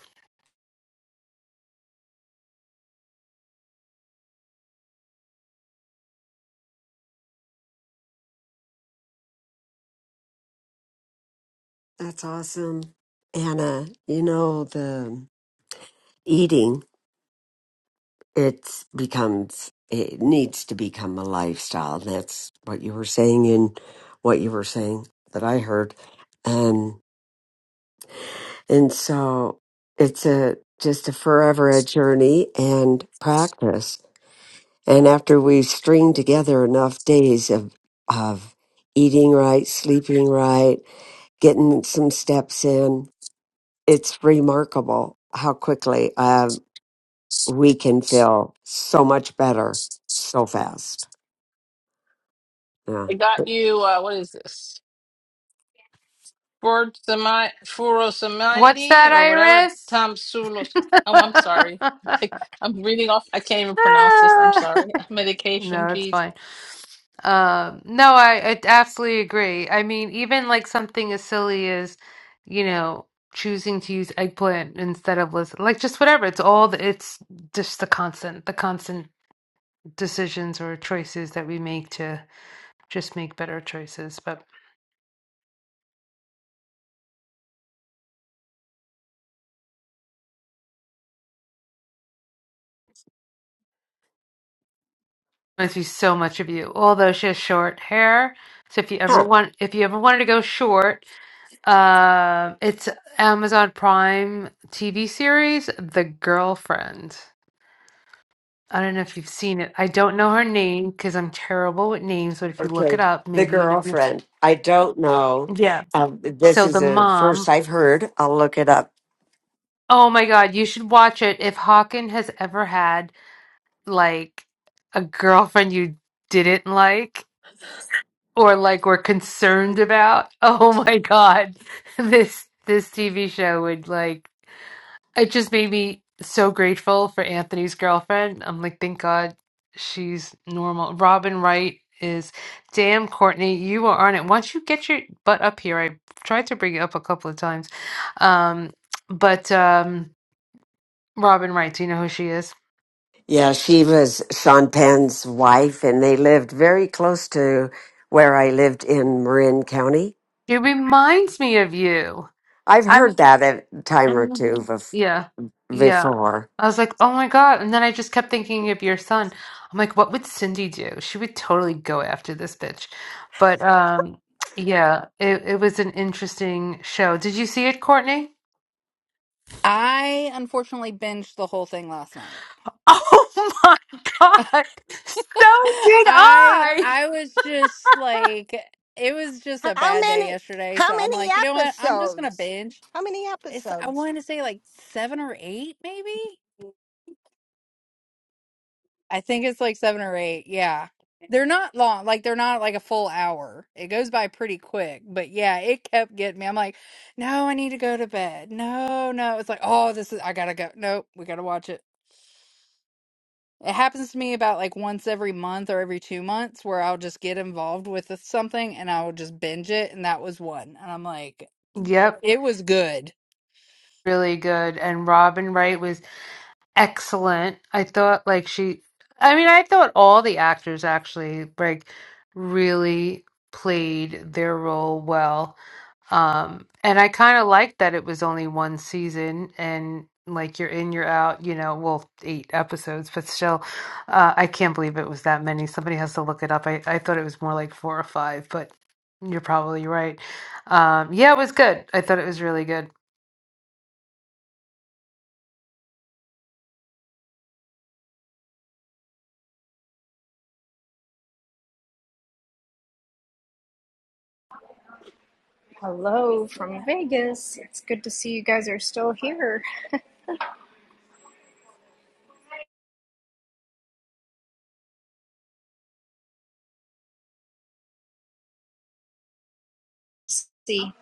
That's awesome. Anna, you know, the eating, it's becomes, it needs to become a lifestyle. That's what you were saying and what you were saying that I heard. Um, and so it's a, just a forever a journey and practice. And after we string together enough days of, of eating right, sleeping right, getting some steps in, it's remarkable how quickly. uh, we can feel so much better so fast. Yeah.
I got you. Uh, what is this? Furosamite,
What's that,
furosemide or whatever.
Iris?
Tom Sulos. Oh, I'm sorry.
(laughs)
(laughs) I'm reading off. I can't even pronounce this. I'm sorry. (laughs) Medication,
no, it's
geez.
fine. Um, no, I, I absolutely agree. I mean, even like something as silly as, you know, choosing to use eggplant instead of list, like just whatever. It's all the, it's just the constant, the constant decisions or choices that we make to just make better choices. But I see so much of you. Although she has short hair, so if you ever
Huh.
want, if you ever wanted to go short. Um, it's Amazon Prime TV series, The Girlfriend. I don't know if you've seen it. I don't know her name because I'm terrible with names, but if you look it
Okay.
up,
The
maybe you know.
girlfriend. I don't know.
Yeah.
Um, this
So
is
the
the
mom,
first I've heard. I'll look it up.
oh my God, you should watch it. If Hawken has ever had like a girlfriend you didn't like or like were concerned about, (laughs) oh my God, (laughs) this this TV show would like It just made me so grateful for Anthony's girlfriend. I'm like, thank God she's normal. Robin Wright is, damn, Courtney, you are on it. Once you get your butt up here, I tried to bring you up a couple of times. Um, but um, Robin Wright, do you know who she is?
Yeah, she was Sean Penn's wife, and they lived very close to where I lived in Marin County.
She reminds me of you.
I've heard that a time or
Mm,
two bef-
Yeah. Yeah.
before.
I was like, oh my God. And then I just kept thinking of your son. I'm like, what would Cindy do? She would totally go after this bitch. But um, yeah, it, it was an interesting show. Did you see it, Courtney?
I unfortunately binged the whole thing last night.
(laughs) Oh my God. So
(laughs)
did
I
I.
I was just like it was just a
How
bad day
many?
yesterday, so
How
I'm
many
like, you know what? I'm just gonna
episodes?
binge.
How many
It's I
episodes?
wanted to say like seven or eight, maybe. I think it's like seven or eight. Yeah. They're not long, like they're not like a full hour. It goes by pretty quick, but yeah, it kept getting me. I'm like, no, I need to go to bed. No, no. It's like, oh, this is I gotta go. Nope, we gotta watch it. It happens to me about like once every month or every two months where I'll just get involved with something and I will just binge it. And that was one. And I'm like,
Yep.
it was good.
Really good. And Robin Wright was. excellent. I thought like she I mean, I thought all the actors actually like really played their role well. Um and I kind of liked that it was only one season and like you're in, you're out, you know, well, eight episodes, but still, uh, I can't believe it was that many. Somebody has to look it up. I, I thought it was more like four or five, but you're probably right. Um, yeah, it was good. I thought it was really good.
Hello from Vegas. It's good to see you guys are still here. Let's see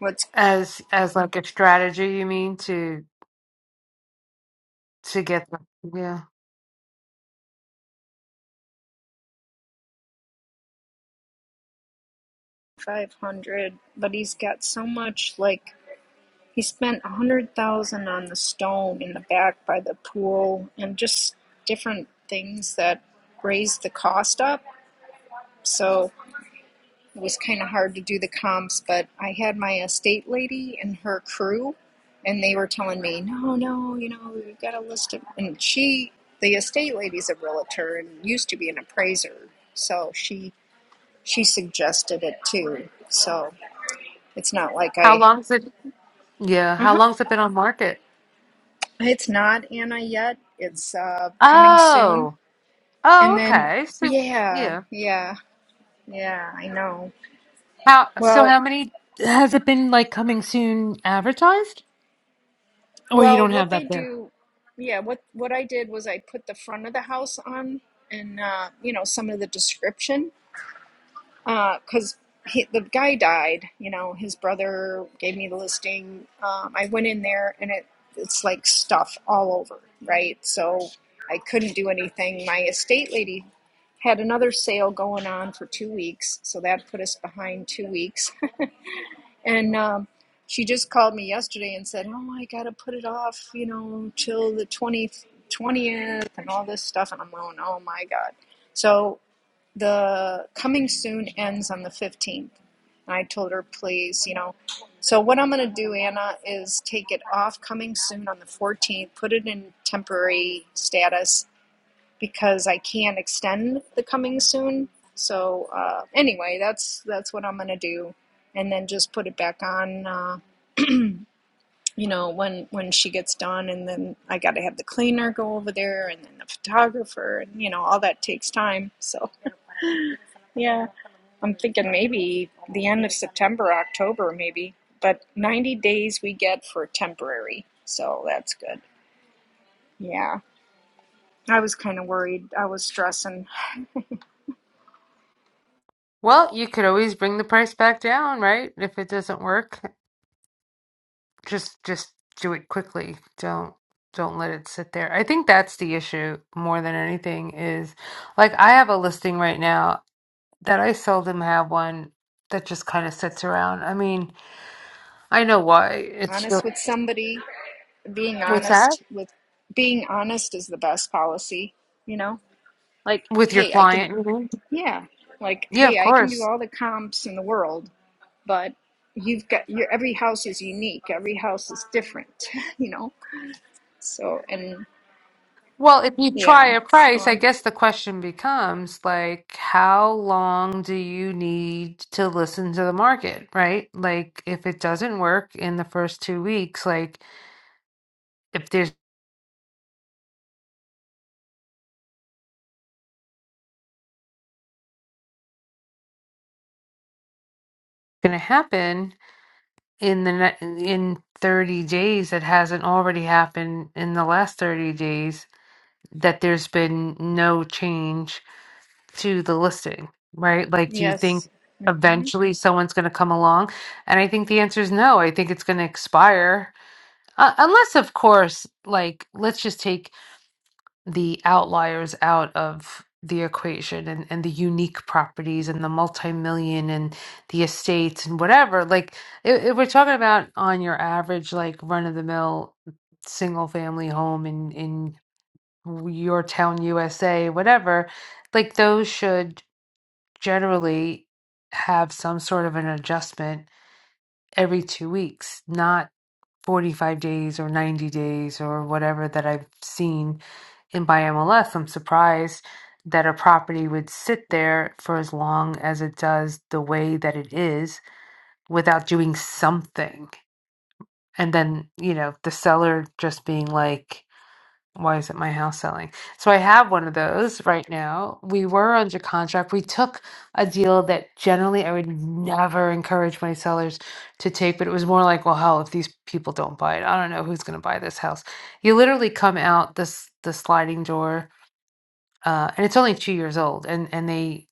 what's
As as like a strategy, you mean to? to get them. Yeah.
500, but he's got so much like he spent 100,000 on the stone in the back by the pool and just different things that raised the cost up. So It was kind of hard to do the comps, but I had my estate lady and her crew, and they were telling me, no, no, you know, we've got a list of. And she, the estate lady's a realtor and used to be an appraiser, so she she suggested it too. So it's not like
How
I.
long's it? Yeah.
Uh
How
huh.
long's it been on market?
It's not Anna yet. It's uh, coming soon.
Oh.
And
Oh,
then,
okay. So,
yeah,
yeah.
yeah, yeah. I know.
How, so
Well,
how many has it been like coming soon advertised? Or you
Well,
don't have
what
that
they
there?
do, yeah, what what I did was I put the front of the house on and uh, you know, some of the description because he, the guy died, you know, his brother gave me the listing. Um, I went in there and it it's like stuff all over, right? So I couldn't do anything. My estate lady had another sale going on for two weeks, so that put us behind two weeks. And um, she just called me yesterday and said, "Oh, I gotta put it off, you know, till the 20th, 20th and all this stuff." And I'm going, "Oh my God!" So the coming soon ends on the 15th, and I told her, "Please, you know." So what I'm gonna do, Anna, is take it off coming soon on the 14th, put it in temporary status, because I can extend the coming soon. So uh, anyway, that's that's what I'm gonna do, and then just put it back on. Uh, you know, when when she gets done, and then I got to have the cleaner go over there, and then the photographer, and you know, all that takes time. So yeah, I'm thinking maybe the end of September, October, maybe. But 90 days we get for temporary, so that's good. Yeah, I was kind of worried. I was stressing.
Well, you could always bring the price back down, right? If it doesn't work, just just do it quickly. Don't don't let it sit there. I think that's the issue more than anything is like I have a listing right now that I seldom have one that just kind of sits around. I mean, I know why. It's your,
Honest with somebody. being
what's that?
honest with being honest is the best policy you know like
With your
hey i can
client, you mean?
yeah like
Yeah, of
hey i can do
course.
all the comps in the world but you've got your every house is unique every house is different (laughs) you know so and
Well, if you try
yeah
a
so
price, I
i'm
guess the question becomes like, how long do you need to listen to the market, right? Like, if it doesn't work in the first two weeks, like if there's going to happen in the ne in 30 days that hasn't already happened in the last 30 days, that there's been no change to the listing, right? Like, do you think
yes hmm
eventually someone's going to come along? And I think the answer is no. I think it's going to expire. Uh, unless, of course, like, let's just take the outliers out of the equation and, and the unique properties and the multi-million and the estates and whatever. Like, if, if we're talking about on your average, like, run-of-the-mill single family home in, in your town, USA, whatever, like, those should generally have some sort of an adjustment every two weeks, not 45 days or 90 days or whatever that I've seen in my MLS. I'm surprised that a property would sit there for as long as it does the way that it is without doing something. And then, you know, the seller just being like, why isn't my house selling? So I have one of those right now. We were under contract. We took a deal that generally I would never encourage my sellers to take, but it was more like, well, hell, if these people don't buy it, I don't know who's going to buy this house. You literally come out this the sliding door uh, and it's only two years old. And and they,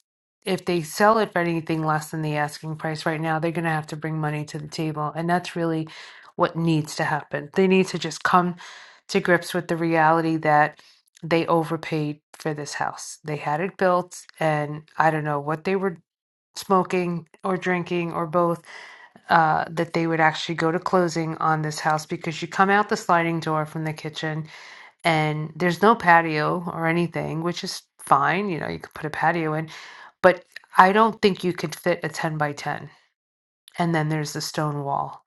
if they sell it for anything less than the asking price right now, they're going to have to bring money to the table, and that's really what needs to happen. They need to just come to grips with the reality that they overpaid for this house. They had it built, and I don't know what they were smoking or drinking or both uh, that they would actually go to closing on this house because you come out the sliding door from the kitchen and there's no patio or anything, which is fine. You know, you could put a patio in, but I don't think you could fit a 10 by 10. And then there's the stone wall,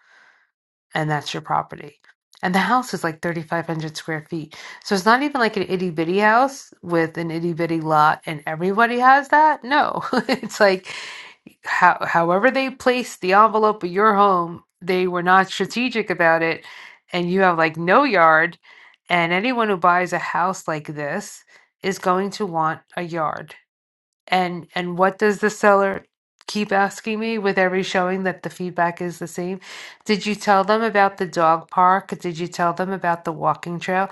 and that's your property. And the house is like 3,500 square feet. So it's not even like an itty bitty house with an itty bitty lot, and everybody has that. No, (laughs) it's like how, however they placed the envelope of your home, they were not strategic about it, and you have like no yard. And anyone who buys a house like this is going to want a yard. And and what does the seller keep asking me with every showing that the feedback is the same? Did you tell them about the dog park? Did you tell them about the walking trail?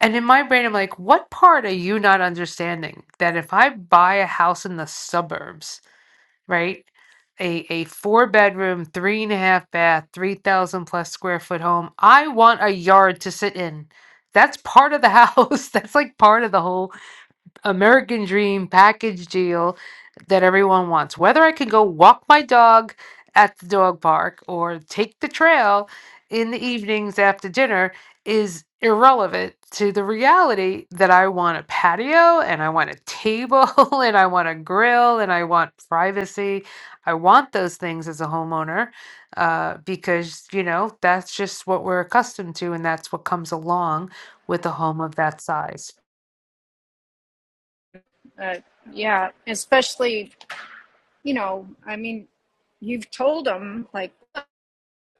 And in my brain, I'm like, what part are you not understanding? That if I buy a house in the suburbs right? A a four bedroom, three and a half bath, three thousand plus square foot home. I want a yard to sit in. That's part of the house. (laughs) That's like part of the whole American dream package deal that everyone wants. Whether I can go walk my dog at the dog park or take the trail in the evenings after dinner is irrelevant to the reality that I want a patio and I want a table (laughs) and I want a grill and I want privacy. I want those things as a homeowner uh, because, you know, that's just what we're accustomed to and that's what comes along with a home of that size.
uh, yeah especially you know i mean you've told them like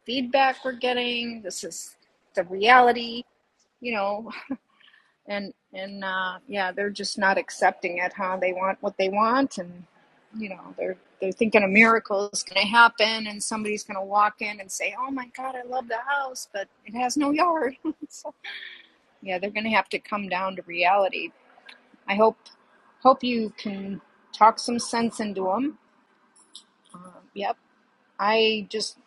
feedback we're getting this is the reality you know and and uh, yeah, they're just not accepting it. Huh? They want what they want, and you know they're they're thinking a miracle is going to happen, and somebody's going to walk in and say, "Oh my God, I love the house, but it has no yard." (laughs) so, yeah, they're going to have to come down to reality. I hope hope you can talk some sense into them. Uh, yep, I just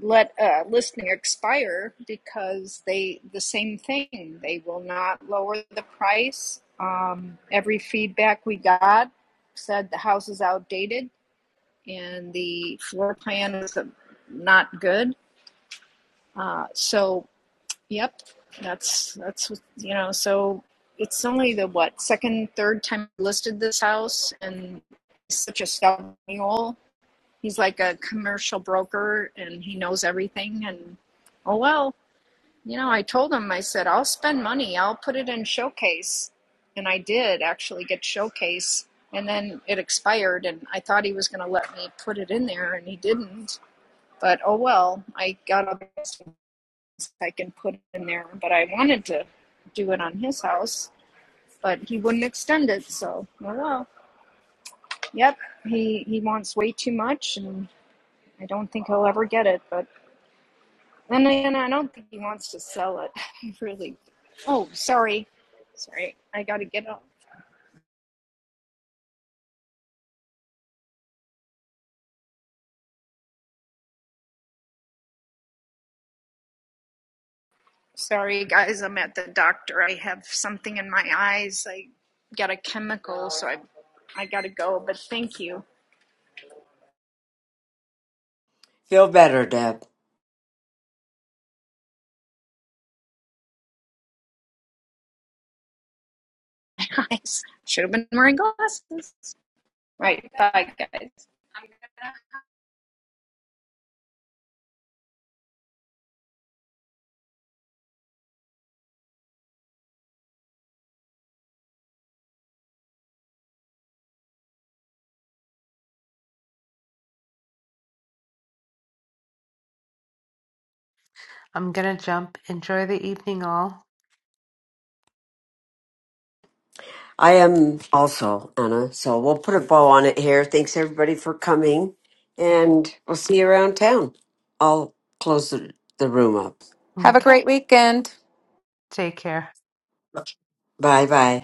let a listing expire because they the same thing. They will not lower the price. Um, every feedback we got said the house is outdated and the floor plan is not good. Uh, so, yep, that's that's what- you know. So it's only the what second, third time I listed this house, and it's such a stubborn mule he's like a commercial broker and he knows everything and oh well you know i told him i said i'll spend money i'll put it in showcase and i did actually get showcase and then it expired and i thought he was going to let me put it in there and he didn't but oh well i got all the best things i can put in there but i wanted to do it on his house but he wouldn't extend it so oh well yep he he wants way too much and i don't think he'll ever get it but And then I don't think he wants to sell it, (laughs) really. Oh, sorry. Sorry, I gotta get up. Sorry, guys, I'm at the doctor. I have something in my eyes. I got a chemical, so I, I gotta go, but thank you.
Feel better, Deb.
(laughs) I Should have been wearing glasses. Right, bye, guys. I'm gonna
I'm gonna jump. Enjoy the evening all.
I am also, Anna. So we'll put a bow on it here. Thanks everybody for coming. And we'll see you around town. I'll close the, the room up.
Have a
Okay.
great weekend.
Take care.
Bye bye.